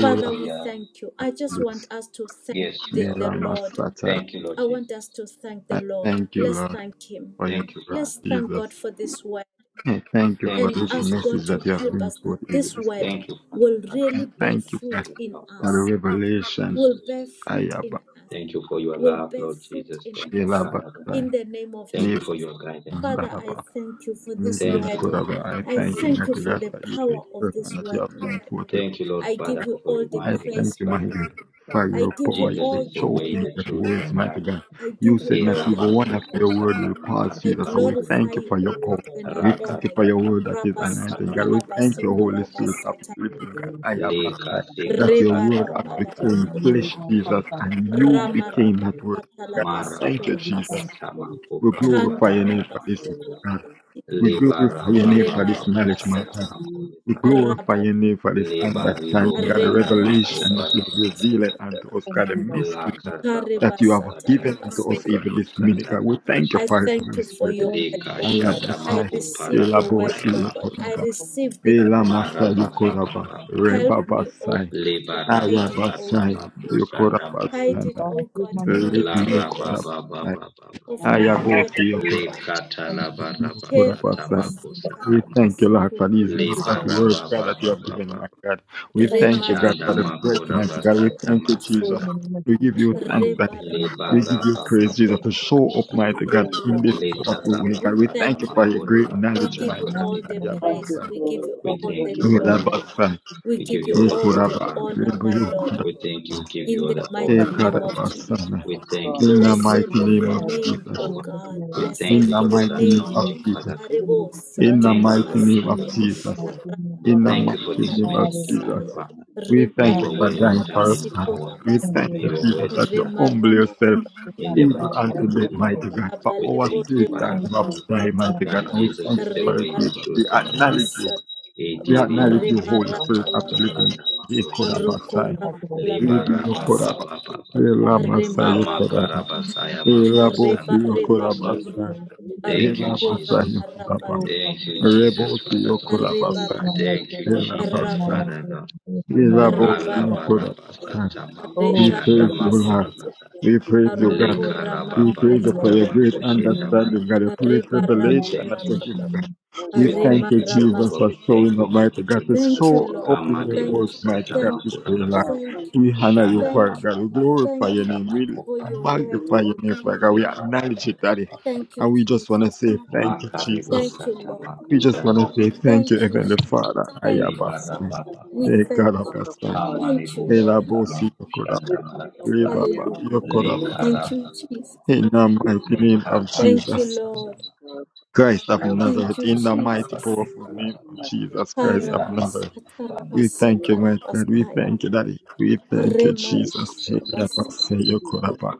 S2: Father, we thank you. I just want
S3: Bless
S2: us to thank
S1: Yes,
S3: me,
S2: the,
S1: Lord.
S2: the
S3: Rama
S2: Lord.
S1: Thank you, Lord
S2: I want
S1: Jesus.
S2: us to thank the
S3: I
S2: Lord.
S3: thank you,
S2: Let's
S3: Lord,
S2: thank Him.
S3: for your
S1: Thank you,
S3: word,
S2: Let's
S1: Father God.
S2: thank
S3: Jesus.
S2: God for this word
S3: I thank you for
S1: Thank
S2: and
S1: you,
S3: this
S2: ask
S1: Jesus, for
S2: God
S3: message
S2: to
S3: that you
S1: this
S3: have
S1: word.
S2: help
S3: been
S2: us
S3: forth
S2: that
S3: even
S2: this
S3: this
S2: word
S3: day.
S1: Thank you, Father
S2: will
S1: God,
S3: And
S1: for
S2: really
S1: this
S2: bear
S3: thank you for
S2: fruit
S1: ministry,
S2: in
S1: Lord
S3: the
S1: Father.
S2: us
S1: in your
S3: revelation.
S2: will
S1: Jesus.
S2: bear fruit in
S3: Ayaba,
S2: us,
S1: Thank you for your
S2: will
S1: love,
S2: bear
S1: Lord
S2: fruit
S1: Jesus.
S2: in
S1: Thank you,
S2: us.
S3: Shelaba,
S1: Father God.
S3: Sai,
S2: In the name of
S1: Thank you for
S3: Leba,
S2: Jesus.
S1: your guidance, Lord
S2: Father, I
S1: Father.
S3: Lalaba,
S2: thank you for this
S3: Nibi,
S1: Thank you,
S2: word.
S1: Lord
S3: I
S1: Father,
S2: I
S1: for
S3: thank you,
S1: leading
S2: thank you
S1: us
S3: mighty
S2: for
S3: God,
S2: the
S1: into
S3: for you, the
S2: power
S1: victory,
S2: of
S1: Lord Father.
S2: this
S3: servant that you
S2: word,
S3: have been
S2: Lord.
S3: forth
S1: Thank you, Lord
S2: I give
S1: Father,
S2: you
S1: for
S2: all the
S4: Thank
S3: I
S4: you for
S1: reminding
S4: your
S1: us,
S3: thank
S2: praise,
S3: you,
S2: O
S3: mighty
S1: Father.
S4: support,
S3: God, for
S4: God.
S2: God. I
S3: your
S2: give
S3: power,
S2: you
S1: Jesus
S3: your
S2: all
S1: is
S4: Thank
S1: the
S2: the
S4: you,
S3: show,
S4: Lord
S1: way,
S3: in
S1: the
S4: God,
S2: glory,
S3: your
S2: O
S4: for
S1: truth,
S4: your support.
S3: words,
S2: God.
S1: and
S3: mighty
S1: life.
S3: God.
S4: Thank
S2: I
S4: you
S3: You
S2: give
S4: for your
S2: you
S3: said
S1: E
S3: not
S2: all the
S3: even one of
S2: honor, O
S1: rabasiku
S3: your
S2: God.
S3: word will
S1: satamaka
S3: pass,
S2: I
S3: Jesus. So we
S1: rabasaya.
S2: glorify
S3: thank you
S2: you,
S3: for
S2: O
S3: your
S4: for your
S3: power.
S2: God, and I
S3: We
S4: support.
S1: Raka
S3: thank
S2: honor
S3: you for
S2: you.
S3: your word that is
S4: Thank
S2: Rabba
S1: satamako
S4: you for your
S3: anointed, God. We
S1: parabasanda
S3: thank you,
S4: support.
S2: Satalabasiko
S3: Holy
S2: Rabba
S3: Spirit
S1: makusana.
S3: of
S2: Satalabasa.
S3: the living God. I have
S4: Thank
S3: asked
S4: you
S1: Lika
S4: for your
S1: sika
S4: support.
S3: that your
S2: Reba
S3: word has
S2: rabba la
S4: It's a
S1: satarabasanda
S3: become
S2: basoto
S4: new
S3: flesh,
S2: rabba.
S4: one
S3: Jesus,
S4: comes
S1: makusuta
S3: and
S4: the
S3: you
S4: Father for
S3: became
S1: satarabasaya.
S3: that
S4: free.
S3: word.
S2: Ramarabasatala
S3: God, we thank you,
S2: basikura
S4: so we
S1: Marabaka
S3: Jesus.
S2: basa
S4: thank you.
S1: satamako
S3: We
S2: Ramarabasatalabasikura
S4: Thank you,
S3: glorify your
S4: Father,
S1: parabasanda
S3: name
S4: for
S3: for this,
S4: free.
S1: makusa.
S3: God.
S4: We
S3: We
S1: Liba
S3: glorify
S2: Kandalabasikurbasika
S3: your
S4: thank
S3: name
S4: you,
S3: for
S4: Lord,
S3: this
S4: for
S3: knowledge, my God.
S2: Remarabasatala
S1: satamako
S4: you.
S3: We
S4: We thank
S1: libasa.
S4: you,
S3: glorify your
S2: Rababa
S3: name for this
S1: Liba
S3: understanding, God, the
S1: sanda mako
S3: revelation that you
S2: Remarabasatala
S3: have
S1: parabasaya.
S3: revealed
S2: basukura
S3: unto us,
S4: Thank
S2: basa.
S3: God, the
S4: you, for
S3: mystery
S4: people.
S3: that you have
S2: Karebasatala
S3: given unto us
S2: basikura
S3: even this
S2: basa.
S3: minute,
S1: Lakarababasatamakorikusanda
S3: God. We thank you
S2: I
S3: for
S1: makashata.
S3: it,
S2: thank
S3: Holy
S2: you for
S3: Spirit.
S2: your
S4: Thank
S2: word,
S4: you, Lord,
S2: O
S3: I am
S4: for God.
S2: God.
S1: Likashata
S2: I
S3: Alabasai,
S4: We thank
S2: receive
S4: you,
S2: your word,
S3: elabosi
S1: makoparabataya
S2: O God. I
S1: makosa.
S3: yokoraba,
S4: Lord,
S2: receive
S4: for
S2: this
S4: God.
S2: word,
S3: elamasai
S2: O God.
S4: thank you,
S3: yokoraba,
S4: Lord,
S1: Marabababababa.
S4: for God.
S2: Help me, O
S3: rebabasai,
S2: God, to hide it,
S4: We
S2: O
S1: Libarabasata
S2: God.
S4: thank
S3: ayabasai
S4: you,
S1: makosanda
S4: Lord,
S2: Hide
S4: for
S2: it,
S3: yokorabasana,
S1: maribusa.
S4: God.
S2: O God,
S4: thank you,
S2: in
S3: lebi
S2: the
S4: Lord, for God.
S2: tables
S3: yokorabasai,
S1: Larabababababa.
S2: of
S4: Oh,
S2: my
S4: my God.
S2: heart,
S3: ayabosi
S2: O
S3: yokorabasai.
S2: God.
S4: Thank you.
S3: Lord, of our
S1: Likatalabarabasata
S3: Father.
S4: Thank you, Lord, for
S1: makosanda
S3: We
S1: ma.
S4: God.
S3: thank you, Lord, for these
S4: Thank you for
S3: exact
S4: all
S2: Kerabasatalabasikurabasikaya.
S4: my
S3: words, God, that you
S4: Father.
S3: have given,
S1: Libarabababababa.
S3: my God. We
S4: Thank you
S3: thank
S4: for
S3: you, God, for
S1: Shanda
S3: the
S4: continuing to
S3: bread,
S4: do.
S3: mighty God. We
S1: makorabasata
S3: thank you,
S4: In
S3: Jesus.
S1: makasa.
S2: Remarabalabasotokorabasika.
S4: the name of
S3: We
S4: Jesus,
S3: give you
S4: that
S3: thanks,
S4: you would
S3: Daddy.
S4: grant
S3: We give
S4: them
S3: you praise, Jesus, to
S9: Thank
S3: show
S9: you,
S1: Libarabababababa.
S3: up,
S9: Jesus.
S3: mighty
S2: Rebarabalabasikurabasatabasaya.
S4: ear
S3: God,
S9: Thank you,
S3: in
S4: that
S3: this
S9: thank you,
S1: We thank
S9: thank
S3: powerful way,
S9: you,
S2: We
S3: God. We
S9: thank you
S3: thank you
S9: for
S2: thank you,
S3: for
S9: all
S2: O
S3: your
S9: the
S4: is
S2: God.
S3: great
S2: We
S3: knowledge,
S9: things.
S2: give
S3: my
S2: you
S3: God.
S4: anointing,
S2: all the
S3: Yeah,
S4: Lord
S9: Thank
S4: God,
S9: you
S2: praise.
S3: Father.
S2: We
S9: for
S2: give you
S4: that the
S2: all
S9: the
S2: the
S1: you
S3: We
S1: for
S4: person of
S1: that.
S3: love
S9: new
S2: glory.
S4: your that
S3: us, Father.
S4: you
S2: We
S1: We
S4: would
S1: give
S2: give
S1: you
S2: you
S1: all
S3: We
S1: the
S2: all
S3: could
S9: Thank you
S1: glory,
S3: have,
S2: the
S3: uh,
S9: for
S1: Father.
S9: the
S3: we
S9: blessing
S2: honor,
S3: could we
S2: my
S4: grant
S9: for
S3: could
S9: my
S2: Lord,
S4: them
S3: have,
S1: We
S9: soul,
S1: thank
S9: my
S4: Jesus,
S1: you, give
S9: God.
S1: you
S2: in
S1: all
S2: the
S1: the
S3: we
S4: all
S1: honor,
S2: mighty
S9: Thank
S4: these
S9: you
S3: could have,
S9: for
S2: name
S3: uh,
S1: Father.
S2: of
S4: things
S9: everything
S2: Jesus.
S4: that you
S9: that
S4: would
S9: you
S3: Father.
S4: do,
S1: We
S9: have
S1: thank you
S9: done.
S3: In
S1: for
S3: the
S1: your
S4: you would give
S3: mighty
S2: Blessed
S9: So,
S2: be
S4: them
S3: name
S1: faithfulness,
S2: your
S4: the
S3: of
S9: God,
S4: heart,
S9: I
S1: Lord
S9: want
S4: you
S2: name,
S9: to
S4: would
S3: Jesus.
S9: thank
S2: O
S4: give
S1: Jehovah.
S4: them
S9: you for
S4: the
S2: God.
S9: the
S4: glory,
S1: We
S9: things.
S1: thank
S3: In
S1: you
S2: Blessed
S3: the
S2: be
S1: for
S2: your
S1: this
S3: mighty
S4: in
S3: name
S2: name,
S3: of
S2: O
S1: anointing,
S4: Jesus'
S2: God.
S3: Jesus.
S1: Father.
S9: Just give me the
S4: name,
S2: Arebo
S1: We
S3: In
S9: strength,
S3: the
S1: thank
S9: Father
S1: you,
S3: mighty
S1: Lord
S9: God.
S3: name
S9: Give me
S3: of
S1: Jesus,
S2: satarabasaya.
S9: the
S1: for
S4: Jesus'
S9: strength
S1: this
S3: Jesus.
S9: for
S1: word.
S4: mighty
S9: my
S4: name,
S1: We
S9: love,
S3: In the
S1: thank
S9: Father
S1: you
S3: mighty
S1: for
S9: God.
S1: this
S3: name of
S9: Thank you
S1: ministering,
S3: Jesus.
S4: hallelujah,
S2: Rabalabasikarabasaya.
S9: for
S1: Father.
S9: everything,
S3: We
S9: Father
S1: May
S9: God.
S3: thank you
S1: your
S3: for
S1: word
S3: dying
S4: hallelujah.
S1: stand
S3: for us,
S1: in
S9: Thank you.
S3: Father.
S2: Remarabalabasikura
S1: power.
S3: We
S9: Keep on
S4: Thank you,
S1: May
S3: thank
S9: watching
S3: you,
S1: your
S4: Lord
S9: over.
S4: God.
S1: word
S3: Jesus, that you
S1: stand in
S3: humble
S1: power.
S3: yourself
S4: Thank you,
S1: In the
S4: Father
S9: Keep
S1: mighty
S2: Remarabalabasikura
S3: even
S9: on
S4: God.
S1: name
S3: unto
S1: of
S4: Thank
S9: guiding
S3: the
S4: you,
S9: us,
S1: Jesus.
S4: Father
S3: mighty
S9: Father.
S4: God.
S3: God.
S9: Keep
S3: For
S1: We
S9: on
S3: our
S2: Rabalebo
S1: thank you,
S3: sake,
S9: blessing us.
S1: Father
S3: God,
S4: Thank
S9: Keep
S3: you
S1: God
S3: have
S4: you,
S9: on blessing
S3: died,
S4: Father
S9: us.
S3: mighty
S4: God.
S3: God.
S1: that
S2: remarabasatalaba,
S3: And we
S1: Jesus
S3: thank
S1: is
S3: you
S1: the
S3: for it,
S1: way, the
S3: Jesus. We
S1: truth, and the
S3: acknowledge
S1: life.
S3: you.
S2: rebarabababasatalaba,
S3: We
S1: Iti
S4: This
S9: Harvard.
S4: we
S1: riba
S3: acknowledge you,
S4: need
S1: se
S4: in
S3: Holy Spirit,
S1: katala
S3: as the
S4: God.
S3: living God.
S2: remarabalabalaba,
S1: masanda
S3: Ye
S1: makosha.
S4: but
S3: Korabasai.
S4: we have the right
S3: We
S1: Liba
S3: be your
S1: raba
S4: now.
S1: ba ba ba
S3: Korabasai.
S1: ba.
S4: Thank
S3: Ela
S4: God.
S3: Masai, your
S1: Ama
S2: rokorabalabalamasatalaba,
S3: Korabasai.
S1: karaba
S4: Thank you.
S3: Ela
S2: Reba
S3: Bosi, your
S4: Thank you
S2: reba
S4: for the word
S2: baba.
S4: of
S3: Korabasai.
S4: God. Thank you
S1: Thank you,
S3: Ela
S2: Arukura
S3: Masai, your
S1: Jesus.
S2: maraba
S3: Korabasai.
S4: oh
S1: Thank you,
S2: sikaya.
S1: Jesus,
S3: Rebosi
S1: Father God.
S4: There
S2: Reba
S4: is
S3: Yokorabasai.
S2: baba.
S4: none like
S1: Thank
S4: your
S1: you,
S4: God. There is
S1: Jesus,
S4: none
S2: Raba
S3: Elabasai.
S4: like
S1: Father
S4: your
S1: God.
S4: God. There is
S9: Azul
S4: none like
S9: Verde
S4: your
S2: reba
S3: Elabosi
S9: removed
S1: Allah
S4: beautiful.
S2: raba.
S1: Alabarabasa
S9: from
S3: Yokorabasai.
S9: Ismail
S3: We
S4: Oh,
S2: Reka
S9: Babu
S1: tamakoshanda
S3: praise
S4: Jesus.
S3: you, Lord.
S9: Philadelphia
S2: ramasata.
S1: makorabasa.
S9: Western
S3: We praise you,
S9: Democratic
S3: God.
S4: Hallelujah.
S2: Arukura
S3: We praise you
S1: Lekarababasa
S3: for
S2: masata.
S4: Hallelujah.
S3: your
S9: Oakland
S3: great
S1: tamakoshenda
S4: Hallelujah.
S9: Nine
S3: understanding,
S1: maraba.
S3: God, your great
S2: Reba
S4: Thank you,
S9: Metropolitan
S1: We
S9: Nine
S3: revelation
S4: Jesus.
S1: thank
S2: raba
S3: that
S1: you,
S3: you
S4: Thank
S1: Jesus.
S2: baba.
S3: give,
S4: you.
S3: God. We
S9: Mercy
S1: We
S9: High
S2: Rema
S3: thank
S1: thank
S3: you,
S1: you,
S9: for the
S3: Jesus,
S9: club.
S1: Jehovah.
S3: for
S1: We
S2: ramasato.
S1: thank
S3: showing
S1: you,
S3: up,
S1: mighty
S3: mighty God, to
S1: King.
S2: Thank you,
S3: show
S9: Azul
S2: Lord.
S3: up in
S9: Oakland
S3: your
S9: Babu
S1: Amadebu
S3: world,
S2: Thank you.
S3: mighty
S1: sata
S3: God,
S2: Thank
S3: this day,
S2: you.
S9: Philadelphia
S3: Lord.
S9: Job
S1: makurabasai.
S9: Thank
S2: Thank
S9: you
S2: you.
S3: We
S9: for the
S3: honor you,
S1: Shanda
S9: job of
S3: Father
S9: the
S2: Thank you.
S3: God. We
S1: makala
S9: house.
S3: glorify your
S2: Thank
S1: sata
S2: you
S3: name. We
S9: Thank
S2: for
S9: you
S2: your
S1: makoparibu.
S9: for the
S2: word,
S3: magnify
S9: work
S2: O
S3: your name,
S2: God.
S3: Father God. We acknowledge it, Daddy.
S1: Papa,
S2: Thank you,
S3: And we just want to
S2: Jesus.
S3: say thank you,
S1: Makaribu
S3: Jesus.
S2: Thank you,
S1: sata
S2: Lord.
S9: of
S3: We
S9: the
S3: just want to
S1: makashanda
S9: order
S3: say
S9: of the
S1: maribu
S3: thank you,
S2: Thank you,
S9: country.
S3: Heavenly
S1: Satama.
S2: Jesus.
S3: Father.
S2: Thank you,
S1: Libara
S3: Ayabasu.
S2: Father.
S9: Let
S1: Papa
S9: me
S2: We
S9: have a
S1: Papa,
S2: thank
S9: return
S2: you.
S9: of
S3: Ekarabasu.
S9: my two
S2: Thank you,
S1: Amaribu
S2: Lord.
S1: sata
S9: children.
S3: Elabosi Yokora.
S1: makushanda
S9: Let me open
S1: marabasai.
S9: fear
S3: Rebaba
S9: and
S2: Hallelujah.
S3: Yokora.
S9: deliver
S2: Thank
S9: me.
S2: you,
S1: Likarababa.
S2: Jesus.
S3: In the
S9: This is
S3: mighty
S9: a
S3: name
S9: beautiful,
S3: of
S9: uh,
S2: Thank you,
S3: Jesus
S9: easy for
S1: Likapapapasana.
S2: Lord.
S9: the girl.
S3: Christ
S9: I
S3: of
S9: am
S1: Shanda
S9: begging
S2: Thank
S3: Nazareth.
S2: you,
S3: In the
S9: for a good
S3: mighty
S2: Jesus.
S1: makuparabasi
S3: powerful name
S9: thing
S3: of
S9: that
S3: Jesus
S9: come
S3: Christ
S9: from
S3: of
S1: karabasai.
S9: me.
S2: Karabas-
S3: Nazareth.
S9: In
S3: We
S9: the
S2: ataramasi
S3: thank you,
S9: name
S3: my
S9: of
S3: God. We
S2: karabasaya.
S3: thank you,
S9: Jesus,
S3: Daddy. We
S9: you
S3: thank you,
S9: have
S3: Jesus.
S9: mercy on me,
S2: Remarabalabasa.
S9: God, in
S3: Elabosi
S9: Jesus.
S3: Yokoraba.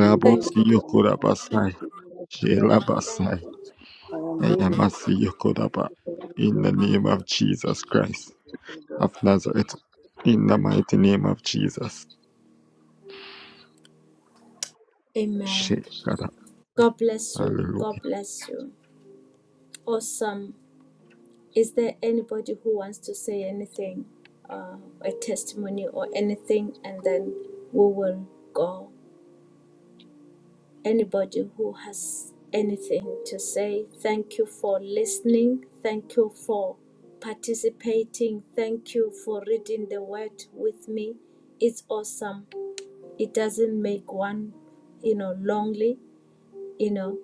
S9: Leave me
S2: Thank you, Lord.
S9: alone, Father God.
S3: Yokorabasai.
S9: Give me the strength, Father
S2: Thank
S3: Shelabasai.
S9: God.
S2: you. Jesus.
S9: I am begging of God.
S3: Ayamasi
S9: Thank
S3: Yokoraba.
S9: you for
S3: In
S9: everything,
S3: the
S9: my
S3: name of
S9: God.
S3: Jesus Christ.
S9: In the name of
S3: of
S9: Jesus
S3: Nazareth.
S9: Christ,
S3: In the
S9: amen.
S3: mighty name of Jesus.
S2: Amen.
S3: Shake
S2: God bless you.
S3: Hallelujah.
S2: God bless you. Awesome. Is there anybody who wants to say anything, uh, a testimony or anything, and then we will go? Anybody who has anything to say, thank you for listening, thank you for participating, thank you for reading the word with me. It's awesome. It doesn't make one, you know, lonely, you know.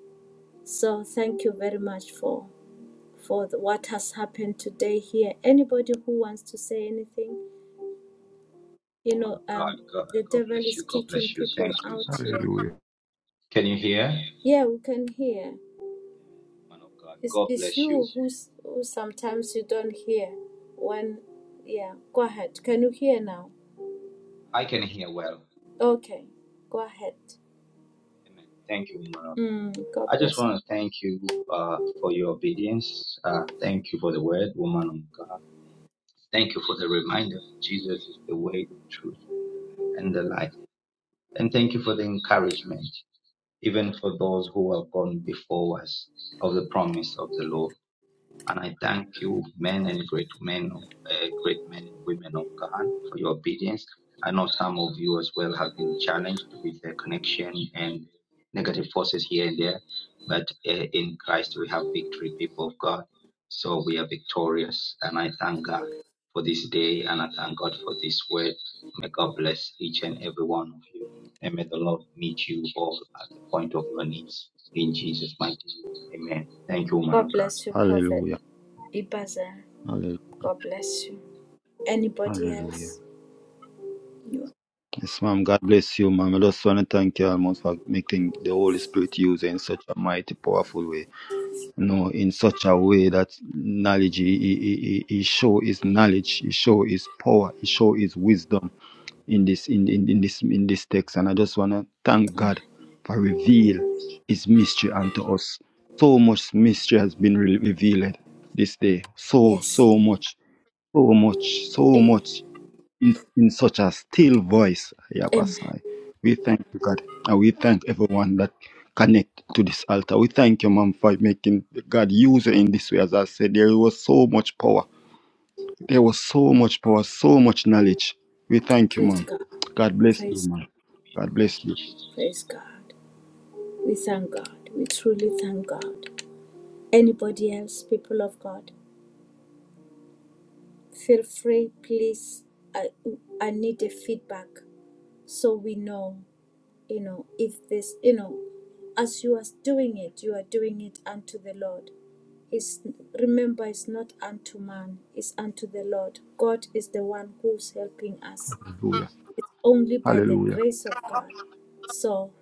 S2: So thank you very much for for the, what has happened today here. Anybody who wants to say anything, you
S1: Woman of
S2: know
S1: God,
S2: um
S1: God,
S2: the
S1: God
S2: devil
S1: bless
S2: is
S1: you. God
S2: kicking
S1: bless you.
S2: people
S1: Thank you.
S2: out here
S3: Hallelujah.
S1: Can you hear?
S2: yeah we can hear
S1: Woman of God,
S2: it's,
S1: God
S2: it's
S1: bless you.
S2: you who's who sometimes you don't hear when yeah go ahead can you hear now
S1: I can hear well.
S2: okay go ahead
S1: Amen. Thank you, woman of
S2: mm,
S1: God.
S2: god
S1: I just
S2: bless
S1: want
S2: you
S1: to thank you uh, for your obedience. Uh, thank you for the word, woman of God. Thank you for the reminder. Jesus is the way, the truth, and the life. And thank you for the encouragement, even for those who have gone before us of the promise of the Lord. And I thank you, men and great men, uh, great men and women of God, for your obedience. I know some of you as well have been challenged with the connection and negative forces here and there, but uh, in Christ we have victory, people of God. So we are victorious, and I thank God for this day, and I thank God for this word. May God bless each and every one of you, and may the Lord meet you all at the point of your needs. In Jesus' mighty name, Amen. Thank you, man of
S2: god
S1: God.
S2: bless you prophet
S3: Hallelujah.
S2: ibaza
S3: Hallelujah.
S2: god bless you anybody
S3: Hallelujah.
S2: else you
S3: Yes, ma'am. God bless you, ma'am. I just want to thank you almost for making the Holy Spirit use in such a mighty, powerful way. You know, in such a way that knowledge, he, he, he he show his knowledge, he show his power, he show his wisdom. in this in, in, in this in this text and i just want to thank
S2: are- amen.
S3: god for reveal his mystery unto us so much mystery has been re- revealed this day so
S2: yes
S3: so much so much so
S2: amen.
S3: much in, in such a still voice
S2: amen
S3: Yabasai. we thank you god and we thank everyone that connect to this altar we thank you mom for making god use you in this way as i said there was so much power there was so much power so much knowledge we thank you
S2: praise
S3: mom
S2: god
S3: god bless you
S2: praise
S3: mom
S2: god
S3: God bless
S1: Thank you,
S3: you.
S1: Jesus.
S2: praise god we thank god we truly thank god Anybody else, people of God, feel free, please. I, I need the feedback so we know, you know, if this, you know, as you are doing it, you are doing it unto the Lord. It's, remember, it's not unto man, it's unto the Lord. God is the one who's helping us.
S3: Hallelujah.
S2: It's only by the
S3: Hallelujah.
S2: grace of God. So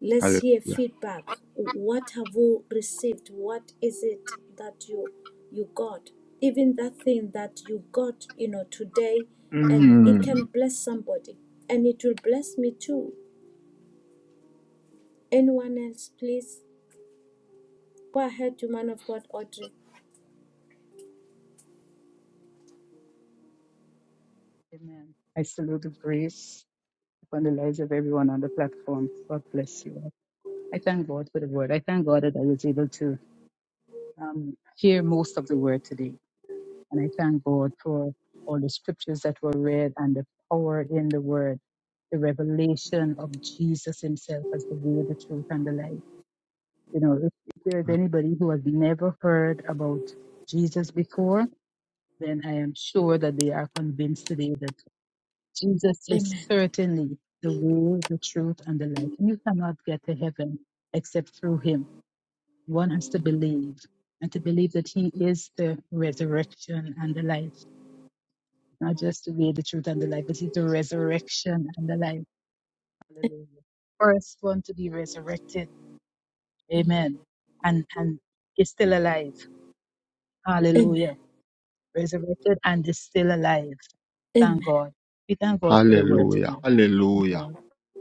S2: let's hear
S3: Hallelujah.
S2: feedback. What have you received? What is it that you you got? Even that thing that you got, you know, today, and it
S3: Mm.
S2: can bless somebody, and it will bless me too. Anyone else, please go ahead to man of God, Audrey.
S4: Amen. I salute the grace upon the lives of everyone on the platform. God bless you. all. I thank God for the word. I thank God that I was able to um, hear most of the word today. And I thank God for all the scriptures that were read and the power in the word, the revelation of Jesus himself as the way, the truth, and the life. You know, if, if there's anybody who has never heard about Jesus before, then I am sure that they are convinced today that Jesus is
S2: Amen.
S4: certainly the way, the truth, and the life. You cannot get to heaven except through him. One has to believe and to believe that he is the resurrection and the life. not just the way, the truth, and the life, but it's the resurrection and the life. Hallelujah. First one to be resurrected.
S2: Amen.
S4: Amen. And and is still alive.
S2: Amen.
S4: Hallelujah. Resurrected and is still alive. Thank
S2: Amen.
S4: God. We thank God for the word
S3: Hallelujah.
S4: today. We thank
S3: Hallelujah.
S4: God.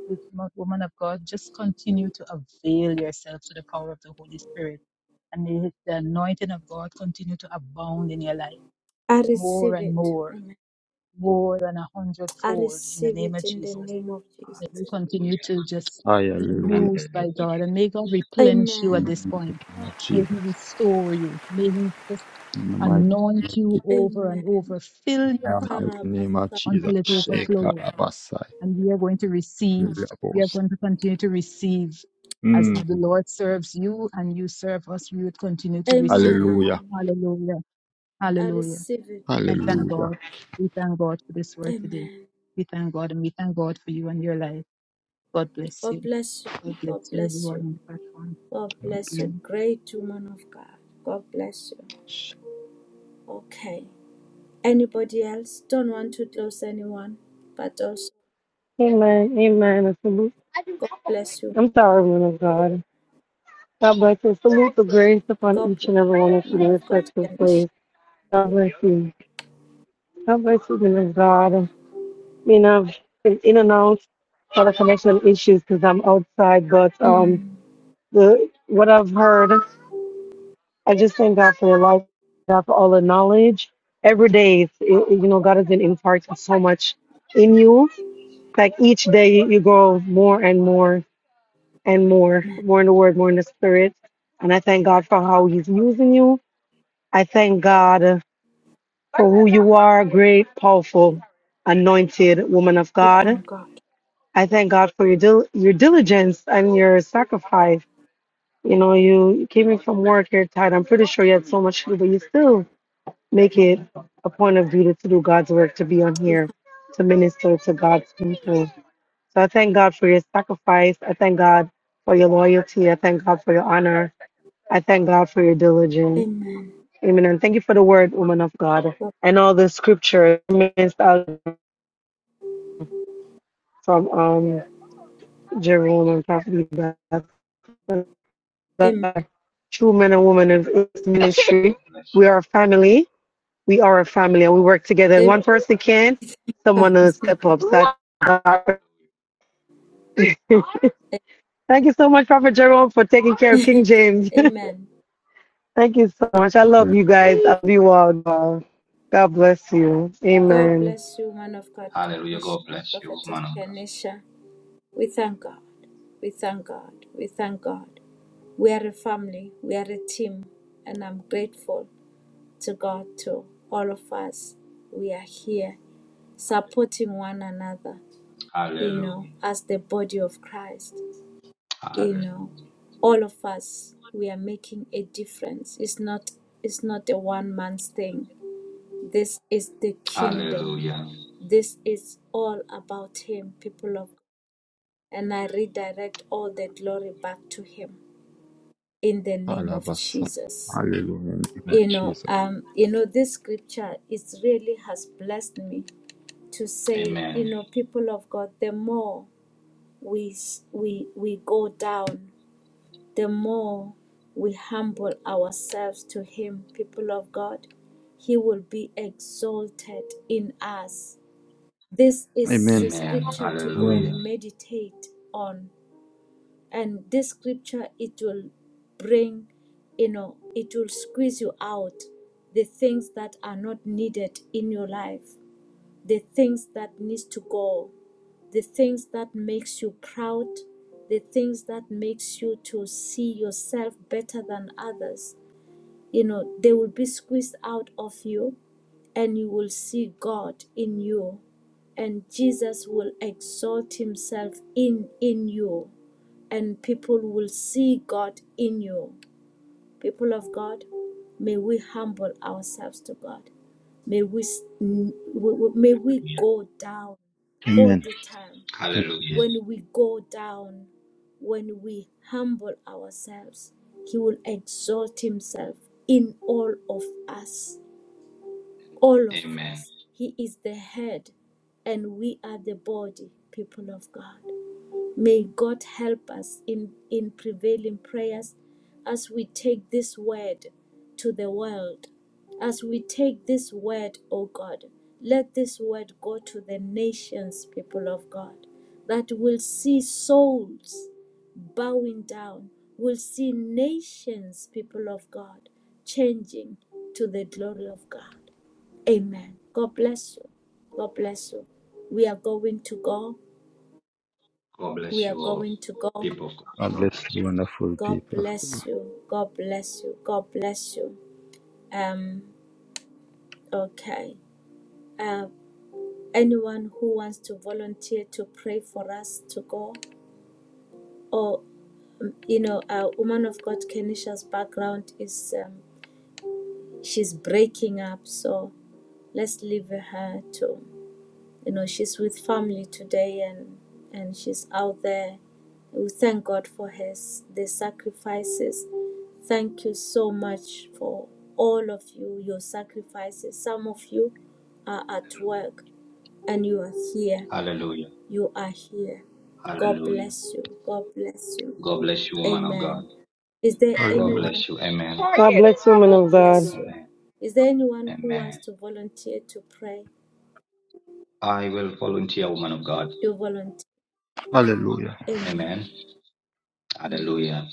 S4: With mo- Woman of God, just continue to avail yourself to the power of the Holy Spirit. And may the anointing of God continue to abound in your life
S2: I
S4: more
S2: receive
S4: and
S2: it.
S4: more,
S2: Amen.
S4: more than a
S2: I
S4: hundredfold in the
S2: receive
S4: name
S2: it
S4: of
S2: in the
S4: Jesus.
S2: name
S1: Hallelujah.
S2: of
S4: May
S2: Jesus.
S4: you continue to just be
S1: Hallelujah.
S3: Hallelujah.
S4: used
S1: Hallelujah.
S4: by God and may God replenish you
S3: In
S4: at
S3: the
S2: Amen.
S4: this point.
S3: mighty name of
S4: May He
S3: Jesus.
S4: restore you. May He just
S3: In the mighty,
S4: anoint you
S3: in
S4: over and
S2: Amen.
S4: over. Fill your
S3: the
S4: cup
S3: mighty name of
S2: Parabasa.
S3: Jesus.
S4: until it overflows.
S3: Shekarabasai.
S4: And we are going to receive. We are
S3: Labos.
S4: going to continue to receive. As
S2: Amen.
S4: the
S3: Mm.
S4: Lord serves you and you serve us, we would continue to receive.
S3: Hallelujah.
S2: Amen.
S4: Hallelujah.
S2: I
S4: Hallelujah.
S2: receive it.
S4: I thank
S3: Hallelujah.
S4: God. We thank God for this word today.
S2: Amen.
S4: We thank God and we thank God for you and your life. God bless
S2: God
S4: you.
S2: bless you.
S4: God bless
S2: God
S4: you,
S2: bless
S4: everyone
S2: you.
S4: on the platform.
S2: God
S3: God
S2: bless you.
S4: Amen.
S2: Great woman of God. God bless you.
S3: bless you.
S2: Okay. Anybody else? Don't want to close anyone, but also
S7: Amen. Amen. And salute.
S2: God bless you.
S7: I'm sorry, man of God. God bless you. Salute the grace upon
S2: God
S7: each
S2: bless
S7: and every
S2: you,
S7: one of you
S2: man
S7: in
S2: of God.
S7: respective place.
S2: Ganesh.
S7: God bless you. God bless you, woman of God. I mean, I've been in and out for the connection issues because I'm outside, but um,
S2: Mm.
S7: the what I've heard, I just thank God for your life, God for all the knowledge. Every day, it's, it, you know, God has been imparting so much in you. Like each day, you grow more and more and more, more in the Word, more in the Spirit. And I thank God for how He's using you. I thank God. for who you are, great, powerful, anointed woman of
S2: We
S7: God.
S2: thank God.
S7: I thank God for your dil- your diligence and your sacrifice. You know, you came in from work, you're tired. I'm pretty sure you had so much to do, but you still make it a point of duty to do God's work, to be on
S2: We
S7: here,
S2: thank
S7: to minister to God's people. So I thank God for your sacrifice. I thank God for your loyalty. I thank God for your honor. I thank God for your diligence.
S2: Amen.
S7: Amen. And thank you for the word, woman of God,
S2: God.
S7: and all the scripture. from um Jerome and Prophet Beth.
S2: Amen.
S7: Like, True men and women in this
S1: God Bless you.
S7: ministry.
S1: God bless
S7: We are a family. We are a family and we work together. And One person can, someone will
S2: Amen.
S7: step up. So
S1: you.
S7: [LAUGHS] Thank you so much, Prophet Jerome, for taking care of King James.
S2: [LAUGHS] Amen.
S7: [LAUGHS] Thank you so much. I love you
S3: Hallelujah.
S7: guys. I love you all. God bless you.
S2: God
S7: Amen.
S2: bless you, man of God,
S1: Hallelujah.
S2: Kenisha,
S1: God bless you,
S2: prophetess
S1: man of God.
S2: Kenisha. We thank God. We thank God. We thank God. We are a family. We are a team. And I'm grateful to God, to all of us. We are here
S1: Hallelujah.
S2: supporting one another, you know,
S1: Hallelujah.
S2: as the body of Christ. You know,
S1: Hallelujah.
S2: all of us, we are making a difference. It's not it's not a one man's thing this is the kingdom.
S1: Hallelujah.
S2: This is all about Him, people of God. And I redirect all the glory back to Him in the name of
S3: Halabasai.
S2: Jesus.
S3: Hallelujah. In the name
S2: You
S3: of
S2: know,
S3: Jesus.
S2: um, you know, this scripture is really has blessed me to say, you
S1: Amen.
S2: know, people of God, the more we we we go down, the more we humble ourselves to Him, people of God, He will be exalted in us This is the
S3: Amen.
S1: Amen.
S2: scripture to go
S3: Amen.
S1: Hallelujah.
S2: and meditate on. And this scripture, it will bring, you know, it will squeeze you out the things that are not needed in your life, the things that needs to go, the things that makes you proud, the things that makes you to see yourself better than others you know they will be squeezed out of you and you will see god in you and jesus will exalt himself in in you and people will see god in you people of god may we humble ourselves to god may we may we
S1: Hallelujah.
S2: go down all
S3: Amen.
S2: the time
S1: Hallelujah.
S2: when we go down when we humble ourselves he will exalt himself in all of us all of
S1: Amen.
S2: us. He is the head, and we are the body, people of God. May God help us in, in prevailing prayers as we take this word to the world. As we take this word, O God, let this word go to the nations, people of God, that will see souls bowing down, will see nations, people of God, changing to the glory of God. Amen. God bless you. God bless you. We are going to go.
S1: God
S2: We
S1: bless
S2: are
S1: you all.
S2: going to go.
S1: People of God.
S3: God
S1: God
S3: bless
S1: bless
S3: you, wonderful
S2: God
S3: people.
S2: bless you. God bless you. God bless you. Um, okay. Uh, anyone who wants to volunteer to pray for us to go, or um, you know, a woman of God Kenisha's background is um, she's breaking up, so let's leave her to. you know she's with family today and and she's out there we thank god for his the sacrifices thank you so much for all of you your sacrifices some of you are
S1: you.
S2: at work and you are here
S1: Hallelujah. Hallelujah.
S2: you are here god
S1: Hallelujah.
S2: bless you god bless you
S1: God bless you, woman of God.
S2: amen is there
S1: God
S3: Hallelujah.
S2: anyone
S1: bless you. Amen.
S7: God bless you, men
S2: god
S7: of God.
S2: bless you
S1: Amen.
S2: is there anyone who wants
S1: Amen.
S2: to volunteer to pray
S1: I will volunteer, woman of God.
S2: you volunteer
S3: Hallelujah.
S2: amen
S1: Amen.
S2: Mm.
S1: Hallelujah.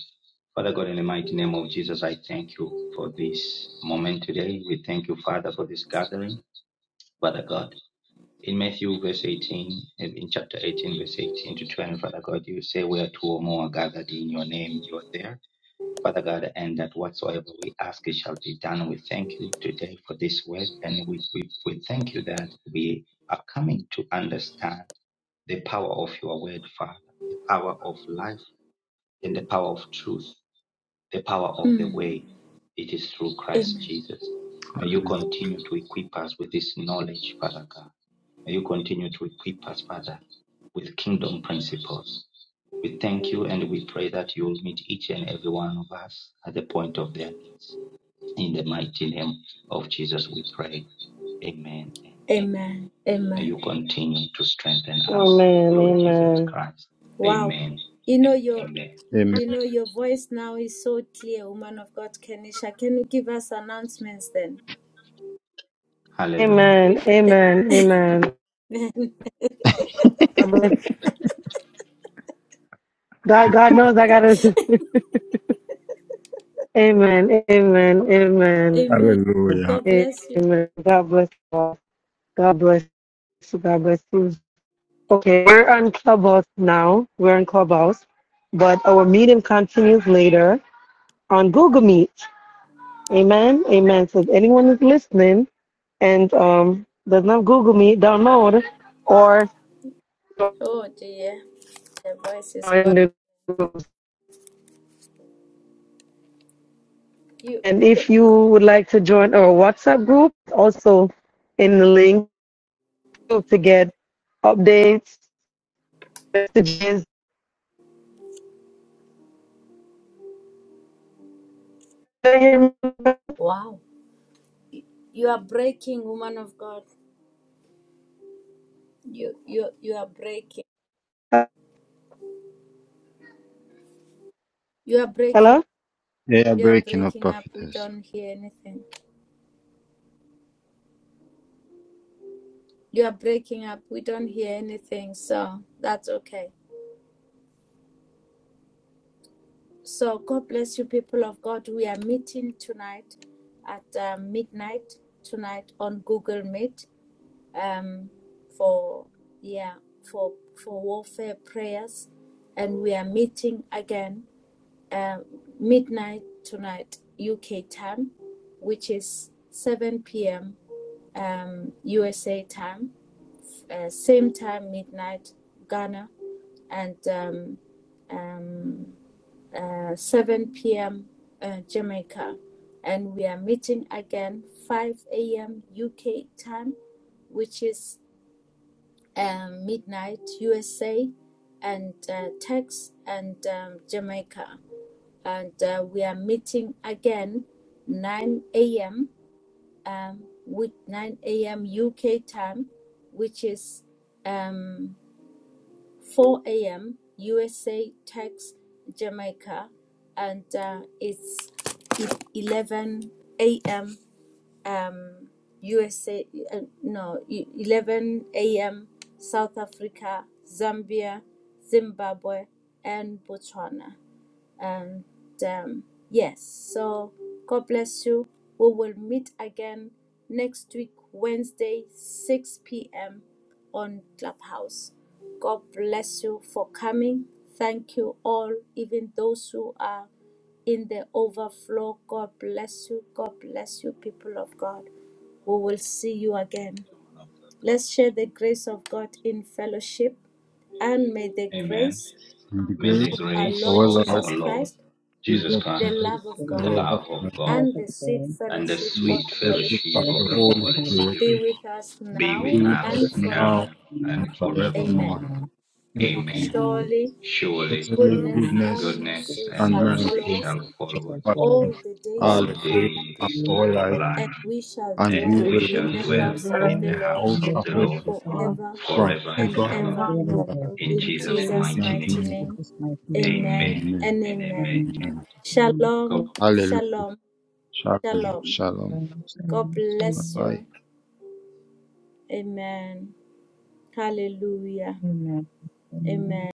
S1: Father God, in the mighty name of Jesus, I thank you for this moment today. We thank you, Father, for this gathering. Father God, in Matthew verse 18, in chapter 18, verse 18 to 20, Father God, you say, Where two or more are gathered in your name, you are there. Father God, and that whatsoever we ask, it shall be done. We thank you today for this word, and we, we, we thank you that we are coming to understand. the power of your word, Father, the power of life, and the power of truth, the power of the
S2: mm.
S1: way. It is through
S2: amen
S1: Christ Jesus. May you
S3: Hallelujah.
S1: continue to equip us with this knowledge, Father God. May you continue to equip us, Father, with kingdom principles. We thank you and we pray that you will meet each and every one of us at the point of their needs. In the mighty name of Jesus, we pray. Amen and amen.
S2: Amen.
S1: May
S2: Amen.
S1: you continue to strengthen us,
S7: Amen.
S1: Lord Jesus
S7: Amen.
S1: Christ.
S2: Wow.
S1: Amen
S2: You know
S1: and
S2: your
S1: amen.
S3: Amen.
S2: you know your voice now is so clear, woman of God Kenisha. Can you give us announcements then?
S1: Hallelujah.
S7: Amen. Amen. Amen.
S2: Amen.
S7: God bless God, God knows I gotta Amen, Amen,
S2: [LAUGHS]
S7: Amen,
S2: Amen.
S3: Hallelujah.
S2: God bless you.
S7: Amen. God bless you all. God bless you. God bless you. Okay, we're on Clubhouse now. We're on Clubhouse, but our meeting continues later on Google Meet. Amen, Amen. So if anyone is listening and um does not Google Meet, download or
S2: Oh dear. The voice is
S7: join
S2: gone.
S7: the group.
S2: You
S7: And
S2: you
S7: if you would like to join our WhatsApp group, also in the link. to get updates, messages.
S2: wow. You are breaking, woman of God. You you you are breaking. You are
S7: Hello?
S2: breaking.
S3: They
S2: You are
S3: breaking up
S2: breaking up. We
S3: prophetess.
S2: don't hear anything. You are breaking up. We don't hear anything. So that's okay. So God bless you, people of God. We are meeting tonight at uh, midnight tonight on Google Meet um, for yeah for for warfare prayers, and we are meeting again um midnight tonight UK time, which is 7 p.m. Um, USA time, uh, same time midnight Ghana, and um, um, uh, 7 p.m. Uh, Jamaica, and we are meeting again 5 a.m. UK time, which is um, midnight USA, and uh, Tex and um, Jamaica, and uh, we are meeting again 9 a.m. Um, with 9 a.m. UK time, which is um, Four A.M. USA takes Jamaica, and uh, it's e- eleven A.M. Um, USA. Uh, no, e- eleven A.M. South Africa, Zambia, Zimbabwe, and Botswana. And um, yes, so God bless you. We will meet again next week, Wednesday, 6 p.m. on Clubhouse. God bless you for coming. Thank you all, even those who are in the overflow. God bless you. God bless you, people of God. We will see you again. Let's share the grace of God in fellowship and may the
S1: Amen.
S2: grace
S3: In the
S1: May
S3: grace
S1: the
S2: of our
S3: of
S1: grace
S2: Lord
S3: our
S1: of
S3: Lord
S1: our
S2: Jesus
S1: Lord
S2: Christ
S1: Jesus
S3: Jesus
S2: the
S1: Christ,
S3: Christ,
S2: love
S4: It's
S2: of
S3: the
S2: God,
S4: been
S1: the
S3: love of
S1: love of
S3: God,
S4: a
S1: God,
S2: and
S4: pleasant
S2: the sweet
S4: day.
S1: and the
S2: fellowship
S3: the
S4: We
S2: of
S1: sweet
S2: the
S4: we
S2: Holy
S3: fellowship
S1: fellowship
S3: of
S1: of
S2: Spirit
S3: the
S1: the
S4: fellowship with
S3: Holy
S4: the
S1: Holy
S4: Holy
S3: Spirit,
S2: be
S1: Spirit
S4: Spirit.
S2: with us
S1: be
S3: be
S1: with
S2: now
S4: We
S3: with
S4: will
S3: us
S1: us
S2: and forever.
S3: now
S1: now
S4: be
S3: and
S1: and
S4: until the
S1: forevermore.
S2: Amen.
S3: forevermore. Amen.
S1: Amen.
S11: evil,
S4: Amen.
S2: Surely
S1: Surely
S11: glory,
S3: Holy
S2: goodness
S4: Surely,
S3: goodness
S2: and
S4: this
S1: goodness
S2: mercy
S11: evil,
S4: is
S1: and
S11: sorry,
S3: and
S2: shall
S4: the
S11: no
S4: end.
S11: such
S1: mercy
S11: thing,
S2: follow
S3: mercy
S11: but
S2: us
S1: shall
S11: all
S3: shall
S1: follow
S4: So,
S1: us
S3: follow
S2: all
S4: follow us.
S3: us
S2: the days
S3: all
S1: all
S3: the
S2: of our
S3: days
S4: If
S11: the
S4: you
S3: of
S2: lives,
S11: days
S1: days
S11: of
S4: need
S1: of
S11: our
S3: our
S4: to
S11: life,
S1: our
S3: life,
S2: and
S1: life
S2: we shall
S3: and
S1: and
S3: we
S12: and
S2: dwell
S1: we
S4: And
S3: will
S11: shall
S1: shall
S2: in
S4: we
S2: the
S3: dwell
S12: reach
S11: God,
S3: in
S1: dwell
S11: and
S4: say,
S12: the
S2: house
S11: God,
S2: of
S1: in
S11: and
S12: God
S2: the
S4: Yea,
S1: the
S3: the
S2: Lord
S1: house
S3: house
S4: spend
S12: of
S1: of
S4: the
S12: the
S3: of
S1: the
S3: the
S4: house
S1: Lord
S12: house of
S4: of the Lord.
S12: God,
S2: forever
S3: Lord
S1: forever and
S2: and
S4: It
S3: forever,
S11: God,
S12: the
S4: will
S11: and
S1: ever.
S2: ever.
S4: be
S12: wonder
S4: in
S12: of
S3: ever.
S4: there.
S1: In
S2: In
S1: Jesus'
S12: God.
S2: Jesus'
S1: mighty
S3: Mighty
S2: mighty
S4: In
S1: name,
S3: name.
S2: name,
S4: Jesus' mighty name.
S2: amen
S1: amen
S11: God, and
S3: Amen.
S2: and
S1: and
S2: amen.
S1: amen.
S4: Amen.
S1: And
S3: Amen.
S11: God,
S4: Amen.
S1: God
S2: Shalom,
S3: Hallelujah.
S2: shalom,
S3: Shalom,
S2: shalom.
S3: shalom.
S4: Shalom,
S2: God
S4: shalom,
S2: bless
S4: shalom.
S3: Bye.
S2: you. Amen. Hallelujah.
S4: Amen. Amen.
S2: Amen.